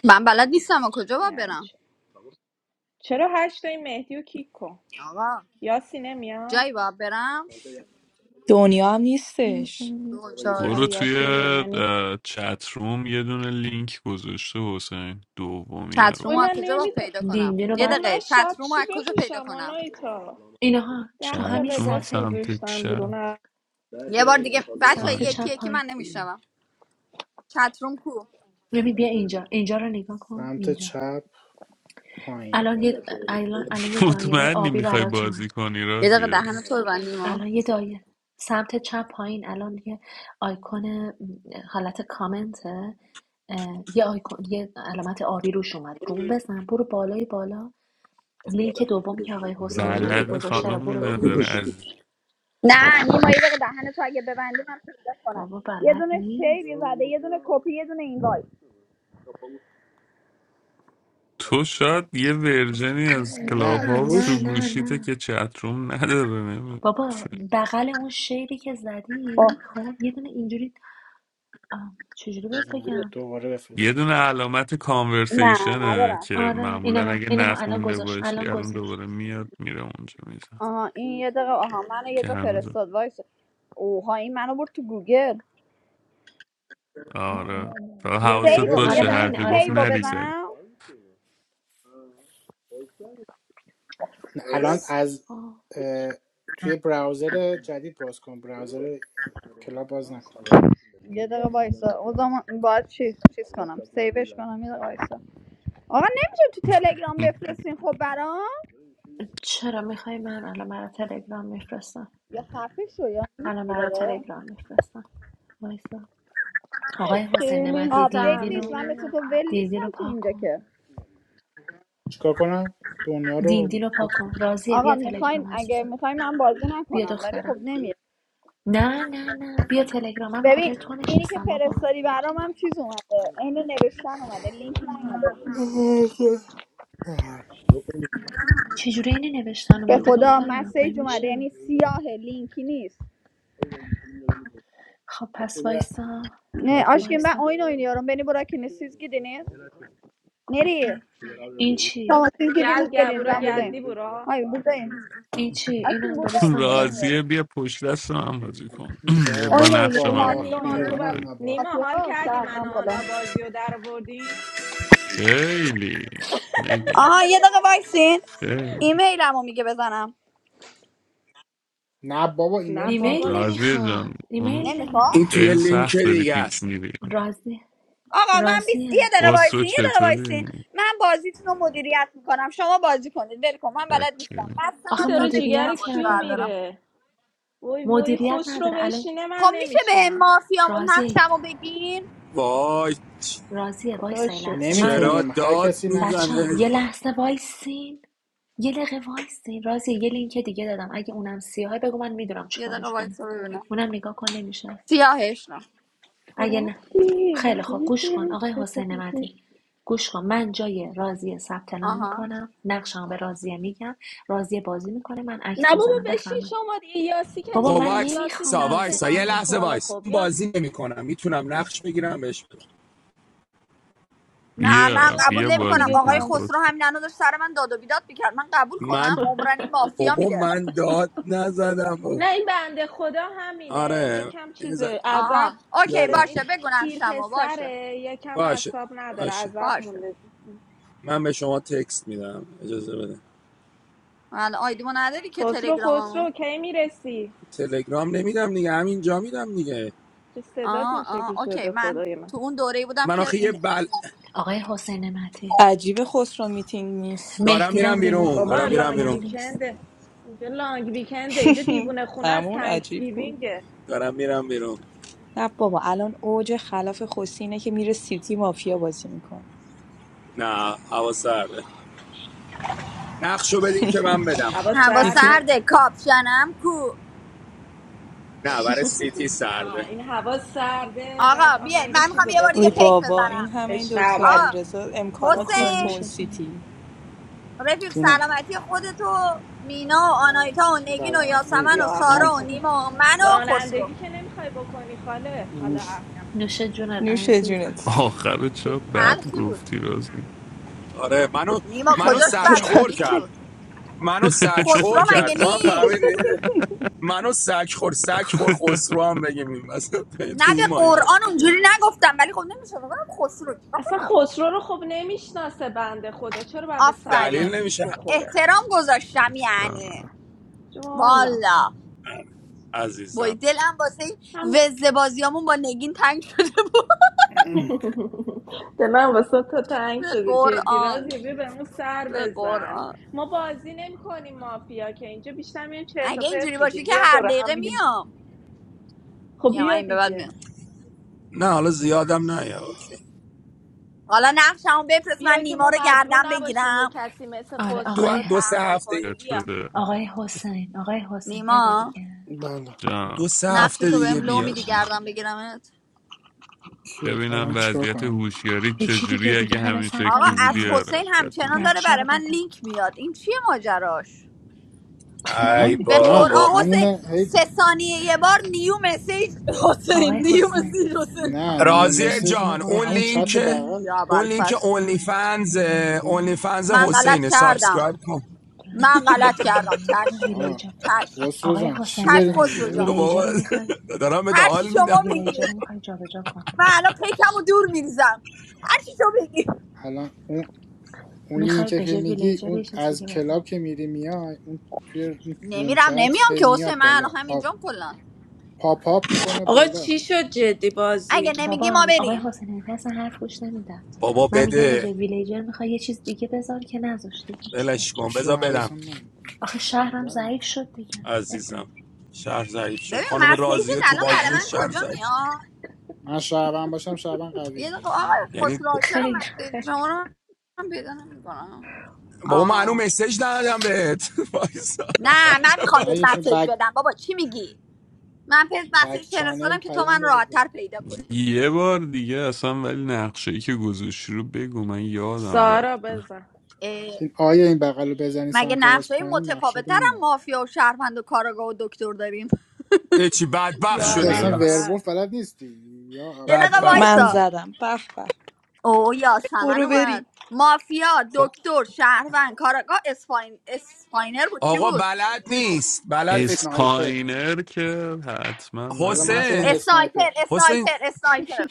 من بلد نیستم و کجا باید یعنی برم چی؟ چرا هشت این مهدی و کیک کن آقا یاسی نمیان جایی باید برم دنیا هم نیستش برو آره توی یاسی و دنیا نیست چت روم یه دونه لینک گذاشته حسین دومیه چت رو اوی رومو از من کجا با نمیدون پیدا کنم دینی رو یه آقا باید دقیقه من چت شب رومو چی از کجا پیدا بپوشم کنم آنایتا اینها ده تو تا همین چت روم لباس صفحه سمت گذاشتم چپ بیرون سمت یکی چپ آین. یکی من پایین نمیشنوم چت روم کو ببین بیا اینجا اینجا رو نگاه کن سمت اینجا چپ پایین الان یه الان, الان یه دایره مطمئنی آبی میخوای برات اومد بازی کنی یه دقیقه رازیه دهن تو ببندی ما الان یه دایره سمت چپ پایین الان یه آیکون م، حالت کامنته اه، یه آیکون یه علامت آبی روش اومد روم بزن برو بالای بالا لینک دومی که آقای حسین نعمتی بلد گذاشته رو خانمی برو نداره توش از نه نیما یه دقیقه دهن تو اگه ببندی من پیدا کنم بابا یه بلد دونه نیست شیری زده یه دونه کپی یه دونه این وای تو شاید یه ورژنی از کلاب نه نه هاوس نه رو روش نه گوشیته نه که چت روم نداره نمی- بابا بغل اون شیبی که خب زدی خب یه دونه اینجوری آه، چجوری بهت بزنم بگم دوباره یه بفرستم دونه کد علامت نه کانورسیشنه ندارم که آره معمولا اینا اگه اینا الان نخونده گذاشت باشی الان الان گذاشت دوباره میاد میره اونجا میزن آها این یه دقیقه آها منو یه جا که فرستاد وایس اوها این منو برد تو گوگل نه آره نه نه فقط بیا حواست بیرون آره سیو دیگه آره یه باشه می... هر دقیقه همینه جا آره گفت سیو همینه نری همینه سری بزنم الان از سیما. اه، توی براوزر جدید باز کن براوزر کلاب باز نکن یه دقیقه وایسا او زمان باید چی چیز کنم کنم یه دقیقه وایسا آقا نمیشه تو تلگرام *laughs* بفرستین خب برام چرا میخوای من الان برای تلگرام میفرستم یا خفه شو یا الان برای نمی‌داره. تلگرام میفرستم وایسا آقای حسین خیلی نمتی آپدیت دیندین نیست رو من مثل سمیمی تو ول نیستم دیندین رو تو پاک اینجا کن که چیکار کنم دنیا رو دیندین رو پاک بود کن کن راضیه آقا بیا میخواین تلگرام اگه عزیزم میخواین من بازی بیا نکنم ولی خب دخترم نمیره نه نه نه بیا تلگرام من به خاطر ببین تو اینی که نشستم بابا فرستادی برام هم چیز اومده عین نوشتن اومده لینک نیومده چجوری اینه نوشتن به اومده خدا دخترم من مسیج اومده میشه یعنی سیاه لینکی نیست خب پس وایسا نه آشکیم ben وایسا oyun oynuyorum. Beni bırakın. Siz gidiniz. Nereye? کپی این چی Tamam siz gidiniz گل gelin. گبورا Ben... گدی برا Hayır buradayım. این چی Aşkım اینم buradayım. درست Oyun نیمد oynuyorum. راضیه بیا پشت دست من بازی کن *clears throat* با Oyun باخ نقش oynuyorum. خود من Mafya باخ بازی کن نیما بیر oynuyorum. تو من بب... دوتایی نباخ نیما Mafya حال var. کردی من و şarkım falan. آنا بازی رو در آوردیم خیلی نگین Aha یه دقیقه وایسین خیلی ایمیلم رو میگه بزنم نه بابا نه ایمیلت بابا ایمیل میخواد راضیه چ- نمیخواد جان اون ایمیل نمیخواد این نمیخواد توی خیلی لینک سخت داری دیگه پیچ است میری راضی آقا من بیست یه راضیه دقیقه خسرو وایسین یه دقیقه وایسین چطوری من بازیتون رو مدیریت میکنم شما بازی کنید ول کن من بلد نیستم شکری. مستم کی آخه مستم داره جیگر نمیتونم مدیریت باش کیو بر برم نداره میره وای وای مدیریت خوش رو نداره الان بشینه من خب میشه به این نمیشینم مافیا راضیه نقشم رو بگین وای راضیه خدا وایسا یه شد لحظه من الان چرا نمیتونیم هر داد کسی نقش بچه ها میزنه یه خودشو داره لحظه وایسین یه دقیقه وایسین راضیه یه لینک دیگه دادم اگه اونم سیاهه بگو من میدونم یه دقیقه چیکارش کنیم وایسا ببینم اونم نگاه کن نمیشه سیاهش نه تو اگه نه رفتی خیلی خوب ولی گوش کن آقای حسین فکرته. نعمتی گوش کن من جای راضیه ثبت نام آها میکنم نقشم به راضیه میگم راضیه بازی میکنه من اکت نه بابا میزنم بشین بفرمایید شما دیگه یاسی که خب بابا من نیستش یاسی نمیخوام وایسا ثبت بازی وایسا نام یه لحظه کنم میکنه وایس خب یاس بازی نمیکنم میتونم نقش بگیرم بهش بدم نه من بیا خیلی قبول بیا خوب نمیکنم بازی دیگه آقای کن تام خسرو خسرو همین الان داشت سر من داد و بیداد میکرد من قبول من کنم عمرن این مافیا بابا میده من داد نزدم نه این بنده خدا همینه آره یکم یه چیزه عذب آها اوکی آره این باشه بگو پیر نقشمو باشه پسره یکم باشه اعصاب نداره باشه عذب باشه مونده من به شما تکست میدم اجازه بده من آیدیمو نداری که خسرو تلگراممو خسرو کی میرسی تلگرام نمیدم دیگه همینجا میدم دیگه چه صدات آه این شکلی آه اوکی شده من خدای من تو اون دوره بودم من که آخه یه این بل آقای حسین نعمتی عجیب خسرو میتینگ نیست دارم میرم مهدیرم ریموف بیرون کن بابا دارم میرم لانگ مهدیم بیرون نیست ویکنده اینجا لانگ ویکنده اینجا دیوونه *laughs* خونه از همون تانکس عجیب بود گیوینگه دارم میرم بیرون نه بابا الان اوج خلاف خوسینه که میره سیتی مافیا بازی میکنه نه هوا سرده نقشو بدین که من *laughs* بدم هوا هوا سیتی سرده سرده کاپشنم کو نه برای سیتی سرده نه این هوا سرده آقا بعد بیای آهنگ من میخوام چیزو یه بار دیگه ای بخونی پیک بابا این بزنم همه این عشق دکتر ابد آقا علیرضا با امکانات خار ریخت تو حسین نوش اون جونه سیتی رفیق جونم سلامتی خودتو مینا و آنایتا و نگین و سلامتی یاسمن و یا سارا نوش و اول نوش نیما و من و رانندگی خسرو که نمیخوای بکنی خاله حالا نوش. احیانا نوش جونت نوش عزیزم جونت آخر چه چرا بد تلخی بود گفتی راضی آره منو نیما منو خیلی کجاش خوب چه بد بود بریم سگخور کرد تلخی بیشتور منو سگخور خسرو مگه کرد تو هم نیست فهمیدی *laughs* منو سگخور سگخور خسرو هم بگیم این وسط. تو نه به این مایا قرآن اونجوری نگفتم ولی خب نمیشه بگم خسرو چیکار اصلا کنم خسرو رو خب نمیشناسه بنده خدا چرا باید به دلیل آفرین سلامتیش نمیشه بخوره احترام گذاشتم یعنی جانم جوالا والا وای عزیزم دلم واسه این هم وزه بازیامون با نگین تنگ شده بود ده من واسه تو *laughs* تنگ به شده جدی قرآن رازی بیا بهمون سر به بزن قرآن ما بازی نمی کنیم مافیا که اینجا بیشتر میریم چرت و اگه پرت اینجوری باشه میگیم که بیا هر دوره هم دقیقه میگیم میام خب میام بیا این به بعد میام دیگه نه حالا زیادم نه یا اوکی. حالا نقشمو بفرست من بیا که نیما ما رو مجبور گردم نباشیم یه بگیرم کسی مثل آره خسرو دو, رو آقای دو سه تحمل هفته کنیم بیا بده آقای حسین آقای حسین بده نیما دیگه بله جان دو سه نقش هفته تو دیگه بهم برو لو بیاد میدی نقشه رو گردم بده بگیرم کیو ببینم الان چیکار وضعیت کنم دیگه؟ هوشیاری هیچی دیگه چجوری دیگه اگه همه همین ثبت آقا شکلی نام از بودی کردن آره حسین بهت همچنان میگم داره نقشه برای رو من بده لینک میاد این چیه ماجراش ای من به نه بابا قرآن حسین همونه هی سه ثانیه یه بار نیو مسیج *laughs* حسین آقای نیو حسین مسیج حسین نه آخه نیو راضی اوکیه مسیج نی جان اون ویرولف اون همون لینک چت اوکیه بغل یا اون لینک بلفس اونلی رابرت فنز ترابل اون اونلی منکه فنز من ترانک غلط حسینه کردم سابسکرایب کن من غلط کردم زاملیاکو چشم آه ویلیجر چشم خسرو آقای جان حسین چی چشم داری نعمتی میگی خسرو جان ویلیجر داداش بابا رو میخوای دارم به هرچی حال میدم شما ویلیجر بگی رو میخوای جابجا کن من الان پیکم و دور میریزم هرچی شما بگی الان اون اون میخوای لینکه بشه که میگی ویلیجر یه اون چیز از دیگه کلاب بزن که میری میای اون توی اون روم نمیرم چت نمیام هی که حسین میاد من بالا الان پاپ همینجام کلا پاپ آپ میکنه آقا بالا چی شد جدی اگه بازی نمیگی ما بابا آقای بریم حسین نعمتی اصلا حرف گوش نمیدن بابا من میگم به بده جای ویلیجر میخوای یه چیز دیگه بذار که نذاشتی هیچ بره ولش کن چی بذار من بدم حواسم نبود آخه شهرم ضعیف زدم. شد دیگه اب عزیزم نداره. شهر ضعیف ش- شد ببین خانم مسیجت راضیه تو الان برای بازی من شهر کجا ضعیف میاد من شعبان باشم شعبان یه قویه دقیقه نگران نباش. آقای یعنی خسرو چرا خیر مسیج خیر شما رو من پیدا نمیکنم بابا من هنوز آه مسیج ندادم بهت *laughs* وایسا. نه عجب نمیخوام نه بهت بدبخت. یهشون مسیج بک بدم بابا چی میگی من پیز بک مسیج چنل فرستادم که تو پیام من بده بود. راحتتر پیدا کنی یه بار دیگه اصلا ولی نقشه ای که گذاشتی رو بگو من یادم رفت سارا بزن اه، این آیا این بغل رو بزنی مگه سمت راست نقشه پایین نقشه رو متفاوت‌تر هم میاره مافیا و شهروند و کاراگاه و دکتر داریم *laughs* چی بدبخت این یا که شدیم اصلا بله بس ورولف ابوالفضل بلد نیستی یا یه اول دقیقه فاز بدبخت من وایسا شدیم زدم به به اوه یاسمن برو بریم اومد مافیا خب دکتر شهروند کاراگاه اسفاین اسفاینر بود چی آقا بود بلد نیست بلد نیست اسنایپر اسپاینر که حتما الان ولی من شدم حسین اسنایپر اسنایپر حسین اسنایپر اسنایپر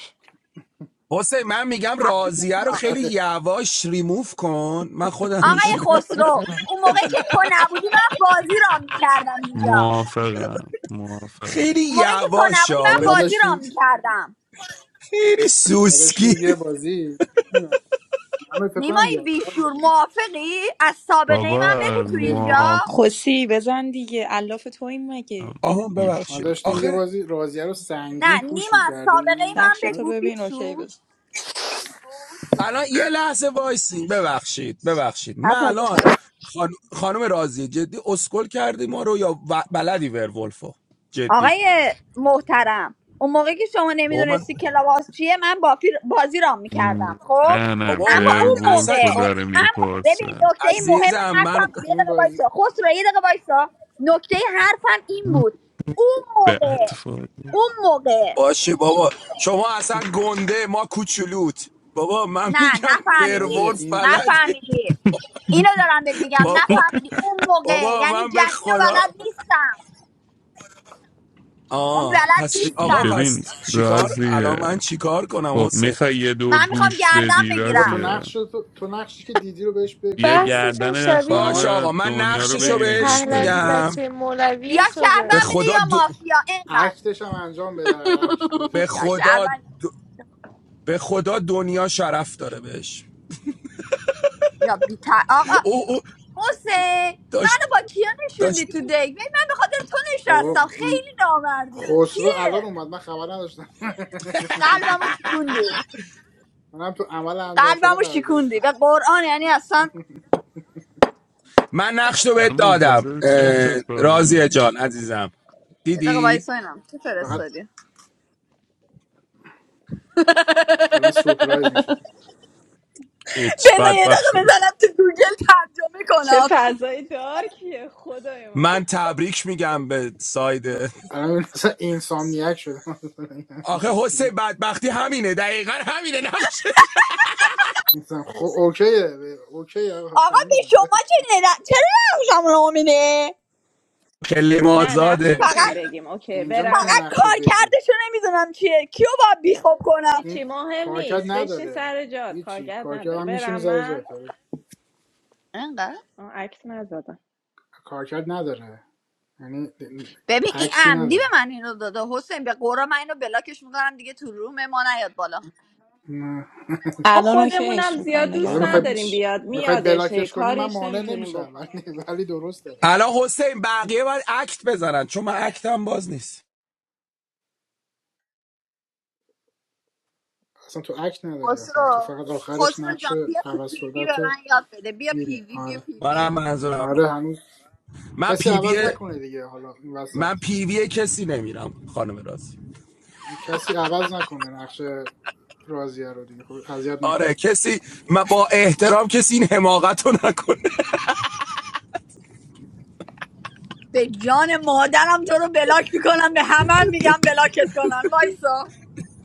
حسین من میگم خفه راضیه رو شدیم خیلی بله یواش ریموف کن من خودم آقای میشینم خسرو اون موقعی که تو نبودی من بازی رام میکردم اینجا موافقم موافقم خیلی اون موقعی که تو یواش نبودی بابا من ما ها بازی رام داشتیم میکردم خیلی ما سوسکی داشتیم یه بازی من فکر کنم نیمای یادکار یا بیشور بودیم موافقی از سابقه من بابا بگو تو بهش- موافقم اینجا خوسی بزن دیگه الاف تو این مگه آها گوش ما ببخشید داشتیم بدم. یه آخه بازی رازیه رو سنگین نه پوش نیما از سابقه میکردیم من نقشتو بگو ببین اوکی بیشور بزن الان یه لحظه وایسین ببخشید ببخشید من حرف نزن. الان خان... خانم رازی جدی اسکل کردی ما رو یا و- بلدی ورولفو جدی آقای محترم اون موقعی که شما بابا من نمیدونستی کلاباس چیه من بافی بازی رام میکردم خب نه نه بابا اما من اون اصلا ورولف رو موقع کار داره اما ببین میپرسه نکته مهم عزیزم من حرفم یه این دقیقه بازی وایسا خسرو یه دقیقه وایسا نکته حرفم این بود اون موقع بدفاقی اون موقع باشه بابا شما اصلا گنده ما کوچولوت بابا من نه میگم بازی نفهمیدی ورولف این بلدی نفهمیدی اینو *laughs* دارم بهت میگم بابا نفهمیدی اون موقع بابا یعنی من به جدید و خدا بلد نیستم یعنی آه بلد پس دی- چی آقا نیستم ببین پس چیکار رازیه الان من چیکار کنم خب حسین میخوای یه دور من میخوام گوش گردم بدی بابا تو بگیرم رازیه نقش رو- تو, تو نقشی که دیدی رو بهش بگو بیا کاری نداره Passeshan گردن sabi باش on. خانم آقا من دنیا رو نقششو بگیرین بهش Pahla دوتایی bi back فعلا میگم se mola viye یا به soder. شهروند بده یا خدا د- مافیا اینقدر اکتش هم انجام بده هر اکتی که به *laughs* یا دیگه خدا شهروند د- به خدا دنیا شرف داره بهش یا بیتر آقا او او حسین داشت منو با کیا داشت نشوندی تو دیگ ببین من به خاطر تو بابا نشستم م، خیلی نامردی این خسرو الان کیه اومد من خبر نداشتم قلبمو شکوندی منم تو عمل انجام شده قلبمو قرار شکوندی گرفتم به قرآن یعنی اصلا من نقشو رو بهت الان دادم منتظر چه اه، راضیه اتفاقی جان عزیزم یه دقیقه دیدی وایس اینم چه فقط فرستادی الان سورپرایز میشه چی بذار یه دقیقه بدبخت شدی بزنم تو گوگل ترجمه چه کنم فضای دارکیه خدای من من تبریک میگم به ساید الان این مثلا اینسامنیاک شده *laughs* مثلا این آخه همچین حسین چیزی. بدبختی همینه دقیقا همینه نقشش مثلا خب اوکیه ب- اوکیه آقا، آقا به فهمیدیم شما ولش کن. چه نه چرا نقشم رو خیلی نه نقش آزاده رو میتونیم فقط بگیم اوکی اینجا میتونی فقط برم نقش رو کار بگی کردشو نمیدونم چیه کیو باید بیخوب کنم هیچی این مهم کارکرد نیست بشین نداره سر جات هیچی کارگرد کارکرد نداره هم میشینی برم سر من جات آره. انقدر آه، عکس نزدم کارکرد نداره یعنی ببین این اکتی عمدی نداره به من اینو داده حسین به قورا من اینو بلاکش میکنم دیگه تو روم ما نیاد بالا نه. ما الان خودمونم اوکیش زیاد میکنم حالا دوست نگران میخوای نداریم نباش بیاد میخوای میادش هی بلاکش کنی من کاریش مانع نمیتونیم نمیشم *laughs* ولی بکنیم دیگه ولی درست داده الان حسین بقیه باید اکت بزنن چون من اکتم باز نیست اصلا تو عکس نداری آخر تو خسرو فقط آخرش خسرو نقش جان بیا تو عوض پیوی شده به تو من یاد بده بیا میبینی پیوی بیا آره پیوی منم منظورم آره هنوز من کسی عوض پیوی نکنه دیگه حالا این وسط من پیوی کسی نمیرم خانم رازی کسی عوض نکنه نقش رازیه رو دیگه خب اذیت آره نکنید کسی من با احترام کسی این حماقت رو نکنه به جان مادرم تو رو بلاک میکنم به همه میگم بلاکت کنن وایسا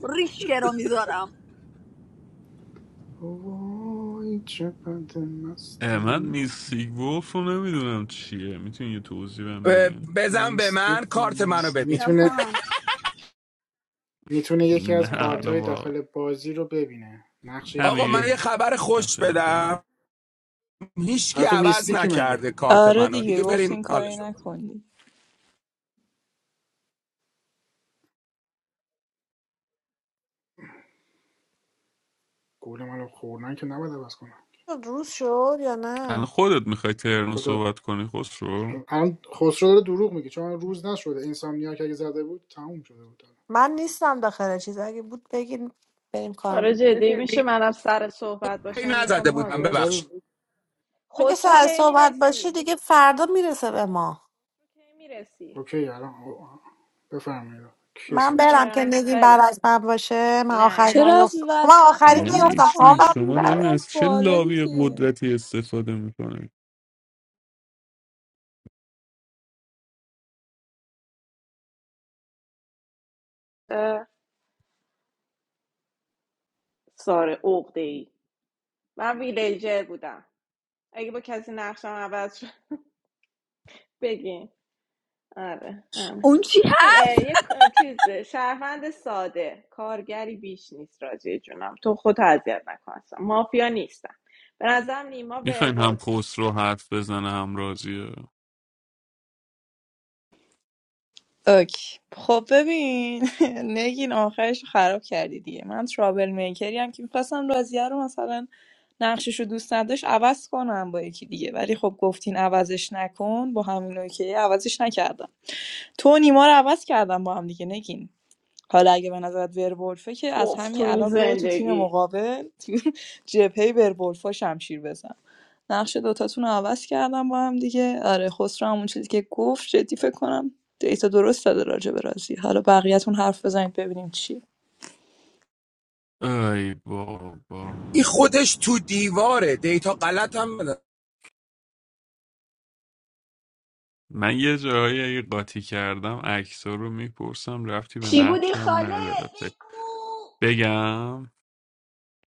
ریشکه رو میذارم وای چقدر اه، من مستم میستیک وولف رو نمیدونم چیه میتونی یه توضیح بهم بدین بزن به من میستیک کارت منو ببین میتونه یاسمن میتونه یکی نه از Adam. کارت حالا های واقعا داخل بازی رو ببینه نقش یه نفر آقا رو من همین یه ببینه خبر خوش نقشه نفر بدم آره. هیچکی حالا تو عوض میستیکی مگه نکرده کارت آره منو دیگه دیگه گفتین برین کاری حالشو نکنی گل منو خوردن که نباید عوض کنم شد، روز شد یا الان نه خودت میخوای ترنو خدا صحبت کنی خسرو الان خسرو داره دروغ میگه چون روز نشده اینسامنیا که اگه زده بود تموم شده بود الان من نیستم داخل چیز اگه بود بگین بریم آره کارم جدی میشه منم سر صحبت این باشم نزده میخوام بودم حاضر شم ببخش اکتار چون که خسرو سر کی صحبت باشه میرسی دیگه فردا میرسه به ما کی میرسی اوکی الان بفرمایید کی من سرس برم که برم نگین خیلی بعد خوب از من باشه من نه آخری چرا خیر از نیفتم *laughs* من وسط آخری خب یه یعنی از نیفتم چی پایین خوابم شروع شما کنید دارین یه بره از از چه بالا لابی دیگه قدرتی استفاده میکنین ساره عقده ای من ویلیجر بودم اگه با کسی نقشم عوض شد بگین آره اون چی هست این یک چیز شهروند ساده کارگری بیش نیست راجع جونم تو خود اذیت نکن مافیا نیستم به نظرم نیما میخواین هم ورولفه خسرو حرف بزنه هم راضیه اوکی خب ببین *laughs* نگین آخرش رو خراب کردی دیگه من ترابل میکری هم که میخواستم راضیه رو مثلا نقشش رو دوست نداشت عوض کنم با یکی دیگه ولی خب گفتین عوضش نکن با همین اوکی عوضش نکردم تو و نیما رو عوض کردم با هم دیگه نگین حالا اگه به نظرت ورولفه که از توف تو همین این الان برو تو تیم زندگی مقابل تو جبهه ورولفا شمشیر بزن نقش دوتاتون رو عوض کردم با هم دیگه آره خسرو همون چیزی که گفت جدی فکر کنم دیتا درست داده راجع به رازی حالا بقیه‌تون حرف بزنید ببینیم چی ای بابا این خودش تو دیواره دیتا غلط هم بده. من یه جاهایی اگه قاطی کردم عکس‌ها رو میپرسم رفتی به چی بودی نقشم خاله نداره ب- بگو بگم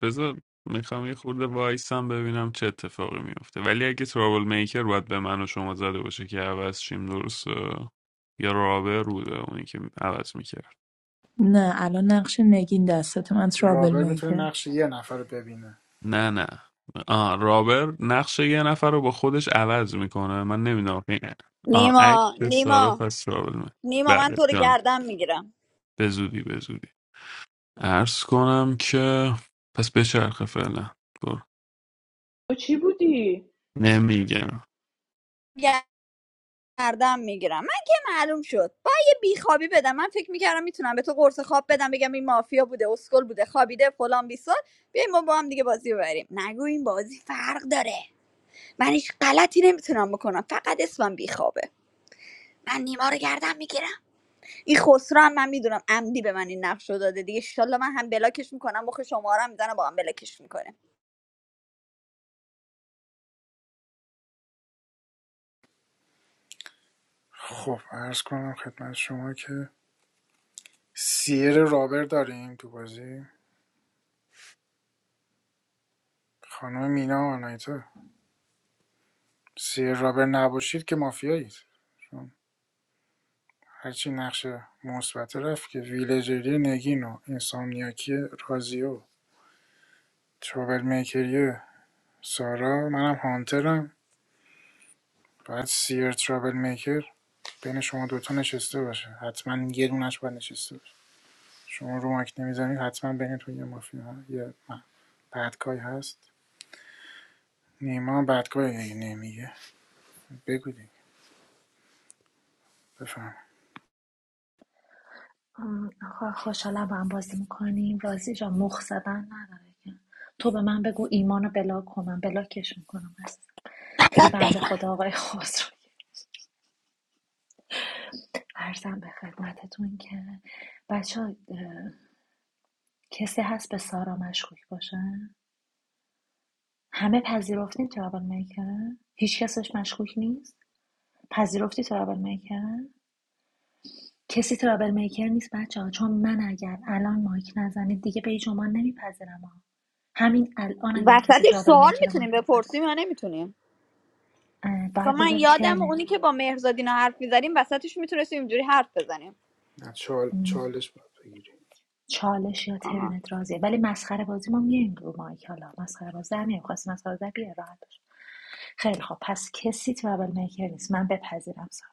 بذار میخوام یه خورده وایسم ببینم چه اتفاقی میفته ولی اگه ترابل میکر باید به من و شما زده باشه که عوض شیم درسته یا رابر بوده اونی که عوض میکرد نه الان نقش نگین دستت من ترابل رادار میتونه میکر نقش یه نفر رو ببینه نه نه آه رابر نقش یه نفر رو با خودش عوض میکنه من نمیدونم آه عکس نیما سارا نیما پس ترابل میکر نیما من بله تو رو جان گردم میگیرم به زودی به زودی عرض کنم که پس بچرخه فعلا برو تو چی بودی؟ نمیگم گردم میگیرم من که معلوم شد با یه بیخوابی بدم من فکر میکردم میتونم به تو قرص خواب بدم بگم این مافیا بوده اسکل بوده خوابیده فلان بیسار بیایم ما با هم دیگه بازی رو ببریم نگو این بازی فرق داره من هیچ غلطی نمیتونم بکنم فقط اسمم بیخوابه من نیما رو گردم میگیرم این خسرو هم من میدونم عمدی به من این نقش رو داده دیگه ان من هم بلاکش میکنم مخ شما رو هم میزنم با هم بلاکش میکنه خب عرض کنم خدمت شما که سیر رابر داریم تو بازی خانم مینا آنایتا سیر رابر نباشید که مافیایید چون هرچی نقش مثبت رفت که ویلجری نگین و اینسامنیاکی رازیو ترابل میکر یه سارا منم هانترم باید سیر ترابل میکر بین شما دوتا نشسته باشه حتما یه دونش باید نشسته باشه شما رو ماک نمیزنید حتما بینتون یه مافیا یه من بدکای هست نیما هم بدکای دیگه نمیگه بگو دیگه بفهم آه، خ- خوشحالم با هم بازی میکنیم رازی جا مخ زدن نداره که تو به من بگو ایمانو بلاک کنم بلاکشون کنم از دیگه بنده خدا آقای خسرو ارزم به خدمتتون که بچه ها، کسی هست به سارا مشکوک باشه همه پذیرفتین ترابل میکره هیچ کسش مشکوک نیست پذیرفتی ترابل میکره کسی ترابل میکر نیست بچه‌ها چون من اگر الان مایک نزنید دیگه به هیچ نمیپذیرم ها همین الان اگر کسی وسطش ترابل سوال میکر میتونیم مایک بزن بپرسیم یا نمیتونیم اه، با باید من بذاری یادم ترنت اونی که با مهرزادینا حرف میزدیم وسطش میتونستیم اینجوری حرف بزنیم نه چال... چالش باید بگیری چالش یا آها ترنت راضیه ولی مسخره بازی ما میایم رو مایک حالا مسخره باز در میایم مسخره بازی بیار راحت باش خیلی خوب پس کسی ترابل میکر نیست من بپذیرم سارا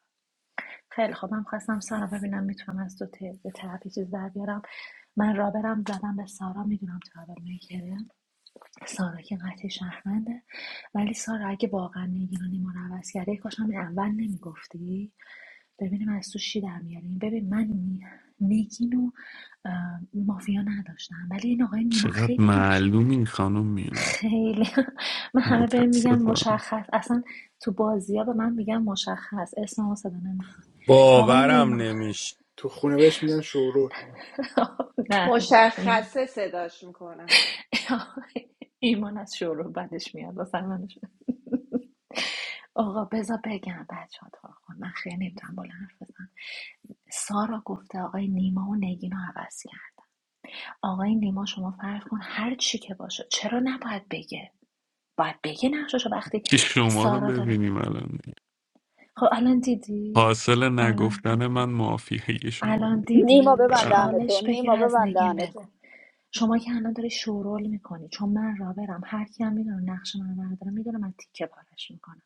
خیلی خوب من خواستم سارا ببینم میتونم از دو ت- به طرفی چیز در بیارم من رابرم زدم به سارا میدونم ترابل میکره سارا که قطعی شهرونده ولی سارا اگه واقعا نگیرانی ما رو عوض کرده کاش همین اول نمیگفتی ببینیم از تو چی در میاریم ببین من نی- مافیا نداشتم ولی این آقای نیما چقدر خیلی مش معلومی این خانم مینا خیلی *laughs* من همه بهم میگن متاسفم مشخص اصلا تو بازی ها به من میگن مشخص اسم ما صدا نمیکنم آقای باورم نیما نمیشه تو خونه بهش میگن شورول *laughs* نه نه ایمان مشخصه صداش میکنم *laughs* ایمان از شروع بدش میاد واسه من *laughs* آقا بذار بگم بچه ها تو آقا. من خیلی نمیتونم بلند حرف بزنم سارا گفته آقای نیما و نگین رو عوض کرد آقای نیما شما فرض کن هر چی که باشه چرا نباید بگه باید بگه نقششو وقتی که شما رو سارا داره ببینیم الان دیگه. خب الان دیدی حاصل الان دیدی نگفتن من معافیه شما الان بود نیما دیدی ببند بله. دهن تو چالش بگیر نیما از ببند نگین دهن تو بگو شما که الان داری شورول میکنی چون من را برم هر کی هم میدونه نقش من رو برداره میدونه من تیکه پارش میکنم.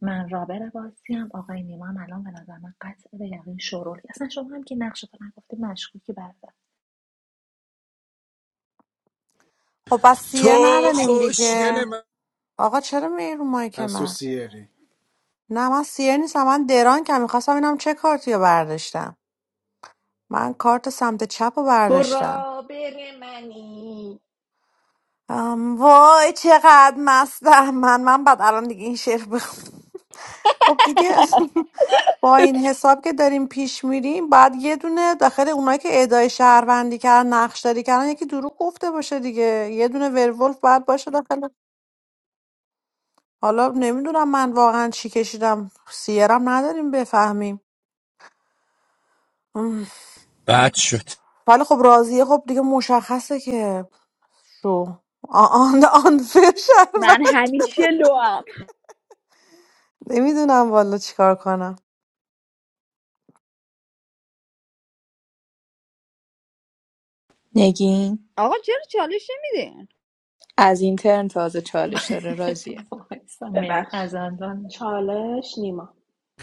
من رابر بازیم آقای نیما هم الان به نظر من قطع به یقین شروع اصلا شما هم که نقش تو نگفتی مشکوکی برادر خب پس سیر تو نداریم دیگه خوشگل من آقا چرا میای رو مایک پس تو من سیری نه من سیر نیستم من دران که میخواستم ببینم چه کارتی رو برداشتم من کارت سمت چپ رو تو برداشتم رابر منی ام، وای چقدر مستم من من بعد الان دیگه این شعر بخونم *laughs* خب دیگه با این حساب که داریم پیش میریم بعد یه دونه داخل اونایی که ادعای شهروندی کردن نقشداری کردن یکی دروغ گفته باشه دیگه یه دونه ورولف بعد باشه داخل حالا نمیدونم من واقعا چی کشیدم سیرم نداریم بفهمیم بد شد ولی خب راضیه خب دیگه مشخصه که شو آ- آن آن شرم من همیشه لوام نمیدونم والا چیکار کنم نگین آقا چرا چالش نمیدین از این ترن تازه چالش داره رازیه *laughs* وایسا میگه ببخش از الان چالش نیما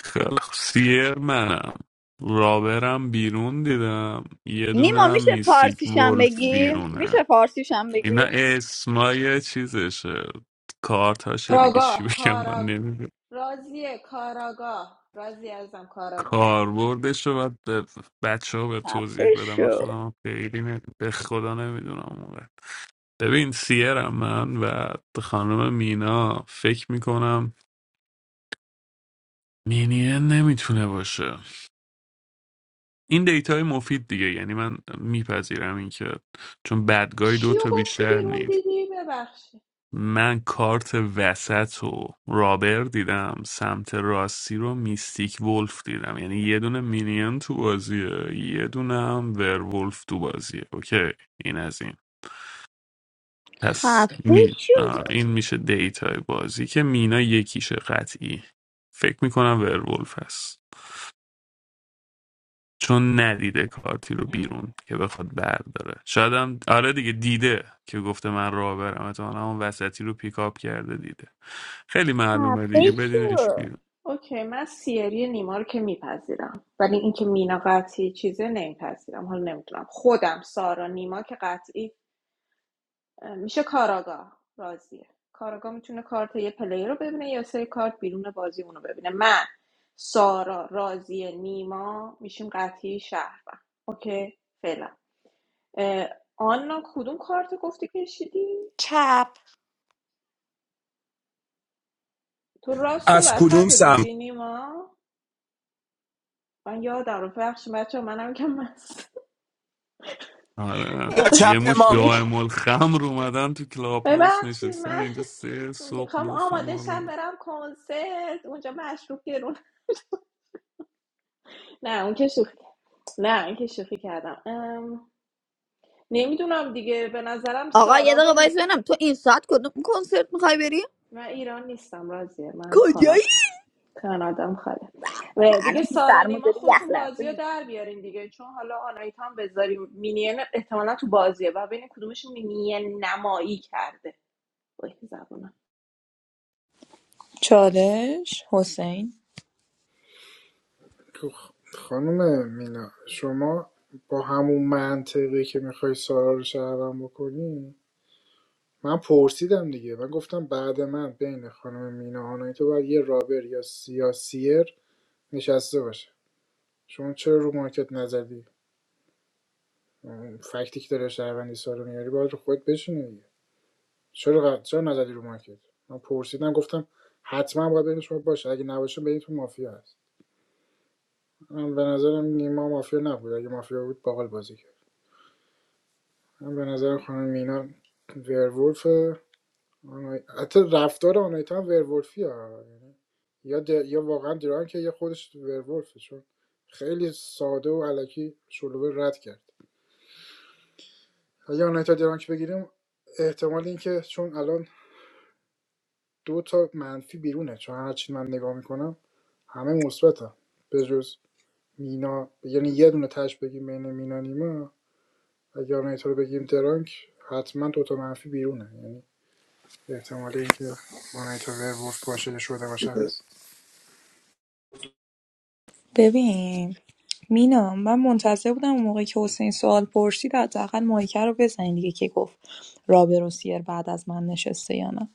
خیلی خوب. سیر منم رابرم بیرون دیدم یه نیما دونم میشه میستیک فارسیشم ولف بگی بیرونه میشه فارسیشم اینا بگی اسمای چیزشه کارتاشه دیگه چی کاراگاه بگم کارا من راضیه کاراگاه راضی ازم کاراگاه کاربردش رو باید به بچه ها به توضیح خفه بدم من شو خودم هم خیلی نه- به خدا نمیدونم اونقدر ببین سیرم من و خانم مینا فکر میکنم مینیه نمیتونه باشه این دیتای مفید دیگه یعنی من میپذیرم این که چون بدگاهی دو چیو تا گفتی بیشتر بیرون نیست دیدی ببخشید من کارت وسط و رابر دیدم سمت راستی رو میستیک ولف دیدم یعنی یه دونه مینین تو بازیه یه دونه هم ورولف تو بازیه اوکی این از این پس خفه می... شو آره، این میشه دیتای بازی که مینا یکیشه قطعی فکر میکنم ورولف هست چون ندیده کارتی رو بیرون که بخواد برداره شاید هم آره دیگه دیده که گفته من راه برم اتمالا اون وسطی رو پیکاپ کرده دیده خیلی معلومه دیگه خفه بدینش شو بیرون اوکی من سیری نیما رو که میپذیرم ولی اینکه مینا قطعی چیزه نمیپذیرم حالا نمیدونم خودم سارا نیما که قطعی میشه کاراگاه راضیه کاراگاه میتونه کارت یه پلیر رو ببینه یا سری کارت بیرون بازی اون رو ببینه من سارا راضیه نیما میشیم قطعی شهروند اوکی فعلا آنا کدوم کارت گفتی کشیدی چپ تو راست و از کدوم وسط رو سمت دیدی نیما من یادم رو بخش بچه منم که مست آره یا آره چپ یه مش ما یک دائم الخمر اومدن تو کلاب هاوس ببخشید نشستن من اینجا سه صبح میخوام مخ آماده ما رو شم داره. برم کنسرت اونجا مشروب گرون نه اون که شوخی نه این که شوخی کردم ام، نمیدونم دیگه به نظرم آقا یه سارا دقیقه با وایس نی- ببینم تو این ساعت کدوم کنسرت میخوای بری من ایران نیستم راضیه من کجایی کانادا کانادام خاله و الان دیگه تو سارا سرما نیما داری یخ خودتون لرزه بازی می‌کنی. در بیارین دیگه چون حالا آنایت هم بذاریم مینین احتمالا تو بازیه و ببینین کدومشون مینین نمایی کرده وای زبونم چالش حسین تو خ- خانم مینا شما با همون منطقی که میخوای سارا رو شهرم بکنی من پرسیدم دیگه من گفتم بعد من بین خانم مینا آنایی تو باید یه رابر یا سیاسیر نشسته باشه شما چرا رو مارکت نزدی فکتی که داره شهروندی سارو میاری باید رو خود بشینی دیگه چرا ق- چرا نزدی رو مارکت من پرسیدم گفتم حتما باید بین شما باشه اگه نباشه بین تو مافیا هست من به نظرم نیما مافیا نبود اگه مافیا بود باقل بازی کرد من به نظر خانم مینا ورولف آنای- حتی رفتار آنایتا هم ورولفی ها یعنی یا, د... یا واقعا دران که یا خودش ورولفه چون خیلی ساده و علکی شلوغه رد کرد اگه آنایتا درانک بگیریم احتمال اینکه چون الان دو تا منفی بیرونه چون هرچی من نگاه میکنم همه مثبتن به جز مینا یعنی یه دونه تش بگیم بین مینا نیما اگه آنایتا رو بگیم درانک حتما دو تا منفی بیرونه یعنی احتمال اینکه آنایتا ورولف باشه یا شده باشه هست ببین مینا من منتظر بودم اون موقع که حسین سوال پرسید حداقل مایکه رو بزنین دیگه که گفت رابر و سیر بعد از من نشسته یا نه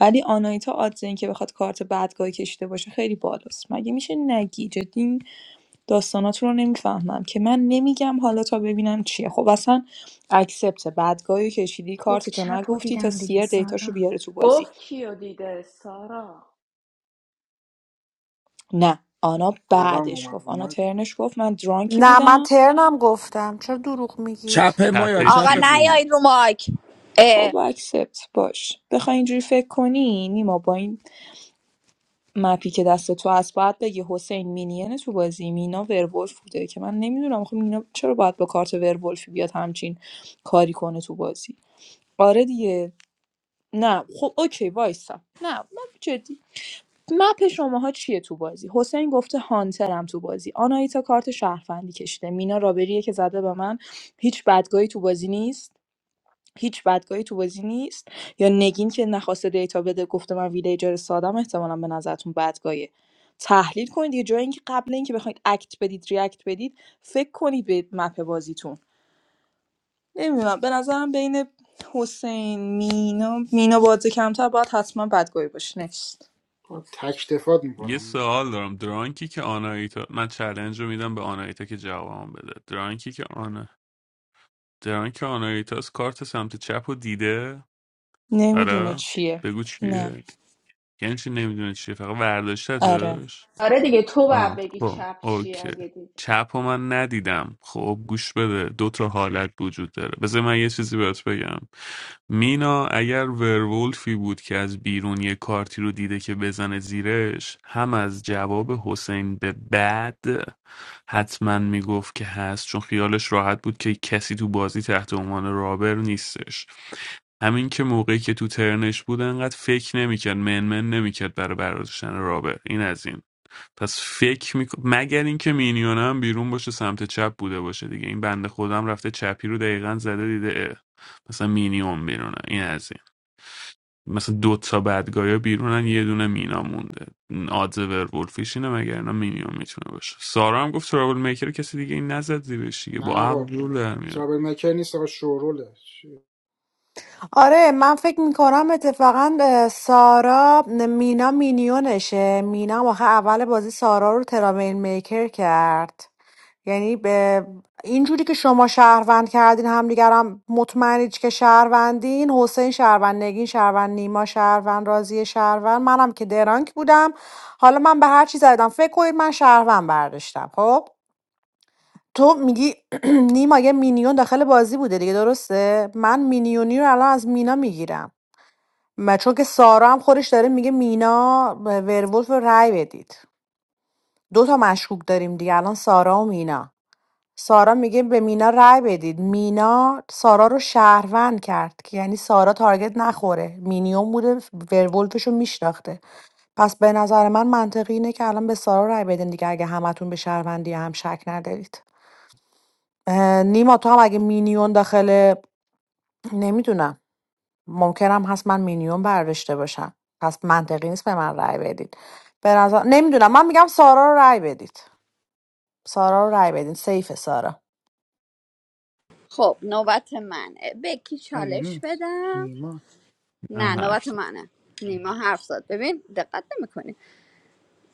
ولی آنایتا آدز این که بخواد کارت بدگاهی کشیده باشه خیلی بالاست مگه میشه نگی جدی این داستاناتون رو نمیفهمم که من نمیگم حالا تا ببینم چیه خب اصلا اکسپت بدگاهی کشیدی گفت کارتتو چپ و نگفتی تا دیدم دیگه سیر دیتاشو سارا بیاره تو بازی گفت کیو دیده سارا نه آنا الان بعدش اومد گفت رو آنا مایک گفت ترنش گفت من درانکی نه من بودم ترنم گفتم چرا دروغ میگید چپ ما یا تپه آقا چی چپ خود بود نیاید رو مایک خب اکسپت باش بخوای اینجوری فکر کنی نیما با این مپی که دست تو هست باید بگی حسین مینین تو بازی مینا ورولف بوده که من نمیدونم آخه مینا چرا باید با کارت ورولفی بیاد همچین کاری کنه تو بازی آره دیگه نه خب اوکی وایسا نه من جدی مپ شماها چیه تو بازی حسین گفته هانترم تو بازی آنایتا کارت شهروندی کشیده مینا رابریه که زده به من هیچ بدگاهی تو بازی نیست هیچ بدگاهی تو بازی نیست یا نگین که نخواسته دیتا بده گفته من ویلیجر سادم احتمالا به نظرتون بدگاهیه تحلیل کنید دیگه جای اینکه قبل اینکه بخواید اکت بدید ریاکت بدید فکر کنید به مپ بازیتون نمیدونم به نظرم بین حسین مینا مینا بازه کمتر باید حتما بدگاهی باشه نکست آقا تکتفات یه میکنم سوال دارم درانکی که آنایتا من چلنج رو میدم به آنایتا که جوابم بده درانکی که آنا درانک آنایتاس کارت سمت چپ رو دیده نمیدونه آره چیه بگو نه چیه یعنی چی نمیدونه چیه فقط آره ورداشتتش آره دیگه تو باید آه بگی خب چپ چی اوکی اگه دید چپ رو من ندیدم خب گوش بده دو تا حالت وجود داره بذار من یه چیزی بهت بگم مینا اگر ورولفی بود که از بیرون یه کارتی رو دیده که بزنه زیرش هم از جواب حسین به بعد حتما میگفت که هست چون خیالش راحت بود که کسی تو بازی تحت عنوان رابر نیستش همین که موقعی که تو ترنش بود انقدر فکر نمیکرد منمن نمیکرد برای برداشتن رابر این از این پس فکر میکنم مگر اینکه مینیون هم بیرون باشه سمت چپ بوده باشه دیگه این بنده خودم رفته چپی رو دقیقا زده دیده اه. مثلا مینیون بیرونه این از این مثلا دو تا بدگایا بیرونن یه دونه مینا مونده آدز ورولفیش اینه مگر اینا مینیون میتونه باشه سارا هم گفت ترابل میکر رو کسی دیگه این نزد زیرش دیگه نه با عقل آقا جور در میاد ترابل مکر نیست آقا شوروله آره من فکر میکنم اتفاقا اه، سارا مینا مینیونشه مینا واقعا اول بازی سارا رو ترامین میکر کرد یعنی به اینجوری که شما شهروند کردین همدیگرم مطمئنید که شهروندین حسین شهروند نگین شهروند نیما شهروند رازی شهروند منم که درانک بودم حالا من به هر چی زدم فکر کنید من شهروند برداشتم خب تو میگی *clears throat* نیما یه مینیون داخل بازی بوده دیگه درسته من مینیونی رو الان از مینا میگیرم و چون که سارا هم خودش داره میگه مینا به ورولف رای رأی بدید دو تا مشکوک داریم دیگه الان سارا و مینا سارا میگه به مینا رای بدید مینا سارا رو شهروند کرد که یعنی سارا تارگت نخوره مینیون بوده ورولفش رو میشناخته پس به نظر من منطقی اینه که الان به سارا رای بدین دیگه اگه همتون به شهروندی هم شک ندارید اه، نیما تو هم اگه مینیون داخل نمیدونم ممکنم هست من مینیون برداشته باشم پس منطقی نیست به من رأی بدید به نظر نمیدونم من میگم سارا رو رأی بدید سارا رو رأی بدید سیف سارا خب نوبت منه بکی مگه چالش نیست بدم نیما نه نه نیما. حرف نوبت زد. منه نیما حرف زد ببین دقت نمیکنی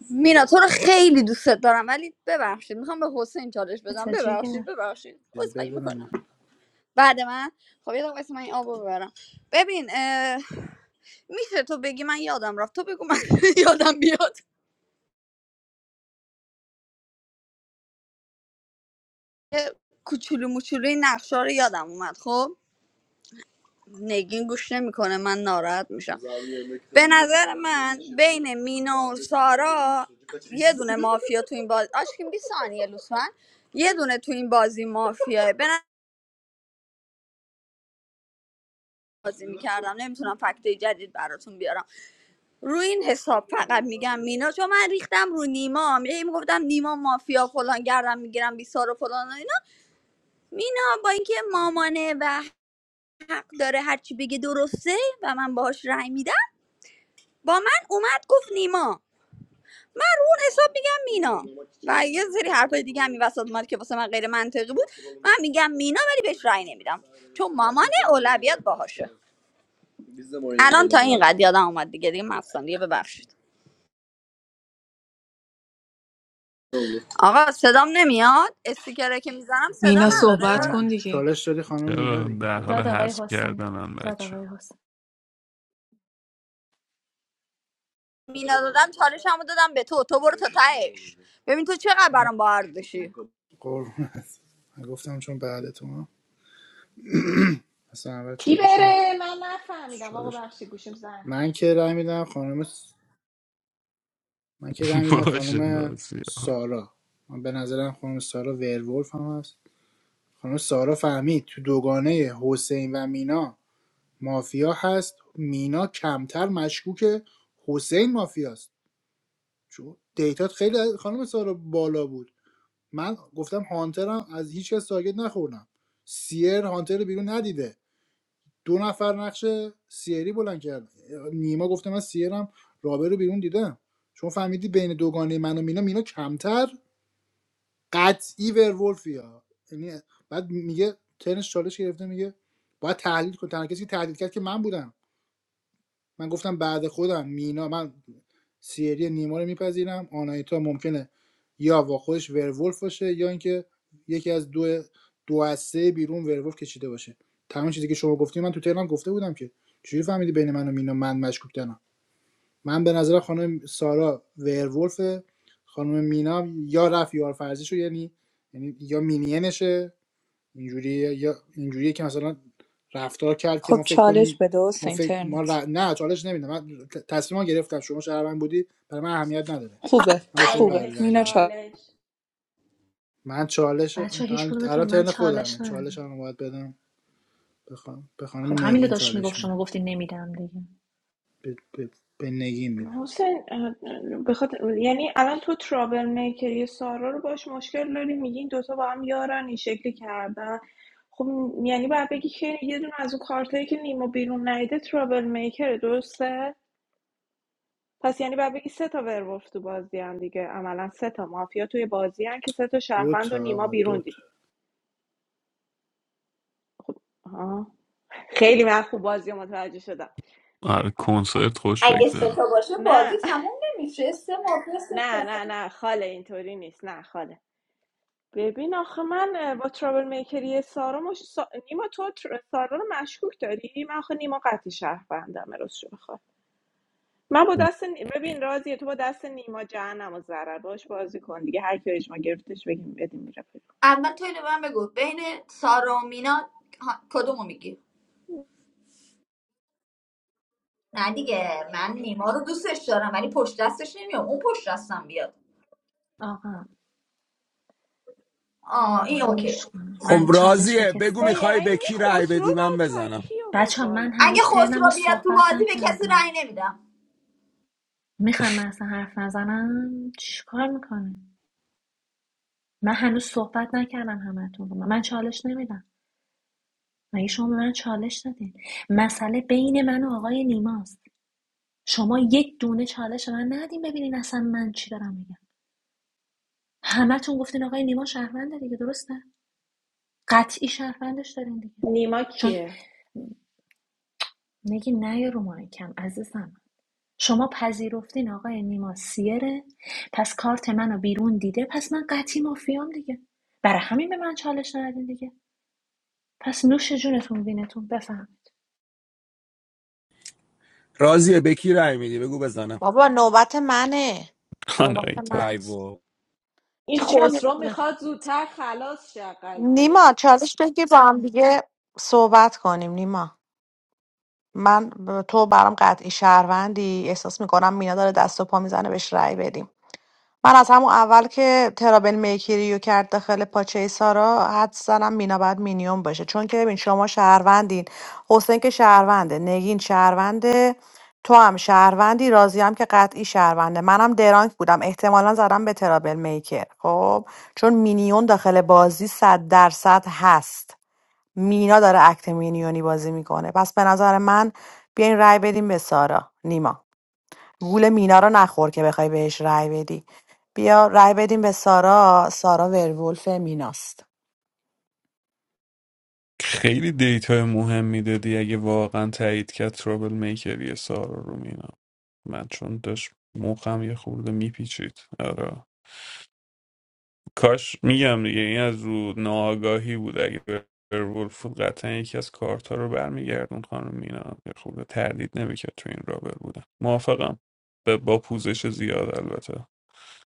مینا تو رو خیلی دوست دارم ولی ببخشید میخوام به حسین چالش بدم ببخشید تجیگر ببخشید عذرخواهی بده مینا میکنم بعد من خب یه دقیقه واسه من این آب ببرم ببین اه، میشه تو بگی من یادم رفت تو بگو من *laughs* یادم بیاد یه کوچولو موچولوی نقشه رو یادم اومد خب نگین گوش نمیکنه من ناراحت میشم بین مینا یه دونه مافیا تو این باز آشکین 20 ثانیه لطفا یه دونه تو این بازی مافیاه به بازی میکردم نمیتونم فکت جدید براتون بیارم روی این حساب فقط میگم مینا چون من ریختم رو نیما هی میگفتم نیما مافیا فلان گردم میگیرم بیسار و فلان و اینا مینا با اینکه مامانه و حق داره هرچی بگه درسته و من باهاش رأی میدم با من اومد گفت نیما رو اون حساب میگم مینا و یه سری حرفای دیگه همین وسط اومد که واسه من غیر منطقی بود من میگم مینا ولی بهش رأی نمیدم چون مامان اولویت باهاشه اینقدر یادم اومد دیگه دیگه مستم دیگه ببخشید آقا صدام نمیاد استیکره که میزنم صدا مینا چرا صحبت نداره کن خانم دیگه چالش دادی خانم مینا چرا دیگه در حال بده. داد آقای حذف حسین کردنم داد بچه آقای حسین مینا دادم چالشمو دادم به تو تو برو تا تهش ببین تو چقدر برام با ارزشی قربونت گفتم چون بعد تو ها. اصلا اول کی چالشم بره من نفهمیدم آقا چالش بخشی گوشیم زن من که رای میدم خانم س- من که رای *laughs* میدم باشه خانم راستی سارا من به نظرم خانم سارا ورولف هم هست خانم سارا فهمید تو دوگانه حسین و مینا مافیا هست مینا کمتر مشکوکه حسین مافیاست چون دیتات خیلی خانم سارا بالا بود من گفتم هانترم از هیچ کس تارگت نخوردم سیر هانتر رو بیرون ندیده دو نفر نقش سیری بلند کرد نیما گفته من سیرم رابر رو بیرون دیدم چون فهمیدی بین دوگانه من و مینا مینا کمتر قطعی ورولفی یعنی بعد میگه ترنش چالش گرفته میگه باید تحلیل کن تنها کسی که تحلیل کرد که من بودم من گفتم بعد خودم مینا من سیری نیما رو میپذیرم آنایتا ممکنه یا با خودش ورولف باشه یا اینکه یکی از دو دو از سه بیرون ورولف کشیده باشه تمام چیزی که شما گفتی من تو تهران گفته بودم که چجوری فهمیدی بین من و مینا من مشکوک دارم من به نظر خانم سارا ورولف خانم مینا یا رف یا فرزیشو یعنی یعنی یا مینینشه اینجوریه یا اینجوریه که مثلا رفتار کرد که خب ما فکر چالش کنیم بده ما حسین فکر ما اینترنت ر- نه چالش نمیدم من ت- تصمیم ها گرفتم شما شهروند بودی برای من اهمیت نداره خوبه من به شما خوبه قرار چالش رأی مینا بدم چالش چالش من چالش بچه ها هیچ الان کدومتون الان به من ترن چالش خودمه نه چالش هم باید بدم به خان- به خانم خب همینو نگین داشت میگفت چالش میدم شما گفتی نمیدم دیگه به, به, به نگین میدم حسین بخاطر یعنی الان تو ترابل میکری سارا رو باش مشکل داری میگی این دوتا با هم یارن این شکلی کردن خب یعنی باید بگی که یه دونه از اون کارتایی که نیما بیرون نیده ترابل میکره درسته پس یعنی باید بگی سه تا ورولف تو بازی هم دیگه عملا سه تا مافیا توی بازی هم که سه تا دو شهروند و تا نیما آقا بیرون دو تا دید خب آها. خیلی من خوب بازی رو متوجه شدم آره آخ آخ کنسرت خوش اگه سه تا بگذرم باشه بازی نه *laughs* تموم نمیشه سه مافیا سه نه تا نه نه خاله اینطوری نیست نه خاله ببین آخه من با ترابل میکری سارا مش... سا... نیما تو تر... سارا رو مشکوک داری من آخه نیما قطعی شهروندم راستشو بخوای من با دست نی- ببین راضیه تو با دست نیما جهنم و ضرر باش بازی کن دیگه هر کی اجما گرفتش بگیم بدیم میره پیدا. اول تو اینو به من بگو بین سارا و مینا ها- کدومو میگی نه دیگه من نیما رو دوستش دارم ولی پشت دستش نمیام اون پشت دستم بیاد آقا آه این آقا اوکی گوش کن خب من چالش به راضیه بگو کسی وای میخوای به این این کی رأی خسرو بدی من بچه بزنم کی آورد بچه ها من بالا اگه هنوز ترنم رو خسرو بیاد تو صحبت بازی به کسی نکردم رأی نمیدم میخوام من اصلا حرف نزنم چیکار میکنه من هنوز صحبت نکردم همتون رو من چالش نمیدم مگه شما به من چالش دادین مسئله بین من و آقای نیماست شما یک دونه چالش به من ندین ببینین اصلا من چی دارم میگم همتون گفتین آقای نیما شهرونده دیگه درسته قطعی شهروندش دارین دیگه نیما چون کیه نگی نه رو مایکم عزیزم شما پذیرفتین آقای نیما سیره پس کارت منو بیرون دیده پس من قطعی مافیام دیگه برای همین به من چالش ندادین دیگه پس نوش جونتون وینتون بفهم راضیه به کی رأی میدی بگو بزنم بابا نوبت منه نوبت آنایتا من ای بابا این کی چالش خسرو میخواد زودتر خلاص شه قضیه نیما چالش بگی با هم دیگه صحبت کنیم نیما من تو برام قطعی شهروندی احساس میکنم مینا داره دست و پا میزنه بهش رأی بدیم من از همون اول که ترابل میکیریو کرد داخل پاچه سارا حد زنم مینا باید مینیون باشه چون که ببین شما شهروندین حسین که شهرونده نگین شهرونده تو هم شهروندی راضی هم که قطعی شهرونده منم درانک بودم احتمالا زدم به ترابل میکر خب چون مینیون داخل بازی صد درصد هست مینا داره اکت مینیونی بازی میکنه پس به نظر من بیاین رای بدیم به سارا نیما گول مینا رو نخور که بخوای بهش رأی بدی بیا رأی بدیم به سارا سارا ورولف میناست خیلی دیتا مهم میدادی اگه واقعا تایید کرد ترابل میکری سارا رو مینا من چون داشت موقعم یه خورده میپیچید آره کاش میگم دیگه این از رو ناآگاهی بود اگه ولف بود قطعا یکی از کارت ها رو برمیگردون خانم مینا یه خورده تردید نمیکرد تو این رابر بودن موافقم به- با پوزش زیاد البته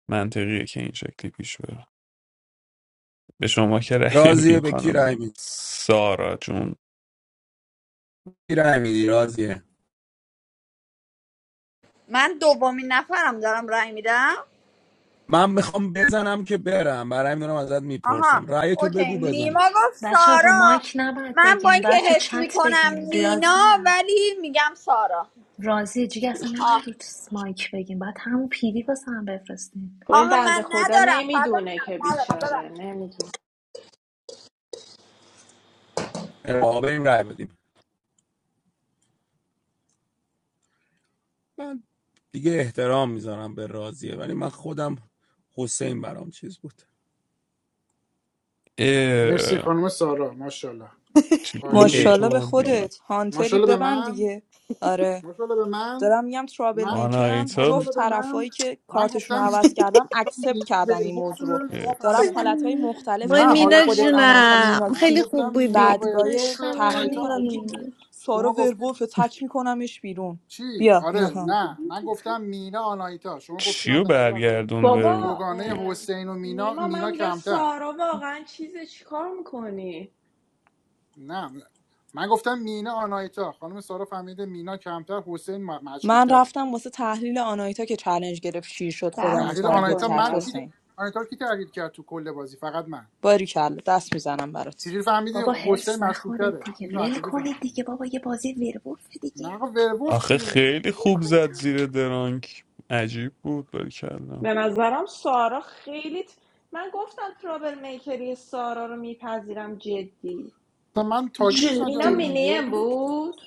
منطقیه که این شکلی پیش بره به شما که رأی راضیه نمیدیم به کی خانم رأی میدی سارا جون کی رأی میدی راضیه من دومین نفرم دارم رای میدم من میخوام بزنم که برم برای این دارم ازت آها میپرسم رای تو اوکی بگو بزنم نیما گفت بچه رو سارا مایک نباید من با بگین اینکه باید تو حس چت میکنم بگین مینا ریاضی هم ولی میگم سارا رازی جیگه اصلا آه. نباید رو مایک بگین باید همون پیدی واسه هم بفرستین خب این آها بنده من خدا ندارم فدا نمیدونه که شم، ندارم بیچاره نمیدونه آقا بریم رای بدیم من دیگه احترام میذارم به راضیه ولی من خودم حسین برام چیز بود مرسی خانم سارا ماشاءالله چه عالی گولی اه بودی ماشاءالله به خوردیم خودت هانتری ماشاءالله به ببند من دیگه آره ماشاءالله به من دارم میگم ترابل من میکرم آنایتا ماشاءالله جفت به من طرفایی که من کارتشون رو گفتم عوض کردم اکسپت مینا کردن این موضوع رو ورولف شما دارم فهمیدی حالتهای مختلف که وای نه بین مینا حالت خودت بازی آنایتا نداره جونم مینا من خیلی کیم خوب گفتم مینا بودی بدگاهی ورولف عشق تحلیل آنایتا میکنم میگی مشکوکه منی سارا شما گفتی ورولف تک میکنمش بیرون چی بیا آره اینها نه من گفتم مینا آنایتا شما گفتی من چیو به نظرم تو برگردوند بابا دوگانه اه، وروردید حسین و مینا نیما من مینا میگم کمتر سارا واقعا چیزه چیکار میکنی نه من گفتم مینا آنایتا خانم سارا فهمیده مینا کمتر حسین م- من مشکوکتره رفتم واسه تحلیل آنایتا که چالش گرفت شیر شد خودم رو بحث تحلیل تارگت آنایتا نکنیم کرد من کی حالا حسین آنایتا رو کی تحلیل کرد تو کل بازی فقط من باریکلا دست میزنم برات چجوری فهمیدی بابا حسین هرس نخورید مشکوکتره دیگه اینو از ول کجا کنید فهمیدی دیگه بابا یه بازی ویرولف دیگه نقا ورولف آخه چیه خیلی ول خوب کنید زد هم. زیر درانک عجیب بود کردم به نظرم سارا خیلی ت- من گفتم ترابل میکری سارا رو میپذیرم جدی تا من تارگتش مینا نکرده بودم جدی یهو مینیم گفت بود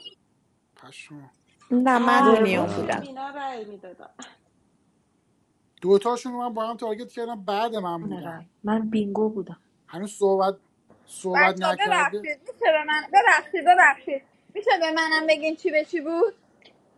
پشما نه من اه مینیون ویرولف کاش نه به بودم. بودم مینا رأی میدادم دوتاشون رو من با هم تارگت کردم بعد من بدون بودن رای من بینگو بودم هنوز صحبت ببخشید صحبت بچه ها، نکرده ببخشید میشه به من ببخشید ببخشید میشه به منم بگین چی به چی بود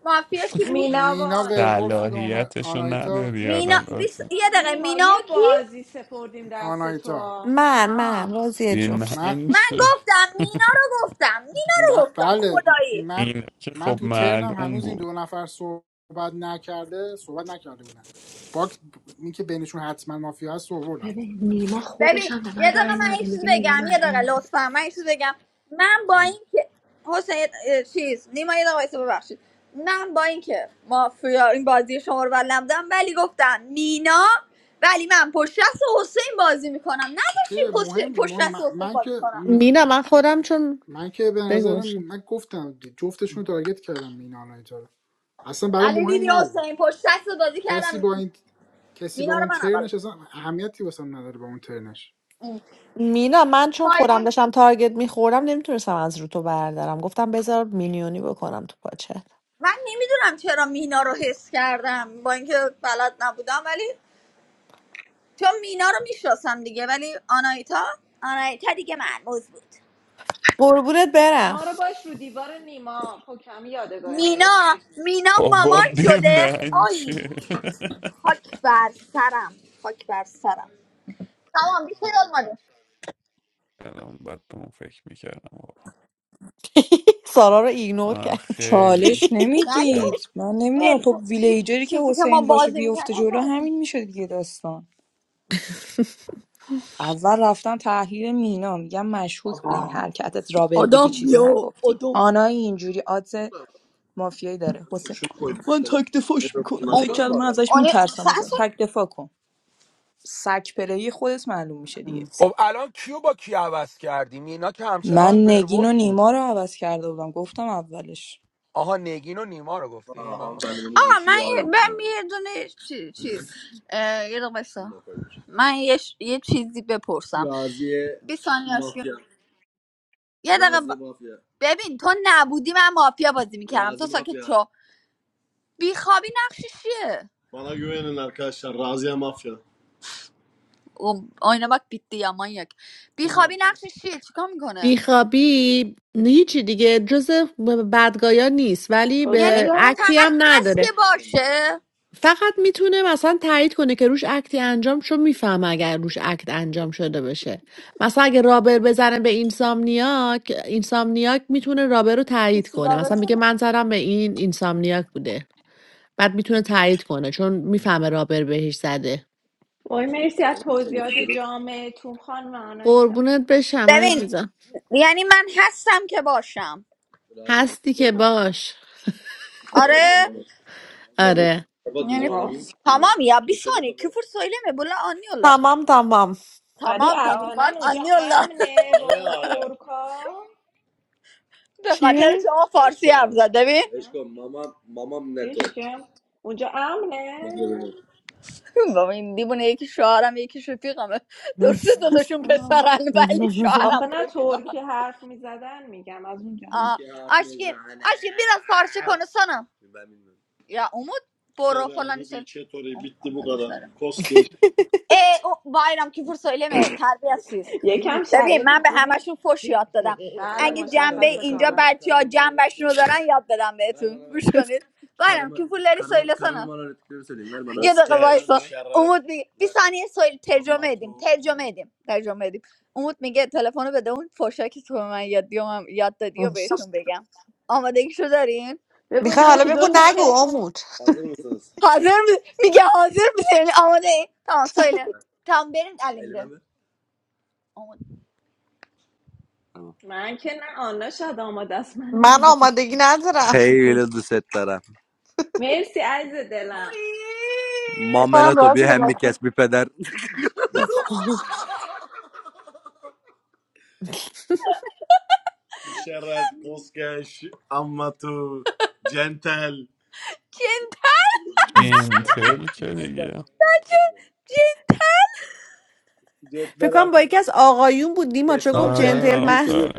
مافیا کی بود مینا و مینا ورولف بود آنایتا آنا... صلاحیتشو آنایتا نداری مینا الان بیس... قاسم بابا یه دقیقه نیما مینا یه و کی بازی سپردیم دست تو آنایتا من آه من راضیه به جون من من من چه گفتم مینا رو گفتم مینا رو ب- گفتم بله خدایی من این که من خب تو ترنم معلوم هنوز این بود دو نفر صحبت نکرده صحبت نکرده بودن باک این که بینشون حتما مافیا هست رو آوردم ببین نیما خودش ببین هم به یه من دقیقه رای من یه نده چیز میگه مینا بگم یه دقیقه معلوم بود لطفا من یه چیز بگم من با این که حسین اه، چیز نیما یه دقیقه وایسا، ببخشید من با این که مافیا این بازی شما رو بلد نبودم ولی گفتم مینا ولی من پشت دست حسین بازی میکنم نداشتی اوکی مهم, پشت پشت مهم- دست من حسین من بازی که کنم می- مینا من خودم چون من که به بگو نظرم من گفتم جفتشون تارگت کردم مینا آنایتا رو اصلا برای ولی دیدی مهم نبود حسین پشت دست بازی کسی با کردم این کسی با مینا رو اون من اول ترنش اصلا اهمیتی واسم نداره با اون ترنش مینا من چون خودم گفتم. داشتم تارگت میخوردم نمیتونستم از رو تو بردارم گفتم بذار مینیونی بکنم تو پاچه من نمیدونم چرا مینا رو حس کردم با اینکه بلد نبودم ولی چون مینا رو میشناسم دیگه ولی آنایتا آنایتا دیگه مرموز بود قربونت برم ما رو باش رو دیوار نیما پوکمی یادگاری مینا نوشتی مینا بابا مامان به شده من آی چه خاک بر سرم خاک بر سرم تمام بیشه داد *laughs* الان باید به اون فکر میکردم *laughs* سارا رو ایگنور آه کرد خیلی چالش ولی او بچ نمیدید من نمیدونم خب ول- چی- ویلیجری که چیزی که ما حسین باشه بازی بیفته میکردم جلو همین میشه دیگه داستان *laughs* اول رفتن تحلیل مینا میگم مشکوک بود این حرکتت رابر بودی آدم چیزی یا نگفتی آدم آنایی اینجوری آدز مافیایی داره حسین من تک دفاعش میکنم فکر کردم من ازش آنه میترسم مثلا سرسون تک دفاع کن سک پلهی خودت معلوم میشه دیگه خب الان کیو با کی عوض کردیم اینا که من همچنان نگین و ورولف بود نیما رو عوض کرده بودم گفتم اولش آها نگین و نیما رو گفتیم من متوجه شدم. یه دونه چی چی اه، یه دونه بایستا. من یه, ش- یه چیزی بپرسم بی ثانیه یه- ببین تو نبودی من مافیا بازی میکنم بیخوابی نقشش چیه اوم، آینه باک بیتی یا مانیاک بیخوابی نقشش چیه چیکار میکنه هیچی دیگه جز بدگایا نیست ولی یعنی به حسین اکتی فقط هم هست نداره که باشه فقط میتونه مثلا تایید کنه که روش اکتی انجام شد میفهمه اگر روش اکت انجام شده باشه مثلا اگه رابر بزنه به اینسامنیاک اینسامنیاک میتونه رابر رو تایید مثل کنه مثلا رابرت میگه من زدم به این اینسامنیاک بوده بعد میتونه تایید کنه چون میفهمه رابر بهش زده وای مرسی از توضیحات جامعتون خانم آنایتا قربونت بشم ببین عزیزم یعنی من هستم که باشم هستی که باش آره آه. تمام یا بیش کفر سویلمه بلا آنی الله تمام تمام ولی تمام تمام من احیانا *laughs* اونجا امنه با اون ترکا به چیه خاطر شما فارسی حرف زد ببین میگم عشقم اونجا امنه بابا این دیوونه یکی شوهرم یکی رفیقمه درسته دوتاشون آها. پسرن ولی *laughs* آخه شوهرم نه رفیقم ترکی حرف میزدن میگم از اونجا Aa, هست. aşkım, aşkım biraz parça konuşsana. Ya Umut, bu... E, o bayram küfür söyleme, terbiyesiz. یکم ببین شرایط من به خوبی همشون فش یاد دادم بله اگه جنبه مشخصه اینجا کامل برچی ها جنبشون رو دارن یاد بدم بهتون گوش کنید *laughs* bayram küfürleri söylesene. یه دقیقه وایسا امید میگه bir saniye söyle ترجمه edeyim ترجمه edeyim ترجمه edeyim امید میگه تلفن رو بده اون فوشا که تو به من یاد, دیو من یاد دادی و بهشون بگم آمادگیشو دارین بگو میخوای اینجا حالا یکی بگو دوتا نگو که آمود Hazır mı? Müge hazır mısın? Ama değil. Tamam söyle. Tamam benim Ali. Ama- من که نه آنا شاید آماده است من من آماده کشم آمادگی ندارم *laughs* مرسی عزیز Oy. دلم بکنم مامنا تو بیا رازی که هم بکنم میکس بی پدر اما تو Centel. جنتل که دیگه Centel. فکر کنم آقایی ما چه گفت آره جنتلمن آفرین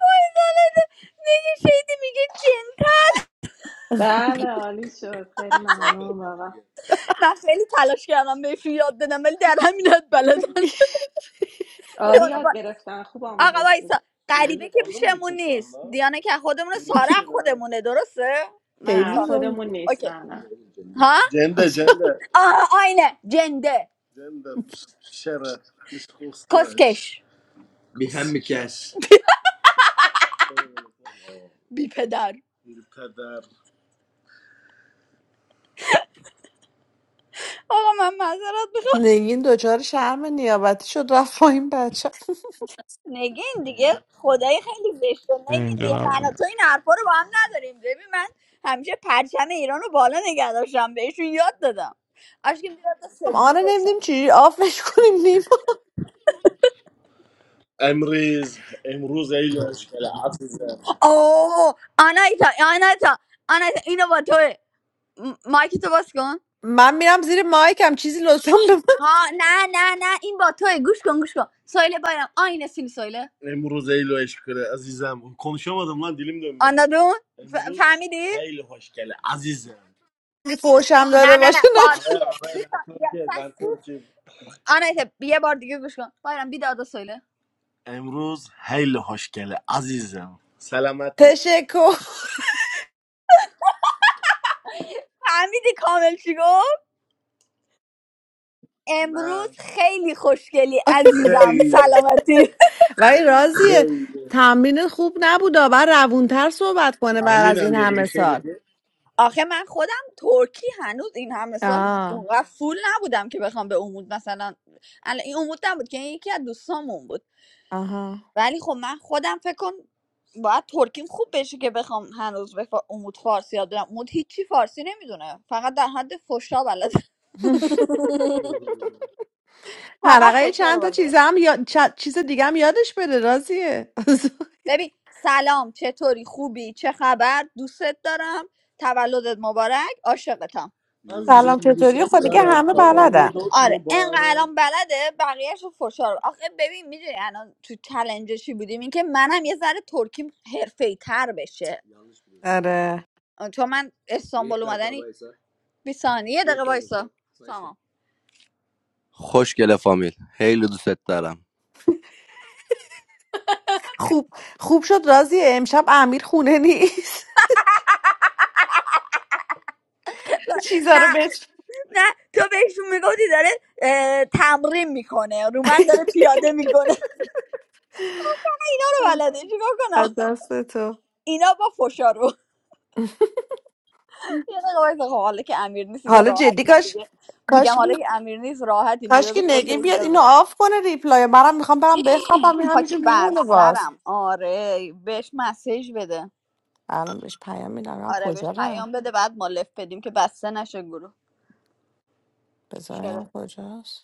Bayzaladı. Müge şeydi Müge centel. بله عالی شد خیلی ممنون بابا من خیلی تلاش کردم بهش رو یاد بدم ولی در همین حد بلدن *laughs* عالی آقا یاد با- گرفتن خوب آقا آموزش داد وایسا قریبیانه که خودمونه سارا خودمونه درسته من نه خیلی سارا زود خودمون نمی‌دونم. نیست اوکی نه نه ها آه آینه جنده بی هم میکش بی پدر آقا من معذرت میخوام نگین دچار شرم نیابتی شد رفت پایین بچه نگین دیگه خدای خیلی زشته نگین and then دیگه I, من و تو این حرفا رو با هم نداریم ببین من همیشه پرچم ایران رو بالا نگه داشتم بهشون یاد دادم اشکیم دیگه تا هم سبیل آره برسم نمیدیم چی آفش کنیم نیم آه آنایتا آنایتا آنایتا اینو با توه م- مایک تو باز کن من میرم زیر مایکم چیزی لطفا به ها نه نه نه این با توه گوش کن گوش کن سایله بایرم آینه سین سایله اندادون فهمیدی من فوشم نه داده نه نه باشه پا... نه آنایتا یه بار دیگه گوش کن بایرم بیداد سایله تشکر فهمیدی کامل چی گفت امروز نه خیلی خوشگلی عزیز سلامتی ولی راضیه تمرین خوب نبود بعد روونتر صحبت کنه بعد از این همه سال آخه من خودم ترکی هنوز این همه سال آه. اونقدر فول نبودم که بخوام به عمود مثلا الان این عمود نبود که این یکی از دوستامون بود آها ولی خب من خودم فکر کن باید ترکیم خوب بشه که بخوام هنوز به فا- عمود فارسی یاد بدم عمود هیچی فارسی نمیدونه فقط در حد فشا بلده فقط حلقه فشا رو چند تا بلده چیز هم یا... چ- چیز دیگه هم یادش بره راضیه ببین سلام چطوری خوبی چه خبر دوستت دارم تولدت مبارک عاشقتم *laughs* سلام چطوری خب دیگه همه بلدن هم بلده بقیهش رو فشار بده. آخه ببین میدونی الان تو چلنج چی بودیم اینکه منم یه ذره ترکیم حرفه تر بشه آره آه، چون من اسم 20 ثانیه دارم. خوشگله فامیل خیلی دوستت دارم خوب خوب شد راضیه امشب امیر خونه نیست *laughs* دارم *laughs* چیزا نه رو بهش نه تو بهشون میگفتی داره اه، تمرین میکنه رو من داره پیاده میکنه *laughs* اینا رو بلده چیکار از کنم دست تو اینا با فشارو یه دقیقه وایسا. خب حالا که امیر نیست دیگه حالا جدی راحتیم کاش دیگه میگم کاش حالا که امیر نیست راحتیم دیگه کاش که بذار نگین فوشای دیگه بیاد رو اینو بدیم آف کنه ریپلای منم میخوام برم بخوابم این همینجور خاک بر میمونه باز سرم آره بهش مسیج بده الان بهش پیام میدم ببینم آره بهش کجا رم پیام بده بعد ما لفت بدیم که بسته نشه گروه بذارم کجاست